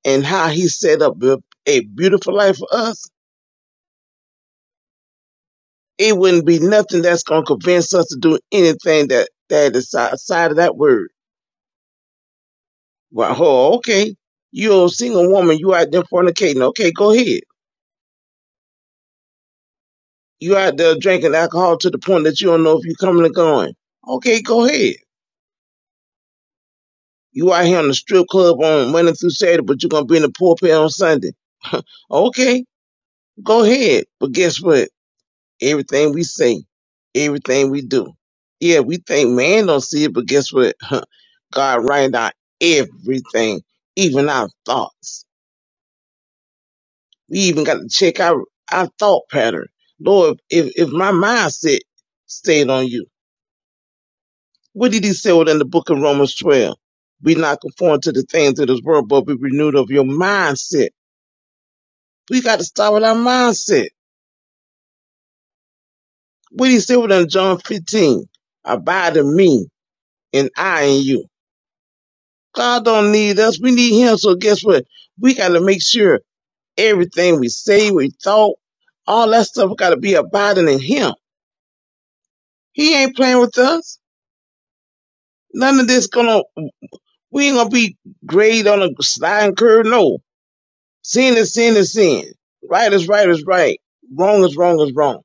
Speaker 6: and how He set up a, beautiful life for us, it wouldn't be nothing that's going to convince us to do anything that, that is outside of that word. Well, oh, okay. You're a single woman. You out there fornicating. Okay, go ahead. You out there drinking alcohol to the point that you don't know if you're coming or going. Okay, go ahead. You out here on the strip club on Monday through Saturday, but you're gonna be in the pulpit on Sunday. okay, go ahead. But guess what? Everything we say, everything we do. Yeah, we think man don't see it, but guess what? God writing down everything, even our thoughts. We even got to check our, our thought pattern. Lord, if, if my mindset stayed on you, what did he say within the book of Romans 12? Be not conformed to the things of this world, but be renewed of your mindset We got to start with our mindset. What do you say with them John 15? Abide in me and I in you. God don't need us. We need him. So guess what? We got to make sure everything we say, we thought, all that stuff got to be abiding in him. He ain't playing with us. None of this gonna, we ain't gonna be great on a sliding curve. No, Sin is sin is sin. Right is right is right. Wrong is wrong is wrong.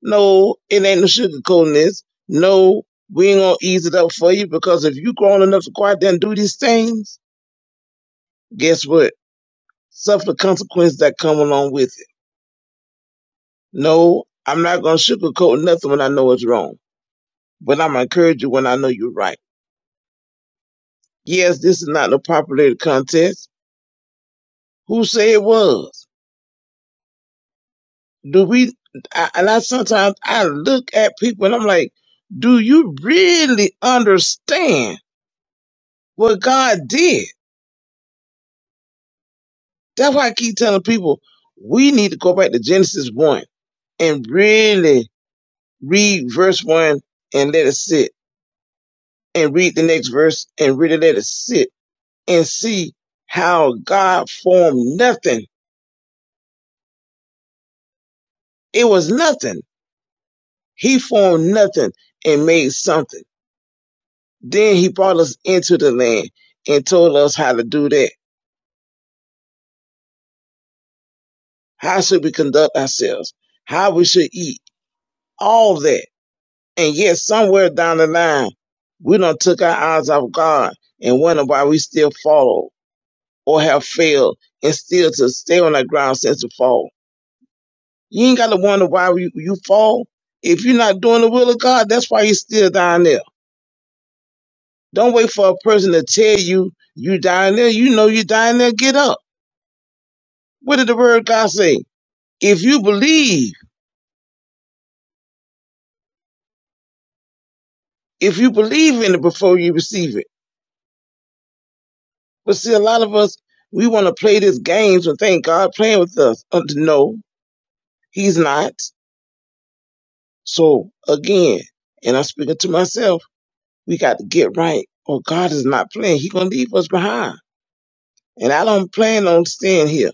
Speaker 6: No, it ain't no sugarcoating this. No, we ain't gonna ease it up for you because if you grown enough to go out there and do these things, guess what? Suffer the consequences that come along with it. No, I'm not gonna sugarcoat nothing when I know it's wrong. But I'm gonna encourage you when I know you're right. Yes, this is not a popular contest. Who say it was? do we I, and I sometimes I look at people and I'm like, do you really understand what God did? That's why I keep telling people we need to go back to Genesis one and really read verse one and let it sit and read the next verse and really let it sit and see how God formed nothing. It was nothing. He formed nothing and made something. Then he brought us into the land and told us how to do that how should we conduct ourselves, how we should eat, all that. And yet somewhere down the line, we done took our eyes off God and wonder why we still follow or have failed and still to stay on that ground since the fall. You ain't got to wonder why you, you fall. If you're not doing the will of God, that's why you're still down there. Don't wait for a person to tell you you dying there. You know you dying there. Get up. What did the word of God say? If you believe, if you believe in it before you receive it But see, a lot of us, we want to play these games and think God playing with us. Uh, no, He's not. So again, and I'm speaking to myself, we got to get right, or God is not playing. He gonna leave us behind. And I don't plan on staying here.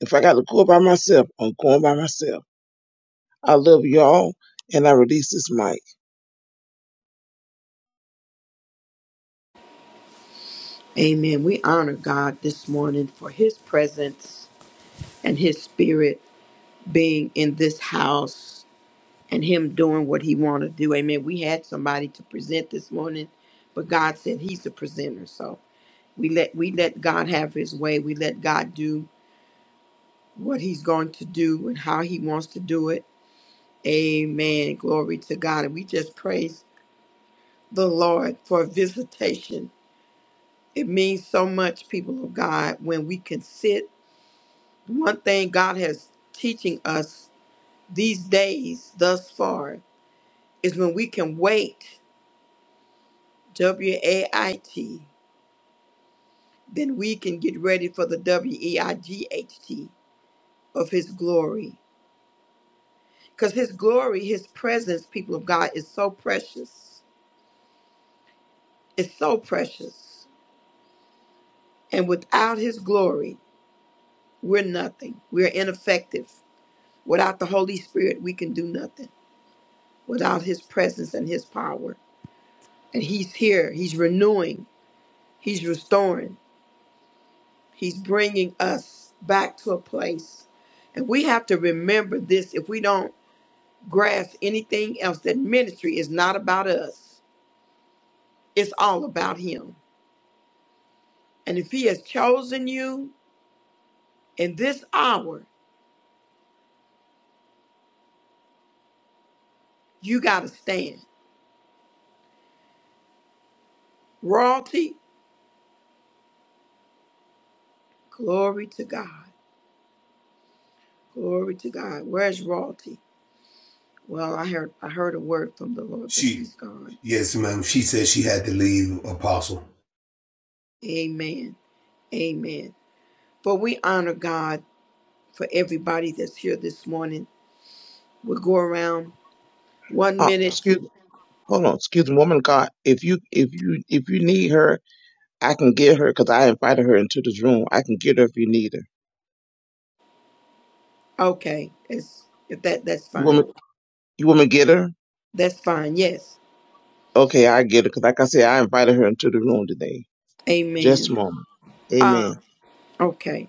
Speaker 6: If I got to go by myself, I'm going by myself. I love y'all, and I release this mic.
Speaker 1: Amen. We honor God this morning for his presence and his spirit being in this house and him doing what he want to do. Amen. We had somebody to present this morning, but God said he's the presenter. So we let we let God have his way. We let God do what he's going to do and how he wants to do it. Amen. Glory to God. And we just praise the Lord for visitation. It means so much, people of God, when we can sit. One thing God has teaching us these days thus far is when we can wait, W A I T, then we can get ready for the W E I G H T of His glory. Because His glory, His presence, people of God, is so precious. It's so precious. And without His glory, We're nothing. We're ineffective. Without the Holy Spirit, we can do nothing. Without His presence and His power. And He's here. He's renewing. He's restoring. He's bringing us back to a place. And we have to remember this if we don't grasp anything else that ministry is not about us, it's all about Him. And if He has chosen you in this hour, you got to stand. Royalty, glory to God. Glory to God. Where's Royalty? Well, I heard I heard a word from the Lord, but
Speaker 4: See.
Speaker 1: she's gone.
Speaker 4: Yes, ma'am. She said she had to leave, Apostle.
Speaker 1: Amen. Amen. But we honor God for everybody that's here this morning. We'll go around one
Speaker 6: Uh,
Speaker 1: minute.
Speaker 6: excuse me. Hold on, excuse me, woman of God. If you if you if you need her, I can get her because I invited her into this room. I can get her if you need her.
Speaker 1: Okay. It's if that that's
Speaker 6: You want me?
Speaker 1: fine.
Speaker 6: You want me to get her?
Speaker 1: That's fine. Yes.
Speaker 6: Okay, I get it. Because like I said, I invited her into the room today. Just a
Speaker 1: Amen.
Speaker 6: moment. Amen.
Speaker 1: Um, okay.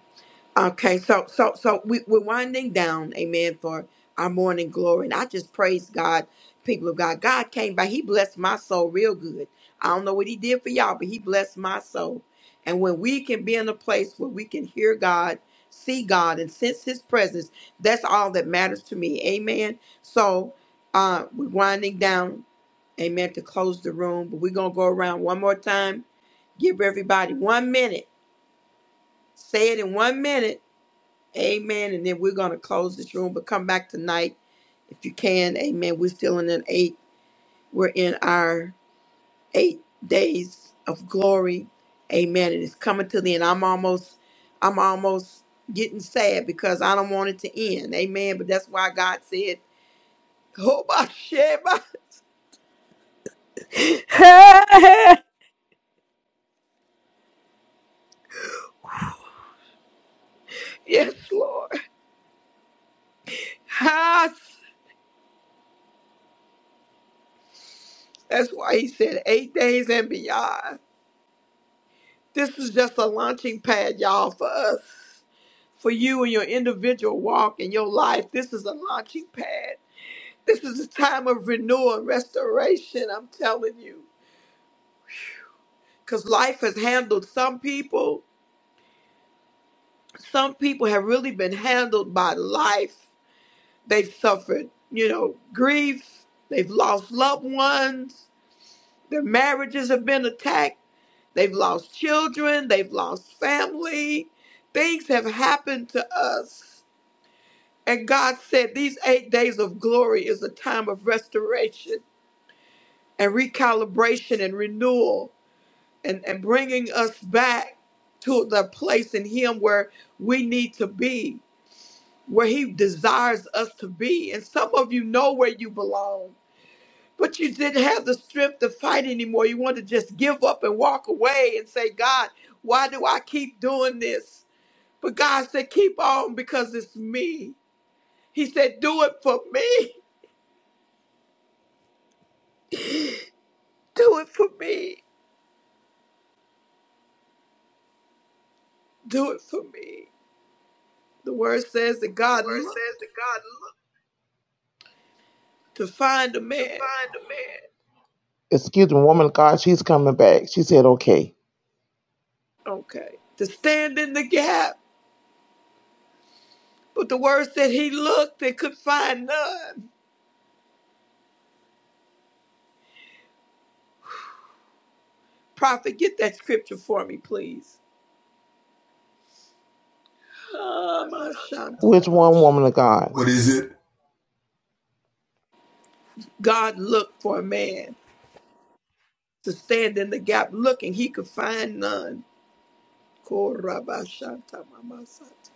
Speaker 1: Okay, so so so we, we're winding down, amen, for our morning glory. And I just praise God, people of God. God came by, He blessed my soul real good. I don't know what He did for y'all, but He blessed my soul. And when we can be in a place where we can hear God, see God, and sense His presence, that's all that matters to me. Amen. So uh we're winding down, amen, to close the room. But we're gonna go around one more time. Give everybody one minute. Say it in one minute Amen. And then we're going to close this room, but come back tonight if you can. Amen. We're still in an eight. We're in our eight days of glory. Amen. And it's coming to the end. I'm almost, I'm almost getting sad because I don't want it to end. Amen. But that's why God said, "Oh my shit, my yes, Lord." Ha! That's why He said eight days and beyond. This is just a launching pad, y'all, for us. for you and your individual walk in your life. This is a launching pad. This is a time of renewal and restoration, I'm telling you. Because life has handled some people. Some people have really been handled by life. They've suffered, you know, grief. They've lost loved ones. Their marriages have been attacked. They've lost children. They've lost family. Things have happened to us And God said, These eight days of glory is a time of restoration and recalibration and renewal and, and bringing us back to the place in Him where we need to be, where He desires us to be. And some of you know where you belong, but you didn't have the strength to fight anymore. You want to just give up and walk away and say, God, why do I keep doing this? But God said, Keep on because it's me. He said, Do it for me. Do it for me. Do it for me. The word says that God looked to find a man,
Speaker 6: Excuse me, woman of God, she's coming back. She said, okay.
Speaker 1: okay, to stand in the gap. But the word said he looked and could find none. Prophet, get that scripture for me, please. Ah, my Shanta,
Speaker 6: Which
Speaker 1: my
Speaker 6: one, woman
Speaker 1: Shanta.
Speaker 6: of God? What
Speaker 4: What
Speaker 6: is
Speaker 4: is
Speaker 6: it?
Speaker 4: it?
Speaker 1: God looked for a man to stand in the gap, looking. He could find none. Koraba Shanta, Mama Santa.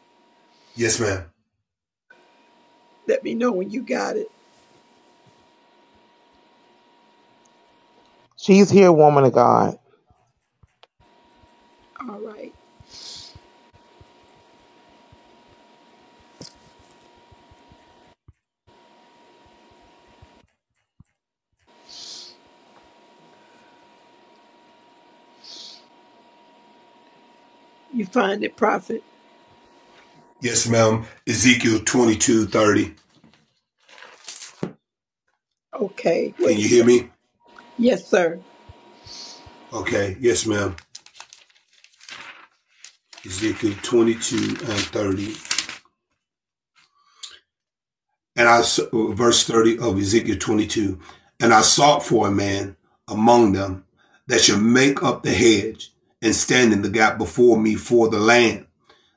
Speaker 4: Yes, ma'am.
Speaker 1: Let me know when you got it.
Speaker 6: She's here, woman of God.
Speaker 1: All right. You find it, prophet.
Speaker 4: Yes, ma'am. Ezekiel twenty-two thirty.
Speaker 1: Okay.
Speaker 4: Can
Speaker 1: What
Speaker 4: you
Speaker 1: is
Speaker 4: hear
Speaker 1: that?
Speaker 4: me?
Speaker 1: Yes, sir.
Speaker 4: Okay. Yes, ma'am. Ezekiel 22 and 30. And I uh, verse 30 of Ezekiel 22. And I sought for a man among them that should make up the hedge and stand in the gap before me for the land,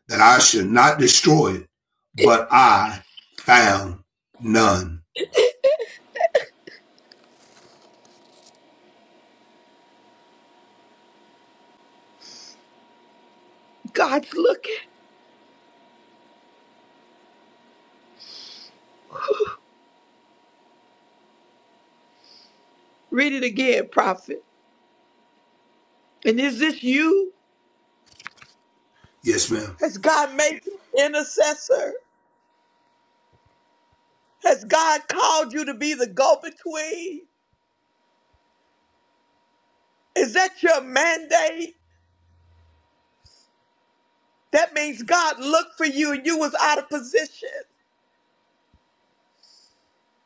Speaker 4: that I should not destroy it. But I found none.
Speaker 1: God's looking. Read it again, prophet. And is this you?
Speaker 4: Yes, ma'am.
Speaker 1: Has God made you intercessor? Has God called you to be the go between? Is that your mandate? That means God looked for you and you was out of position.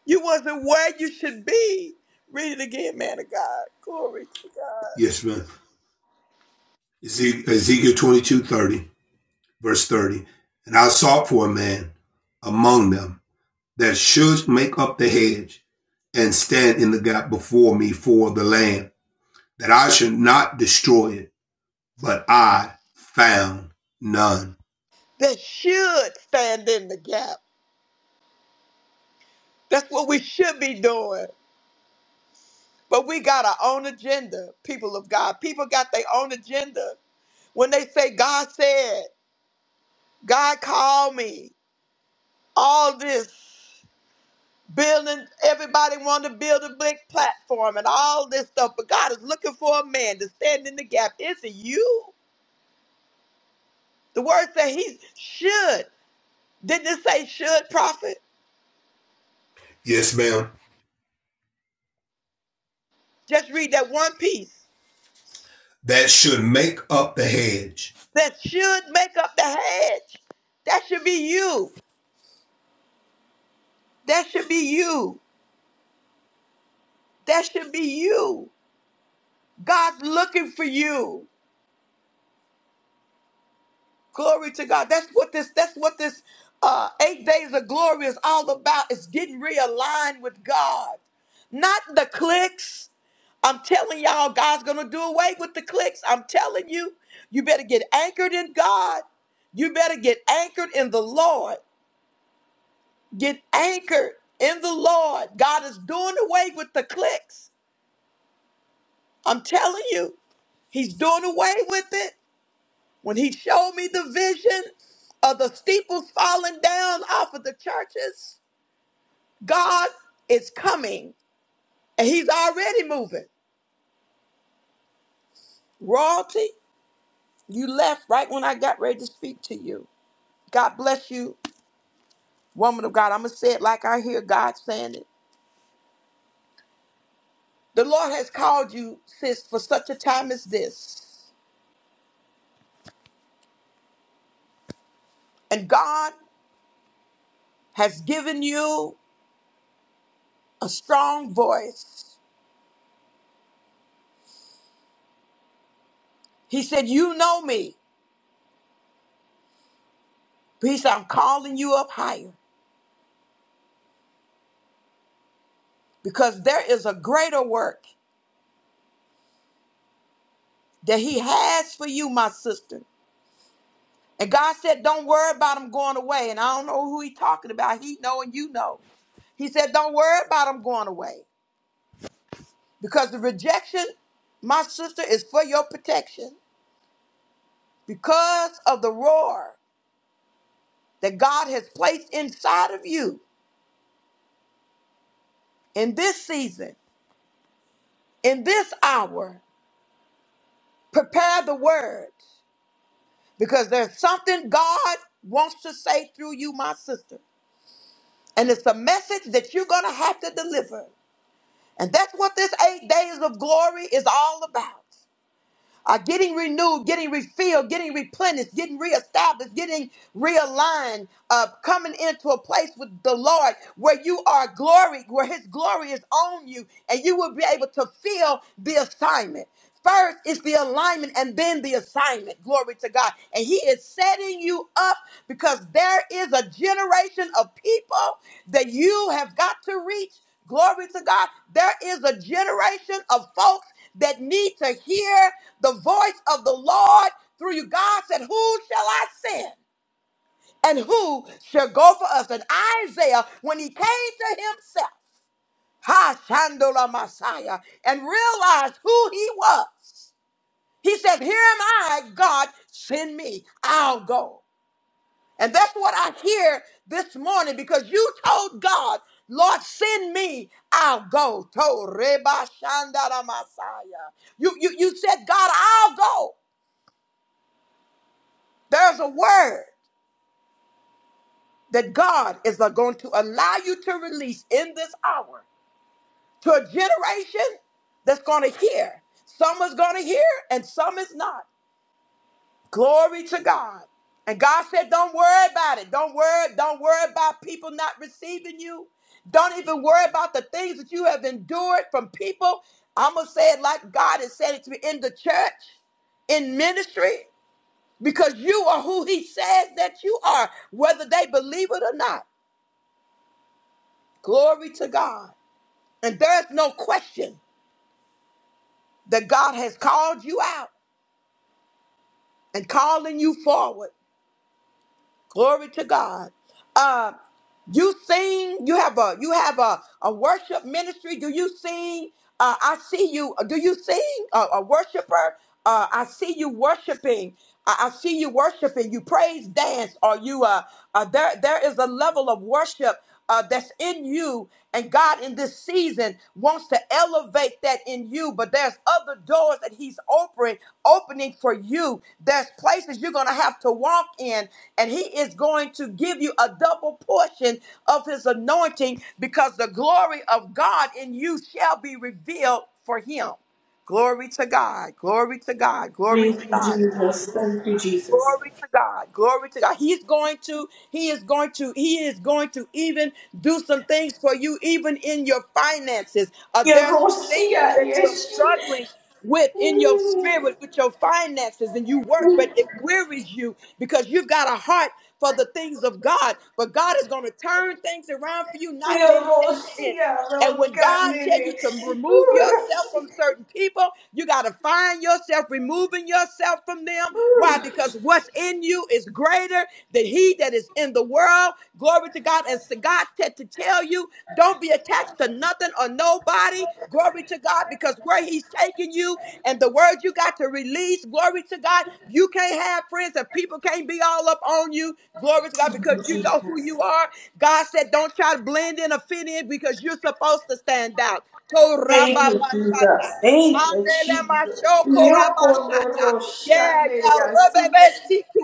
Speaker 1: You wasn't where you should be. Read it again, man of God. Glory to God.
Speaker 4: Yes, ma'am. Ezekiel 22 30, verse 30. And I sought for a man among them that should make up the hedge and stand in the gap before me for the land, that I should not destroy it, but I found none.
Speaker 1: That should stand in the gap. That's what we should be doing. But we got our own agenda, people of God. People got their own agenda When they say, God said, God called me, all this building, everybody wanted to build a big platform and all this stuff, but God is looking for a man to stand in the gap. Is it you? The word said he should. Didn't it say should, prophet?
Speaker 4: Yes, ma'am.
Speaker 1: Just read that one piece.
Speaker 4: That should make up the hedge
Speaker 1: That should make up the hedge. That should be you. That should be you. That should be you. God's looking for you. Glory to God. That's what this, that's what this uh eight days of glory is all about. It's getting realigned with God. Not the clicks. I'm telling y'all, God's gonna do away with the clicks. I'm telling you, you better get anchored in God. You better get anchored in the Lord. Get anchored in the Lord. God is doing away with the clicks. I'm telling you, He's doing away with it. When he showed me the vision of the steeples falling down off of the churches, God is coming and he's already moving. Royalty, you left right when I got ready to speak to you. God bless you, woman of God. I'm going to say it like I hear God saying it. The Lord has called you, sis, for such a time as this. And God has given you a strong voice. He said, You know me. He said, I'm calling you up higher. because there is a greater work that he has for you, my sister. And God said, don't worry about them going away. And I don't know who he's talking about. He know and you know. He said, don't worry about them going away because the rejection, my sister, is for your protection because of the roar that God has placed inside of you in this season, in this hour. Prepare the words because there's something God wants to say through you, my sister. And it's a message that you're going to have to deliver. And that's what this eight days of glory is all about are getting renewed, getting refilled, getting replenished, getting reestablished, getting realigned, uh, coming into a place with the Lord where you are glory, where His glory is on you, and you will be able to feel the assignment. First is the alignment and then the assignment. Glory to God. And He is setting you up because there is a generation of people that you have got to reach Glory to God. There is a generation of folks that need to hear the voice of the Lord through you. God said, Who shall I send? And who shall go for us? And Isaiah, when he came to himself, Ha Shandola Messiah, and realized who he was, he said, Here am I, God, send me, I'll go. And that's what I hear this morning because you told God, Lord, send me, I'll go. To Reba Shandara Messiah. You, you, you said, God, I'll go. There's a word that God is going to allow you to release in this hour to a generation that's going to hear. Some is going to hear and some is not. Glory to God. And God said, Don't worry about it. Don't worry. Don't worry about people not receiving you. Don't even worry about the things that you have endured from people. I'm going to say it like God has said it to me in the church, in ministry, because you are who He says that you are, whether they believe it or not. Glory to God. And there's no question that God has called you out and calling you forward. Glory to God. Uh, you sing. You have a you have a, a worship ministry. Do you sing? Uh, I see you. Uh, Do you sing? Uh, a worshiper. Uh, I see you worshiping. I, I see you worshiping. You praise dance. Or you uh, uh there there is a level of worship uh, that's in you. And God in this season wants to elevate that in you, but there's other doors that He's opening, opening for you. There's places you're going to have to walk in, and He is going to give you a double portion of His anointing because the glory of God in you shall be revealed for Him. Glory to God. Glory to God. Glory
Speaker 8: Thank
Speaker 1: to
Speaker 8: you,
Speaker 1: God.
Speaker 8: Jesus. Thank you, Jesus.
Speaker 1: Glory to God. Glory to God. He's going to, he is going to, he is going to even do some things for you, even in your finances. Uh,
Speaker 8: Yeah,
Speaker 1: there are some things
Speaker 8: Rosia,
Speaker 1: that you're
Speaker 8: yes.
Speaker 1: struggling with in your spirit, with your finances, and you work, but it wearies you because you've got a heart for the things of God. But God is going to turn things around for you not many days in.
Speaker 8: Yomosia
Speaker 1: And when God tell you
Speaker 8: rokanere.
Speaker 1: to remove yourself from
Speaker 8: Ooh.
Speaker 1: certain people, you got to find yourself removing yourself from them. Why? Because what's in you is greater than he that is in the world. Glory to God. And so God said to tell you, don't be attached to nothing or nobody. Glory to God, because where He's taking you and the word you got to release, glory to God, you can't have friends and people can't be all up on you. Glory to God,
Speaker 8: Thank you,
Speaker 1: because you know who
Speaker 8: Jesus.
Speaker 1: you are. God said, don't try to blend in or fit in because you're supposed to stand out.
Speaker 8: Thank you, Jesus.
Speaker 1: Korababashata.
Speaker 8: Thank you, Jesus.
Speaker 1: Anelemashokorabashata. Yeah,
Speaker 8: Yokonoroshanere
Speaker 1: yeah,
Speaker 8: asi.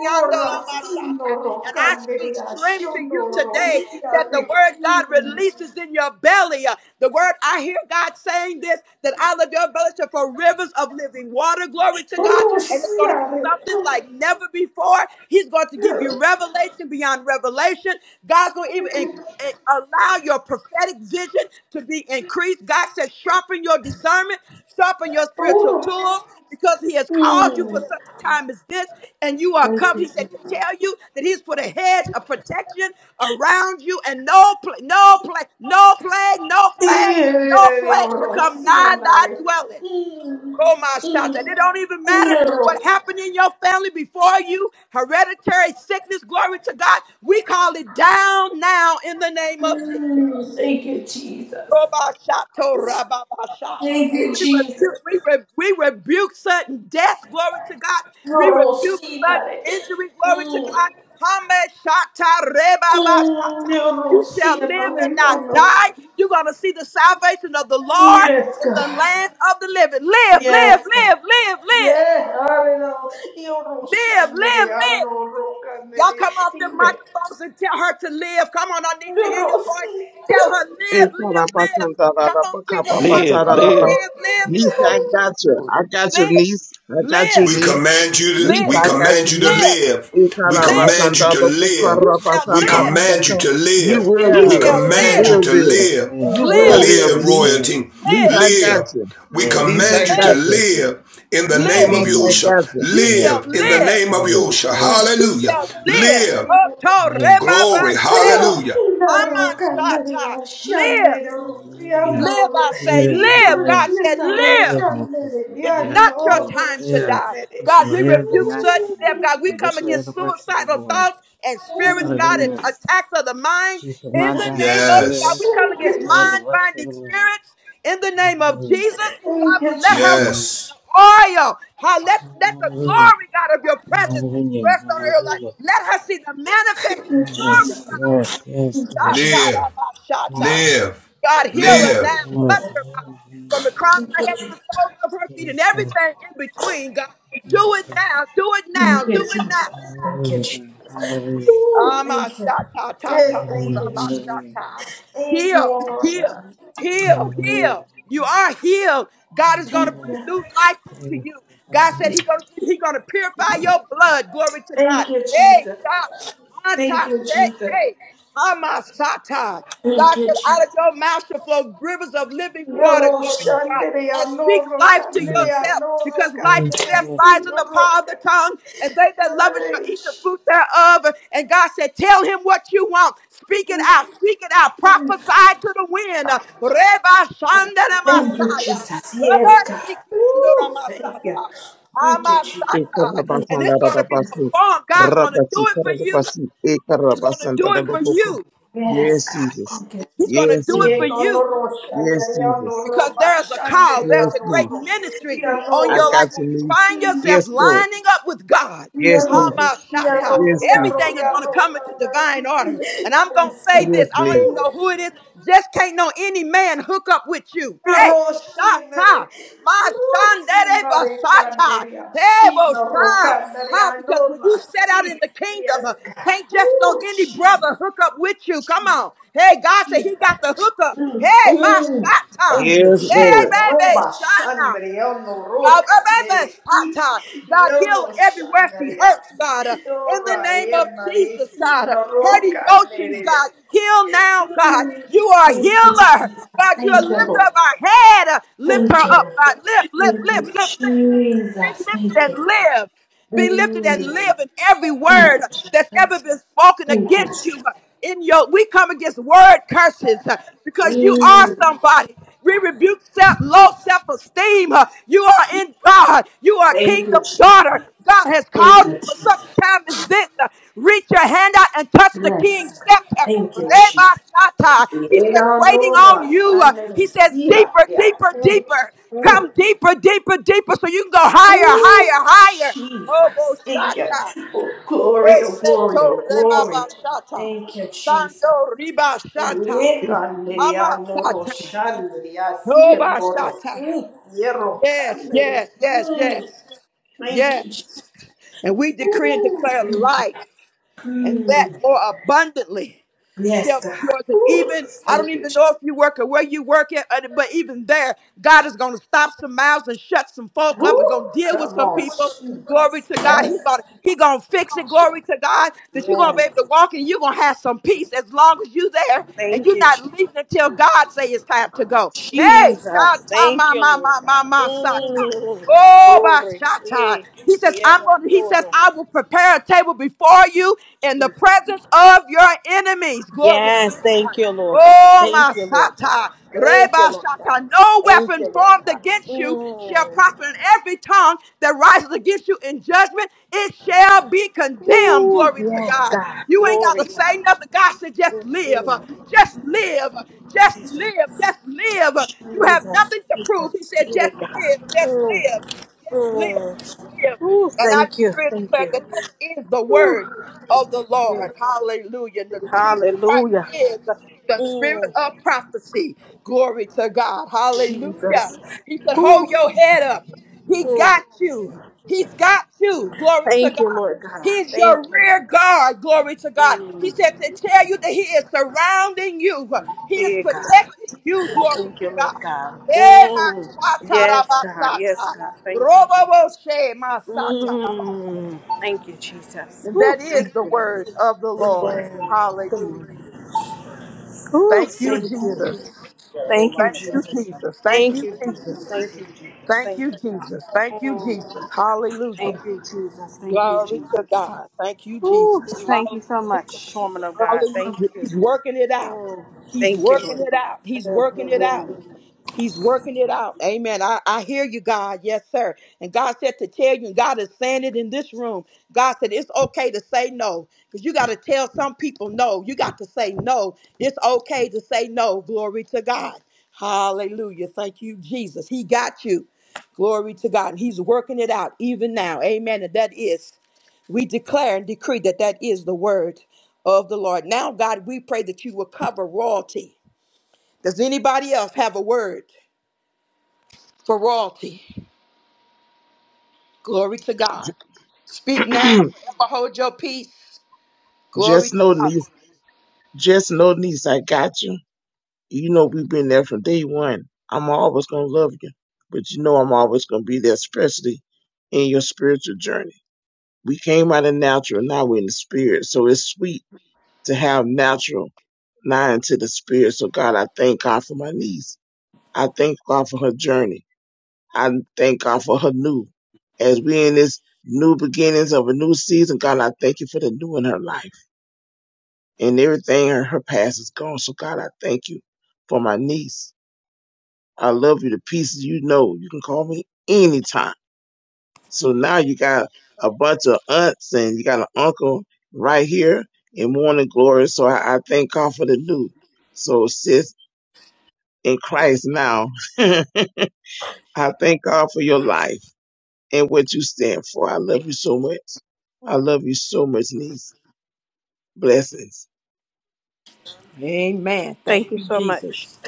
Speaker 8: Orasino
Speaker 1: and I speak
Speaker 8: rokanere
Speaker 1: strength to you today that the
Speaker 8: asionorosiare.
Speaker 1: word God releases in your belly. Uh, The word I hear God saying this that out of your belly shall flow rivers of living water. Glory to God, and it's going to be
Speaker 8: Orosiare.
Speaker 1: something like never before. He's going to give you revelation beyond revelation. God's going to even and allow your prophetic vision to be increased. God says, sharpen your discernment, sharpen your spiritual
Speaker 8: Oh.
Speaker 1: tools, because He has called you for
Speaker 8: Mm.
Speaker 1: such a time as this, and you are
Speaker 8: Thank
Speaker 1: covered.
Speaker 8: you,
Speaker 1: He said to
Speaker 8: Jesus.
Speaker 1: tell you that He's put a hedge of protection around you, and no, pla- no plague, no plague, no plague, no plague shall come nigh thy
Speaker 8: Orosianare.
Speaker 1: dwelling.
Speaker 8: Mm.
Speaker 1: Koma
Speaker 8: Mm.
Speaker 1: shata. It don't even matter
Speaker 8: No.
Speaker 1: what happened in your family before you, hereditary sickness, glory to God. We call it down now in the name of Jesus.
Speaker 8: Mm, Thank you, Jesus.
Speaker 1: Kobashato rababasha.
Speaker 8: Thank
Speaker 1: And
Speaker 8: you,
Speaker 1: we rebuke,
Speaker 8: Jesus.
Speaker 1: we, re, we rebuke sudden death, glory to God. We
Speaker 8: No,
Speaker 1: rebuke
Speaker 8: Rosina.
Speaker 1: sudden injury, glory to
Speaker 8: Mm,
Speaker 1: God. Hameshata
Speaker 8: mm,
Speaker 1: rebabashata.
Speaker 8: No,
Speaker 1: You shall
Speaker 8: Rosina,
Speaker 1: live
Speaker 8: my
Speaker 1: and
Speaker 8: God.
Speaker 1: not
Speaker 8: no.
Speaker 1: die. You're going to see the salvation of the Lord
Speaker 8: Yes,
Speaker 1: in
Speaker 8: God.
Speaker 1: the land of the living. Live, live,
Speaker 8: Yes, God.
Speaker 1: live, live, live.
Speaker 8: Yes, Arno, io non
Speaker 1: Live, live,
Speaker 8: scendere,
Speaker 1: live.
Speaker 8: Arno, non
Speaker 1: Y'all come off the
Speaker 8: scendere,
Speaker 1: microphones and tell her to live. Come on, I need
Speaker 8: io
Speaker 1: to hear your
Speaker 8: non
Speaker 1: voice. Tell her,
Speaker 6: Hey,
Speaker 1: live,
Speaker 6: Father, I
Speaker 1: live, live. Come on, people of God,
Speaker 7: Live,
Speaker 1: say
Speaker 7: live.
Speaker 1: it. Live,
Speaker 6: Niece, I got you. I got you,
Speaker 1: live,
Speaker 6: niece. I got you,
Speaker 1: live,
Speaker 4: We
Speaker 6: niece.
Speaker 4: command you to,
Speaker 6: Niece,
Speaker 1: live,
Speaker 4: we
Speaker 1: live,
Speaker 6: I got you,
Speaker 4: command you
Speaker 1: live,
Speaker 4: to
Speaker 6: niece.
Speaker 1: live,
Speaker 4: live.
Speaker 6: Hey, Father,
Speaker 4: We
Speaker 1: live.
Speaker 4: command you to live.
Speaker 1: You shall
Speaker 4: We
Speaker 1: live.
Speaker 4: command you to
Speaker 6: You
Speaker 4: live.
Speaker 6: will
Speaker 1: You
Speaker 10: Yeah,
Speaker 4: We
Speaker 6: live.
Speaker 1: shall
Speaker 6: You
Speaker 4: command you
Speaker 1: live,
Speaker 6: will
Speaker 4: to
Speaker 6: live.
Speaker 4: live.
Speaker 3: Live,
Speaker 6: You will
Speaker 3: live,
Speaker 1: live,
Speaker 6: live,
Speaker 4: Live,
Speaker 3: live,
Speaker 6: niece.
Speaker 3: live in
Speaker 4: royalty.
Speaker 3: the name
Speaker 6: Niece,
Speaker 3: of
Speaker 1: live,
Speaker 6: I
Speaker 3: Jesus.
Speaker 6: got
Speaker 4: Live.
Speaker 6: you.
Speaker 4: We
Speaker 3: Love
Speaker 6: Niece, I
Speaker 4: command
Speaker 3: and
Speaker 4: you to
Speaker 6: got
Speaker 1: live,
Speaker 6: you.
Speaker 3: Jesus.
Speaker 4: live in the name
Speaker 1: live.
Speaker 4: of
Speaker 6: Niece, I
Speaker 3: Hallelujah.
Speaker 6: got
Speaker 4: Yahusha.
Speaker 6: you.
Speaker 1: You
Speaker 3: Live,
Speaker 1: shall
Speaker 4: Live in the
Speaker 3: live,
Speaker 1: live.
Speaker 4: name of
Speaker 3: live,
Speaker 4: Yahusha.
Speaker 3: live,
Speaker 1: You
Speaker 4: Hallelujah.
Speaker 1: shall live.
Speaker 4: Live.
Speaker 8: si.
Speaker 1: Oto
Speaker 3: live.
Speaker 4: Glory.
Speaker 1: rebabashe.
Speaker 4: Hallelujah.
Speaker 8: Rosinaro,
Speaker 3: Hallelujah.
Speaker 1: Amansata.
Speaker 8: Candaria,
Speaker 1: Live.
Speaker 8: Shandero,
Speaker 1: Live,
Speaker 8: Yanoro,
Speaker 1: I say,
Speaker 3: Live,
Speaker 1: live.
Speaker 8: Igor,
Speaker 1: God
Speaker 3: live,
Speaker 1: said,
Speaker 8: Yanare,
Speaker 1: live.
Speaker 3: live, my sister.
Speaker 8: Candere,
Speaker 1: It's
Speaker 3: Live,
Speaker 1: not your
Speaker 3: live,
Speaker 8: Yanoro,
Speaker 1: time to
Speaker 3: live.
Speaker 1: die.
Speaker 8: Shandere.
Speaker 3: You should
Speaker 1: God, we
Speaker 3: live and
Speaker 1: rebuke
Speaker 3: not die.
Speaker 1: sudden death. God,
Speaker 8: Thank
Speaker 1: we
Speaker 8: you,
Speaker 3: And
Speaker 1: come
Speaker 3: declare the
Speaker 1: against
Speaker 3: works of the
Speaker 1: suicidal
Speaker 3: Lord.
Speaker 1: thoughts and spirits, God, and
Speaker 3: Hallelujah.
Speaker 1: attacks of the mind.
Speaker 3: She should
Speaker 1: In
Speaker 3: not
Speaker 1: the
Speaker 3: die,
Speaker 1: name
Speaker 3: but
Speaker 1: of God,
Speaker 3: live
Speaker 8: Jesus.
Speaker 1: we
Speaker 4: Yes.
Speaker 1: come
Speaker 8: Thank
Speaker 3: and
Speaker 8: you,
Speaker 1: against
Speaker 3: declare the
Speaker 8: Jesus.
Speaker 1: mind
Speaker 3: works of
Speaker 1: binding
Speaker 3: the Lord.
Speaker 1: spirits. In the name of
Speaker 3: Hallelujah.
Speaker 1: Jesus,
Speaker 8: Thank
Speaker 1: God, but
Speaker 8: you,
Speaker 1: let
Speaker 8: Jesus.
Speaker 1: her
Speaker 3: Hallelujah.
Speaker 1: walk in
Speaker 4: Yes.
Speaker 1: the oil. How let, let the glory, God, of your presence
Speaker 3: Hallelujah.
Speaker 1: rest on her life.
Speaker 3: Hallelujah.
Speaker 1: Let her see the
Speaker 8: Thank
Speaker 1: manifested
Speaker 8: you,
Speaker 3: Hallelujah.
Speaker 1: glory,
Speaker 8: Jesus.
Speaker 1: God.
Speaker 3: Yes, yes, yes,
Speaker 8: Thank you,
Speaker 3: God.
Speaker 8: Jesus.
Speaker 4: Live.
Speaker 3: Yes,
Speaker 1: Shatarabashata.
Speaker 3: Lord.
Speaker 4: Live.
Speaker 1: God, heal her
Speaker 8: Thank
Speaker 4: Live.
Speaker 1: now.
Speaker 8: you,
Speaker 1: Touch
Speaker 3: Yes,
Speaker 1: her, God,
Speaker 3: Lord.
Speaker 1: from the crown
Speaker 3: Yes,
Speaker 8: Thank
Speaker 1: of her
Speaker 8: you,
Speaker 1: head
Speaker 3: Lord.
Speaker 1: to
Speaker 8: Jesus.
Speaker 1: the soles of her feet and
Speaker 3: Yes, Lord.
Speaker 1: everything in between, God. Do it
Speaker 3: Yes, Lord.
Speaker 1: now. Do it now.
Speaker 8: Thank you,
Speaker 1: Do it
Speaker 8: Jesus.
Speaker 1: now.
Speaker 8: Thank you,
Speaker 3: Hallelujah,
Speaker 8: Jesus.
Speaker 3: God. Hallelujah.
Speaker 8: Ooh, Thank you.
Speaker 1: Amashatatatatatorabashata.
Speaker 8: Hey, thank you, Jesus.
Speaker 3: Hallelujah.
Speaker 8: Thank you,
Speaker 1: Heal,
Speaker 8: woman of
Speaker 1: heal,
Speaker 8: God.
Speaker 1: heal,
Speaker 3: Hallelujah.
Speaker 1: heal. You are healed. God is going
Speaker 8: Thank
Speaker 1: to breathe
Speaker 8: you.
Speaker 1: new life
Speaker 3: Hallelujah. Yes,
Speaker 1: into
Speaker 3: yes.
Speaker 1: you. God said
Speaker 3: Hallelujah.
Speaker 1: He going He going to purify your blood. Glory to God.
Speaker 8: Thank you,
Speaker 1: Hey,
Speaker 8: Jesus.
Speaker 1: stop.
Speaker 8: Thank you, Jesus.
Speaker 1: Antashe. Hamasata.
Speaker 8: Thank
Speaker 1: God
Speaker 8: you,
Speaker 1: said, out of
Speaker 8: Jesus.
Speaker 1: your mouth shall flow rivers of living water,
Speaker 8: Yoro
Speaker 1: glory to God.
Speaker 8: shandere
Speaker 1: And speak
Speaker 8: anoro
Speaker 1: life to
Speaker 8: kandere
Speaker 3: Yes,
Speaker 1: yourself,
Speaker 8: anoro
Speaker 1: because life and
Speaker 3: yes,
Speaker 1: death
Speaker 8: kandere
Speaker 3: yes.
Speaker 1: lies in the
Speaker 8: sigoro.
Speaker 1: power of the tongue, and they that love it shall eat the
Speaker 8: Yes.
Speaker 1: fruit thereof. And God said, Tell him what you want. Speak it
Speaker 8: Yes.
Speaker 1: out, speak it out, prophesy to the wind. Reba Shandana
Speaker 8: Thank you,
Speaker 1: Messiah.
Speaker 8: Jesus. Yes,
Speaker 1: Reba
Speaker 8: God.
Speaker 1: Shikiandora
Speaker 8: Woo, thank you.
Speaker 1: Masata.
Speaker 8: Thank you, Jesus.
Speaker 1: Hamasata. And it's going to be
Speaker 6: Ekarabasandarabasu.
Speaker 1: performed. God's going to
Speaker 6: Rabasi, Rabasi
Speaker 1: do it for you.
Speaker 6: karabasi,
Speaker 1: He's going to do it for
Speaker 6: ekarabasandaraboko.
Speaker 1: you.
Speaker 8: Yes,
Speaker 6: Yes,
Speaker 8: God.
Speaker 6: Jesus.
Speaker 8: Thank you.
Speaker 1: He's going to
Speaker 6: Yes,
Speaker 1: do it for
Speaker 8: Ye
Speaker 6: Jesus.
Speaker 1: you
Speaker 8: konoro
Speaker 6: Yes,
Speaker 8: shandere
Speaker 6: Jesus.
Speaker 1: because
Speaker 8: anoro ba
Speaker 1: there's a call,
Speaker 8: shandere
Speaker 1: there's
Speaker 6: Yes,
Speaker 1: a great
Speaker 6: niece.
Speaker 8: anoro.
Speaker 1: ministry on
Speaker 6: I
Speaker 1: your
Speaker 8: Yanoro.
Speaker 6: got
Speaker 1: life.
Speaker 6: you,
Speaker 1: When you
Speaker 6: niece.
Speaker 1: find yourself
Speaker 6: Yes, Lord.
Speaker 1: lining up with God,
Speaker 6: Yes,
Speaker 8: Yaro.
Speaker 6: Jesus.
Speaker 8: Yaro.
Speaker 1: Hamashata,
Speaker 6: Yes,
Speaker 8: Yaro.
Speaker 6: Jesus.
Speaker 1: everything is going to
Speaker 8: Yaro.
Speaker 1: come into
Speaker 8: Kandere.
Speaker 1: divine order. And I'm going to
Speaker 8: Yes, God.
Speaker 1: say this
Speaker 6: Yes,
Speaker 1: I don't
Speaker 6: niece.
Speaker 1: even know who it is, just can't know any man hook up with you. Hey,
Speaker 8: Roshinere,
Speaker 1: Shata. Mashandere
Speaker 8: Roshinere,
Speaker 1: basata.
Speaker 8: Candelia,
Speaker 1: Debo
Speaker 8: Chino,
Speaker 1: sha. Huh?
Speaker 8: Rocandelia,
Speaker 1: Because when
Speaker 8: Norma,
Speaker 1: you set out
Speaker 8: see,
Speaker 1: in the
Speaker 8: yes,
Speaker 1: kingdom, uh,
Speaker 8: God.
Speaker 1: can't just no
Speaker 8: Oh,
Speaker 1: any
Speaker 8: Jesus,
Speaker 1: brother hook up with you. Come on. Hey, God said
Speaker 8: Jesus.
Speaker 1: he got the hookup. Hey, my
Speaker 8: Oh,
Speaker 1: shata.
Speaker 8: Thank you,
Speaker 6: Yes,
Speaker 8: Jesus.
Speaker 1: Hey,
Speaker 6: Lord.
Speaker 1: baby,
Speaker 8: Roba,
Speaker 1: shana.
Speaker 8: Shandere, Ono,
Speaker 1: God,
Speaker 8: Roca,
Speaker 1: uh,
Speaker 8: Mere,
Speaker 1: baby,
Speaker 8: see,
Speaker 1: God, heal
Speaker 8: Yoro,
Speaker 1: her everywhere she
Speaker 8: Shandere,
Speaker 1: hurts, God. uh,
Speaker 8: see,
Speaker 1: In the
Speaker 8: Dora,
Speaker 1: name of
Speaker 8: Emare,
Speaker 1: Jesus,
Speaker 8: see,
Speaker 1: God. uh,
Speaker 8: No,
Speaker 1: Hurt
Speaker 8: Roca,
Speaker 1: emotions,
Speaker 8: Mere.
Speaker 1: God. Heal now, God.
Speaker 8: Mm,
Speaker 1: You are a healer. God, you are a lift up our head. uh, Lift her up, God. Lift, lift, lift, lift, lift. Be lifted and live. Be lifted and live in every word that's ever been spoken against you. In your, we come against word curses uh, because you are somebody. We rebuke self, low self-esteem. Uh, You are in God. You are a
Speaker 8: Thank you,
Speaker 1: kingdom
Speaker 8: Jesus.
Speaker 1: daughter. God has
Speaker 8: Thank
Speaker 1: called you for such a time as this. Uh, Reach your hand out and touch
Speaker 8: you,
Speaker 1: the
Speaker 8: yes.
Speaker 1: king's
Speaker 8: God.
Speaker 1: scepter.
Speaker 8: Thank you, Jesus.
Speaker 1: Reba Shatta. He's just
Speaker 8: Ena
Speaker 1: waiting on
Speaker 8: Nora
Speaker 1: you. Uh, He
Speaker 8: and
Speaker 1: says,
Speaker 8: see her.
Speaker 1: deeper,
Speaker 8: Yeah.
Speaker 1: deeper,
Speaker 8: Mm,
Speaker 1: deeper.
Speaker 8: mm.
Speaker 1: Come deeper, deeper, deeper so you can go higher,
Speaker 8: Ooh,
Speaker 1: higher, higher. Oh,
Speaker 8: Jesus. Thank you.
Speaker 1: Boshata.
Speaker 8: Oh, glory, oh, glory,
Speaker 1: Beseto
Speaker 8: oh, glory.
Speaker 1: Rebaba Shata.
Speaker 8: Thank you, Jesus.
Speaker 1: Sando Riba Shata.
Speaker 8: Ena
Speaker 1: Ama
Speaker 8: Nerea Noro Shandria Sia
Speaker 1: Oba
Speaker 8: Noro.
Speaker 1: Shata.
Speaker 8: Mm, Yero
Speaker 1: Yes,
Speaker 8: Kandere.
Speaker 1: yes, yes,
Speaker 8: Mm,
Speaker 1: yes,
Speaker 8: Thank you, Jesus.
Speaker 1: yes. And we decree and
Speaker 8: Ooh,
Speaker 1: declare life. and that
Speaker 8: mm,
Speaker 1: more abundantly shall
Speaker 8: Yes,
Speaker 1: be
Speaker 8: God.
Speaker 1: yours. And
Speaker 8: Ooh,
Speaker 1: even, I don't
Speaker 8: Thank you,
Speaker 1: even
Speaker 8: Jesus.
Speaker 1: know if you work or where you work at, uh, but even there, God is going to stop some mouths and shut some folk up and go
Speaker 8: Ooh,
Speaker 1: deal with
Speaker 8: Come
Speaker 1: some
Speaker 8: on,
Speaker 1: people. Glory
Speaker 8: Jesus.
Speaker 1: to God.
Speaker 8: Yes.
Speaker 1: He's going to he gonna fix it. Glory to God that you're going to be
Speaker 8: Yes.
Speaker 1: able to walk and you're going to have some peace as long as you're there and
Speaker 8: Thank
Speaker 1: you're
Speaker 8: you,
Speaker 1: not leaving until God say it's time to go. Hey, shout
Speaker 8: Jesus.
Speaker 1: out
Speaker 8: Thank
Speaker 1: my,
Speaker 8: you,
Speaker 1: my,
Speaker 8: Lord
Speaker 1: my, my,
Speaker 8: God.
Speaker 1: my, my,
Speaker 8: Mm,
Speaker 1: Oh,
Speaker 8: glory.
Speaker 1: Bashata.
Speaker 8: Yeah,
Speaker 1: He says,
Speaker 8: yeah,
Speaker 1: I'm going he
Speaker 8: Lord.
Speaker 1: says, I will prepare a table before you in the presence of your enemies. Glory to
Speaker 8: Yes,
Speaker 1: God.
Speaker 8: thank you, Lord God.
Speaker 1: Oh,
Speaker 8: Thank you, Lord God.
Speaker 1: Masata.
Speaker 8: Thank you,
Speaker 1: Reba
Speaker 8: Lord God.
Speaker 1: Shata. No
Speaker 8: Thank
Speaker 1: weapon
Speaker 8: you, Lord
Speaker 1: formed
Speaker 8: God.
Speaker 1: against you shall
Speaker 8: Mm.
Speaker 1: prosper And every tongue that rises against you in judgment. It shall be condemned.
Speaker 8: Ooh,
Speaker 1: Glory to
Speaker 8: yes,
Speaker 1: God.
Speaker 8: God.
Speaker 1: You ain't got
Speaker 8: Glory,
Speaker 1: to
Speaker 8: God.
Speaker 1: say nothing. God said, just live. Uh,
Speaker 8: Mm-mm.
Speaker 1: Just live. Uh, Just
Speaker 8: Jesus.
Speaker 1: live. Just live. Uh, You have
Speaker 8: Jesus.
Speaker 1: nothing to prove.
Speaker 8: Jesus.
Speaker 1: He said,
Speaker 8: Yeah,
Speaker 1: just live.
Speaker 8: God.
Speaker 1: Just
Speaker 8: Mm,
Speaker 1: live. Just live.
Speaker 8: mm.
Speaker 1: Just live.
Speaker 8: Ooh,
Speaker 1: And I
Speaker 8: thank you.
Speaker 1: decree and
Speaker 8: Thank
Speaker 1: declare
Speaker 8: you.
Speaker 1: that this is the
Speaker 8: Ooh.
Speaker 1: word of the
Speaker 8: Mm.
Speaker 1: Lord. Hallelujah. The Jesus Christ
Speaker 8: Hallelujah.
Speaker 1: is the spirit
Speaker 8: Mm.
Speaker 1: of prophecy. Glory to God. Hallelujah.
Speaker 8: Jesus.
Speaker 1: He said,
Speaker 8: Whew.
Speaker 1: hold your head up. He
Speaker 8: Mm.
Speaker 1: got you. He's got you. Glory to
Speaker 8: Thank you,
Speaker 1: God.
Speaker 8: Lord God.
Speaker 1: He's
Speaker 8: Thank
Speaker 1: your
Speaker 8: you,
Speaker 1: rear
Speaker 8: Lord God.
Speaker 1: guard. Glory to God. He
Speaker 8: Mm.
Speaker 1: said to tell you that He is surrounding you. He is
Speaker 8: Yeah, God.
Speaker 1: protecting you. Glory
Speaker 8: Thank
Speaker 1: to
Speaker 8: you, Lord
Speaker 1: God.
Speaker 8: God.
Speaker 1: Eh, ma
Speaker 8: Mm.
Speaker 1: sa ta ra
Speaker 8: Yes,
Speaker 1: ba
Speaker 8: God.
Speaker 1: sa
Speaker 8: Yes,
Speaker 1: ta.
Speaker 8: God. Thank you,
Speaker 1: Ro bo
Speaker 8: Jesus.
Speaker 1: bo she ma sa ta ra ba sa.
Speaker 8: Mm. Thank you, Jesus.
Speaker 1: And
Speaker 8: Whew,
Speaker 1: that is
Speaker 8: thank
Speaker 1: the
Speaker 8: you.
Speaker 1: word of the
Speaker 8: Mm.
Speaker 1: Lord. Hallelujah.
Speaker 8: Whew,
Speaker 1: Thank you,
Speaker 8: thank you.
Speaker 1: Jesus.
Speaker 8: Thank you,
Speaker 1: Thank you,
Speaker 8: Jesus.
Speaker 1: Jesus. Thank
Speaker 8: Thank
Speaker 1: you,
Speaker 8: you, Jesus.
Speaker 1: Jesus.
Speaker 8: Thank you, Jesus.
Speaker 1: Thank
Speaker 8: Thank
Speaker 1: you,
Speaker 8: you.
Speaker 1: Jesus. Thank you,
Speaker 8: Mm.
Speaker 1: Jesus.
Speaker 8: Thank
Speaker 1: Hallelujah.
Speaker 8: you, Jesus. Thank you,
Speaker 1: Glory
Speaker 8: Jesus.
Speaker 1: to God. Thank you, Jesus.
Speaker 8: Whew, thank you so
Speaker 1: Hallelujah.
Speaker 8: much, woman of God. Thank
Speaker 1: Hallelujah.
Speaker 8: you.
Speaker 1: He's working it out.
Speaker 8: Oh,
Speaker 1: He's
Speaker 8: thank you,
Speaker 1: working
Speaker 8: Lord.
Speaker 1: it out. He's
Speaker 8: Oh,
Speaker 1: working it out.
Speaker 8: Lord.
Speaker 1: He's working it out. Amen. I, I hear you, God. Yes, sir. And God said to tell you, and God is saying it in this room. God said it's okay to say no because you got to tell some people no. You got to say no. It's okay to say no. Glory to God. Hallelujah. Thank you, Jesus. He got you. Glory to God. And He's working it out even now. Amen. And that is we declare and decree that that is the word of the Lord. Now, God, we pray that you will cover royalty. Does anybody else have a word for royalty? Glory to God. Speak now, forever hold your peace. Glory
Speaker 6: Just
Speaker 1: to
Speaker 6: no
Speaker 1: God.
Speaker 6: niece. Just no niece. I got you. You know we've been there from day one. I'm always gonna love you, but you know I'm always gonna be there, especially in your spiritual journey. We came out of natural, now we're in the spirit. So it's sweet to have natural now into the spirit. So God, I thank God for my niece. I thank God for her journey. I thank God for her new. As we in this new beginnings of a new season, God, I thank you for the new in her life and everything in her past is gone. So God, I thank you for my niece. I love you to pieces. You know, you can call me anytime. So now you got a bunch of aunts and you got an uncle right here in morning glory. So I, I thank God for the new. So sis in Christ now, I thank God for your life and what you stand for. I love you so much. I love you so much, niece. Blessings.
Speaker 1: Amen. Thank
Speaker 8: Thank you
Speaker 1: you,
Speaker 8: so much.
Speaker 1: Jesus.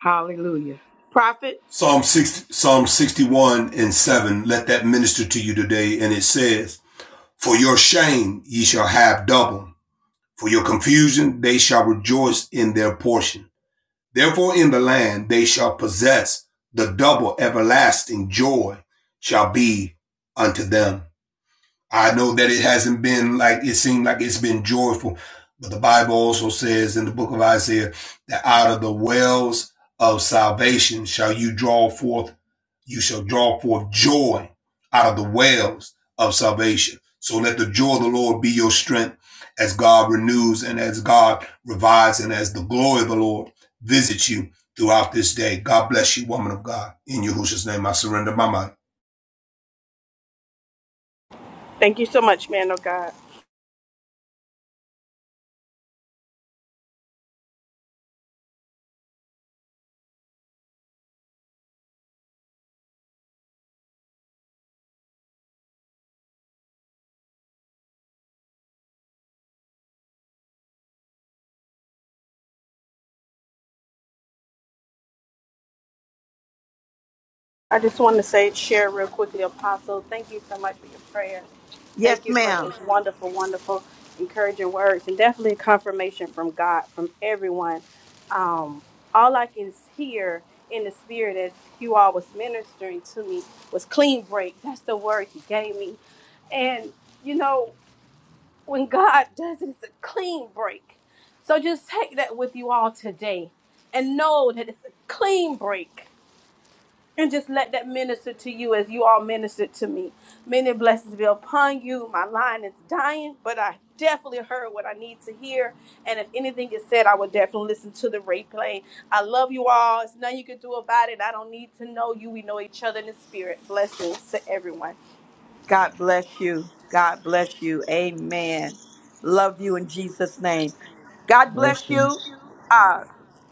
Speaker 1: Hallelujah. Prophet?
Speaker 4: Psalm 60, Psalm 61 and 7, let that minister to you today. And it says, For your shame ye shall have double. For your confusion they shall rejoice in their portion. Therefore in the land they shall possess the double everlasting joy shall be unto them. I know that it hasn't been like it seemed like it's been joyful, but the Bible also says in the book of Isaiah that out of the wells of salvation shall you draw forth, you shall draw forth joy out of the wells of salvation. So let the joy of the Lord be your strength as God renews and as God revives and as the glory of the Lord visits you throughout this day. God bless you, woman of God. In Yahushua's name, I surrender my mind.
Speaker 8: Thank you so much, man of God. I just want to say, share real quickly, Apostle. Thank you so much for your prayers.
Speaker 1: Yes,
Speaker 8: Thank you for those
Speaker 1: ma'am.
Speaker 8: wonderful, wonderful, encouraging words, and definitely confirmation from God, from everyone. Um, all I can hear in the spirit as you all was ministering to me was clean break. That's the word He gave me, and you know. when God does it, it's a clean break. So just take that with you all today and know that it's a clean break. And just let that minister to you as you all ministered to me. Many blessings be upon you. My line is dying, but I definitely heard what I need to hear. And if anything is said, I will definitely listen to the replay. I love you all. It's nothing you can do about it. I don't need to know you. We know each other in the spirit. Blessings to everyone.
Speaker 1: God bless you. God bless you. Amen. Love you in Jesus' name. God bless
Speaker 3: Yes, you.
Speaker 1: you. Uh,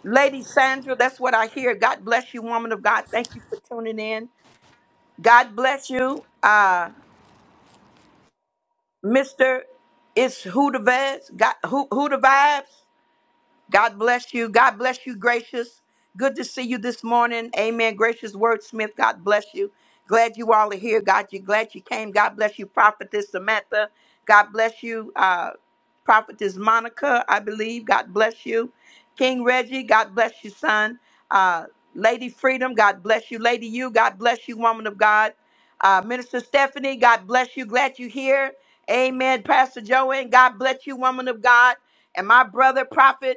Speaker 1: Lady Sandra, that's what I hear. God bless you, woman of God. Thank you for tuning in. God bless you. Uh, Mr. It's who the vibes? Got who who the vibes? God bless you. God bless you, gracious. Good to see you this morning. Amen. Gracious wordsmith, God bless you. Glad you all are here. God, you glad you came. God bless you, prophetess Samantha. God bless you, uh, prophetess Monica. I believe. God bless you, King Reggie. God bless you, son. Uh, Lady Freedom. God bless you, Lady You. God bless you, woman of God. Uh, Minister Stephanie. God bless you. Glad you here. Amen. Pastor Joanne. God bless you, woman of God and my brother prophet.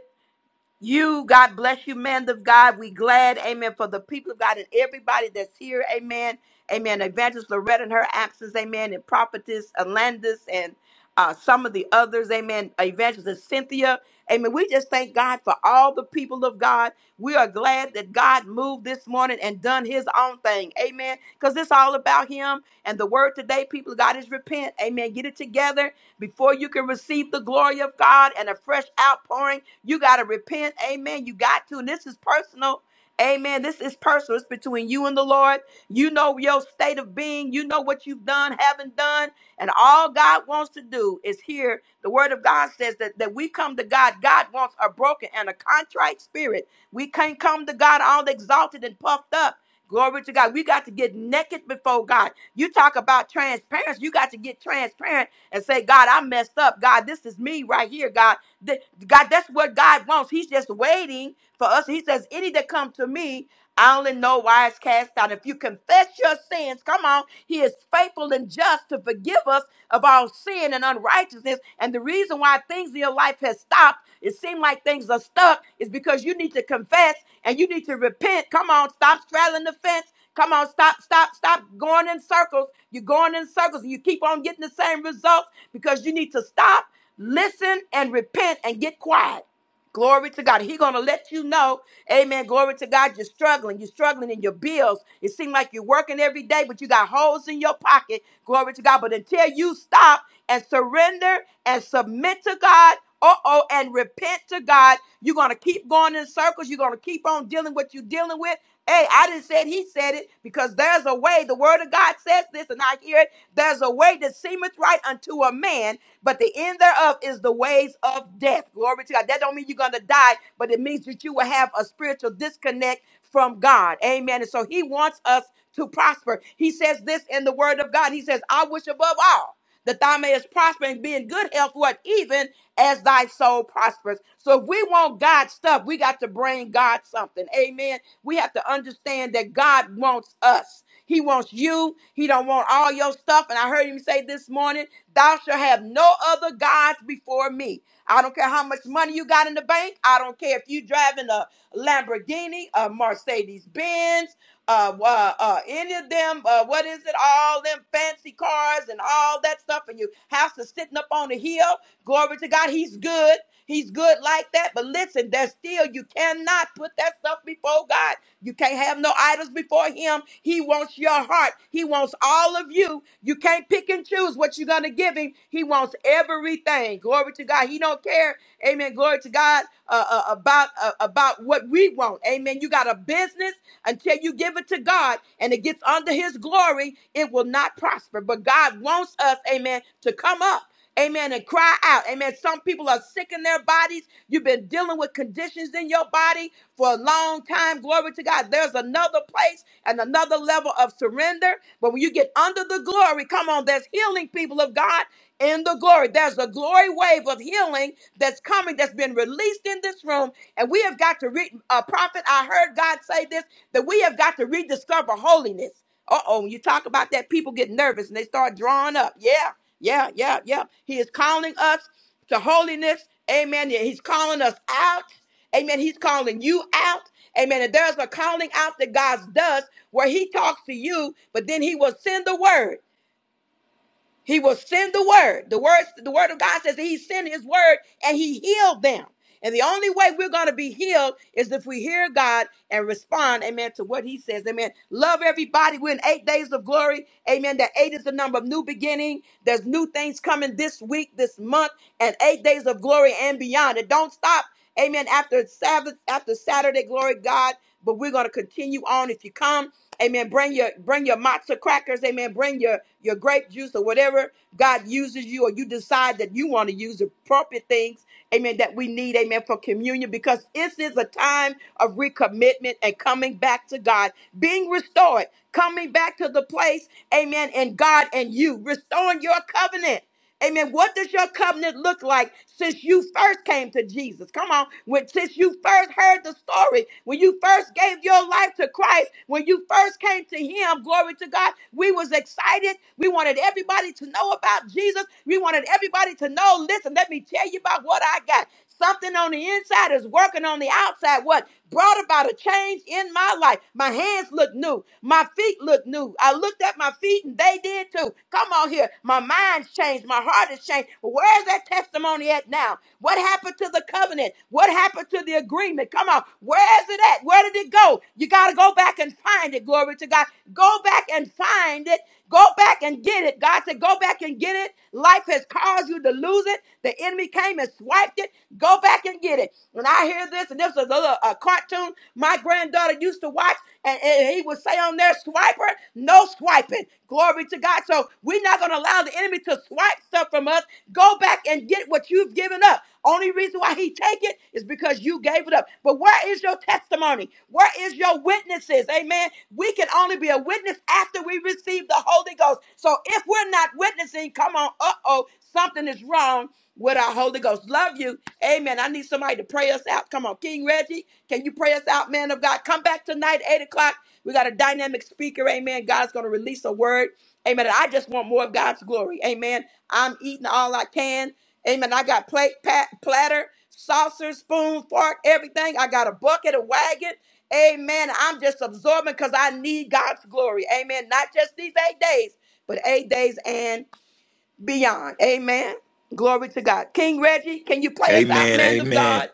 Speaker 1: You, God bless you, man of God. We glad, amen, for the people of God and everybody that's here, amen. Amen. Evangelist Loretta and her absence, amen, and prophetess Alandis and uh, some of the others, amen. Evangelist Cynthia, amen. We just thank God for all the people of God. We are glad that God moved this morning and done his own thing, amen. Because it's all about him. And the word today, people of God, is repent, amen. Get it together before you can receive the glory of God and a fresh outpouring, you got to repent. Amen. You got to. And this is personal. Amen. This is personal. It's between you and the Lord. You know your state of being. You know what you've done, haven't done. And all God wants to do is hear the word of God says that, that we come to God. God wants a broken and a contrite spirit. We can't come to God all exalted and puffed up. Glory to God. We got to get naked before God. You talk about transparency. You got to get transparent and say, God, I messed up. God, this is me right here, God. Th- God, that's what God wants. He's just waiting for us. He says, any that come to me, I only know why it's cast out. If you confess your sins, come on, he is faithful and just to forgive us of our sin and unrighteousness. And the reason why things in your life has stopped, it seems like things are stuck, is because you need to confess and you need to repent. Come on, stop straddling the fence. Come on, stop, stop, stop going in circles. You're going in circles and you keep on getting the same results because you need to stop, listen, and repent and get quiet. Glory to God. He gonna let you know, Amen. Glory to God. You're struggling. You're struggling in your bills. It seems like you're working every day, but you got holes in your pocket. Glory to God. But until you stop and surrender and submit to God, uh-oh, and repent to God, you're gonna keep going in circles. You're gonna keep on dealing with what you're dealing with Hey, I didn't say it, he said it because there's a way. The word of God says this, and I hear it. There's a way that seemeth right unto a man, but the end thereof is the ways of death. Glory to God. That don't mean you're gonna die, but it means that you will have a spiritual disconnect from God. Amen. And so he wants us to prosper. He says this in the word of God. He says, I wish above all that thou mayest prosper and be in good health, what even as thy soul prospers. So if we want God stuff, we got to bring God something. Amen. We have to understand that God wants us. He wants you. He don't want all your stuff. And I heard him say this morning, thou shalt have no other gods before me. I don't care how much money you got in the bank. I don't care if you driving a Lamborghini, a Mercedes Benz, uh, uh, uh, any of them, uh, what is it, all them fancy cars and all that stuff, and your house is sitting up on the hill. Glory to God, He's good. He's good like that. But listen, there's still, you cannot put that stuff before God. You can't have no idols before Him. He wants your heart, He wants all of you. You can't pick and choose what you're going to give Him. He wants everything. Glory to God. He don't care. Amen. Glory to God uh, uh, about about uh, about what we want. Amen. You got a business until you give it to God and it gets under His glory, it will not prosper. But God wants us, Amen, to come up. Amen. And cry out. Amen. Some people are sick in their bodies. You've been dealing with conditions in your body for a long time. Glory to God. There's another place and another level of surrender. But when you get under the glory, come on, there's healing people of God in the glory. There's a glory glory wave of healing that's coming, that's been released in this room. And we have got to read, uh, prophet, I heard God say this, that we have got to rediscover holiness. Uh oh, when you talk about that, people get nervous and they start drawing up. Yeah, yeah, yeah, yeah. He is calling us to holiness. Amen. Yeah, He's calling us out. Amen. He's calling you out. Amen. And there's a calling out that God does where He talks to you, but then He will send the word. He will send the word. The word, the word of God says that he sent his word and he healed them. And the only way we're going to be healed is if we hear God and respond, amen, to what he says. Amen. Love everybody. We're in eight days of glory. Amen. That eight is the number of new beginning. There's new things coming this week, this month, and eight days of glory and beyond. It don't stop. Amen. After Sabbath, after Saturday, glory God. But we're gonna continue on. If you come, Amen. Bring your bring your matzo crackers. Amen. Bring your your grape juice or whatever God uses you, or you decide that you want to use appropriate things. Amen. That we need. Amen. For communion, because this is a time of recommitment and coming back to God, being restored, coming back to the place. Amen. And God and you restoring your covenant. Amen. What does your covenant look like since you first came to Jesus? Come on. When since you first heard the story, when you first gave your life to Christ, when you first came to him, glory to God, we was excited. We wanted everybody to know about Jesus. We wanted everybody to know, listen, let me tell you about what I got. Something on the inside is working on the outside. What brought about a change in my life? My hands look new. My feet look new. I looked at my feet and they did too. Come on here. My mind's changed. My heart has changed. Where's that testimony at now? What happened to the covenant? What happened to the agreement? Come on. Where is it at? Where did it go? You got to go back and find it. Glory to God. Go back and find it Go back and get it. God said, Go back and get it. Life has caused you to lose it. The enemy came and swiped it. Go back and get it. When I hear this, and this was a, little, a cartoon my granddaughter used to watch, and, and he would say on there, Swiper, no swiping. Glory to God. So we're not going to allow the enemy to swipe stuff from us. Go back and get what you've given up up. Only reason why he take it is because you gave it up. But where is your testimony? Where is your witnesses? Amen. We can only be a witness after we receive the Holy Ghost. So if we're not witnessing, come on, uh-oh, something is wrong with our Holy Ghost. Love you. Amen. I need somebody to pray us out. Come on, King Reggie, can you pray us out, man of God? Come back tonight, 8 o'clock. We got a dynamic speaker. Amen. God's going to release a word. Amen. And I just want more of God's glory. Amen. I'm eating all I can. Amen. I got plate, pat, platter, saucer, spoon, fork, everything. I got a bucket, a wagon. Amen. I'm just absorbing because I need God's glory. Amen. Not just these eight days, but eight days and beyond. Amen. Glory to God. King Reggie, can you play us out,
Speaker 7: Amen.
Speaker 1: man of God?
Speaker 7: Amen.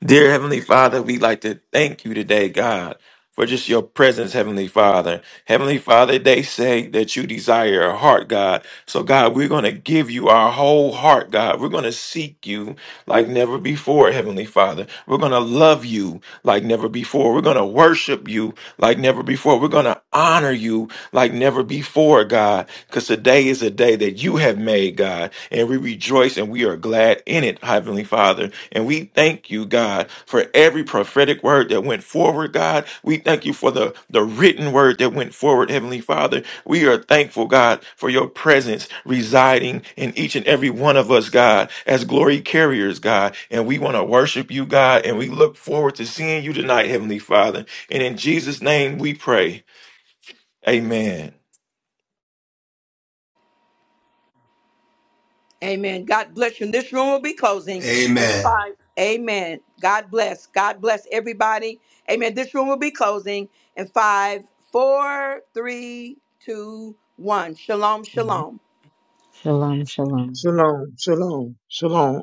Speaker 7: Dear Heavenly Father, we like to thank you today, God, for just your presence, Heavenly Father. Heavenly Father, they say that you desire a heart, God. So, God, we're going to give you our whole heart, God. We're going to seek you like never before, Heavenly Father. We're going to love you like never before. We're going to worship you like never before. We're going to honor you like never before, God, because today is a day that you have made, God and we rejoice and we are glad in it, Heavenly Father. And we thank you, God, for every prophetic word that went forward, God. We thank you for the, the written word that went forward, Heavenly Father. We are thankful, God, for your presence residing in each and every one of us, God, as glory carriers, God. And we want to worship you, God, and we look forward to seeing you tonight, Heavenly Father. And in Jesus' name we pray. Amen.
Speaker 1: Amen. God bless you. And this room will be closing in
Speaker 4: Amen.
Speaker 1: five. Amen. God bless. God bless everybody. Amen. This room will be closing in five, four, three, two, one. Shalom,
Speaker 3: Amen.
Speaker 1: shalom.
Speaker 3: Shalom, shalom.
Speaker 6: Shalom, shalom, shalom.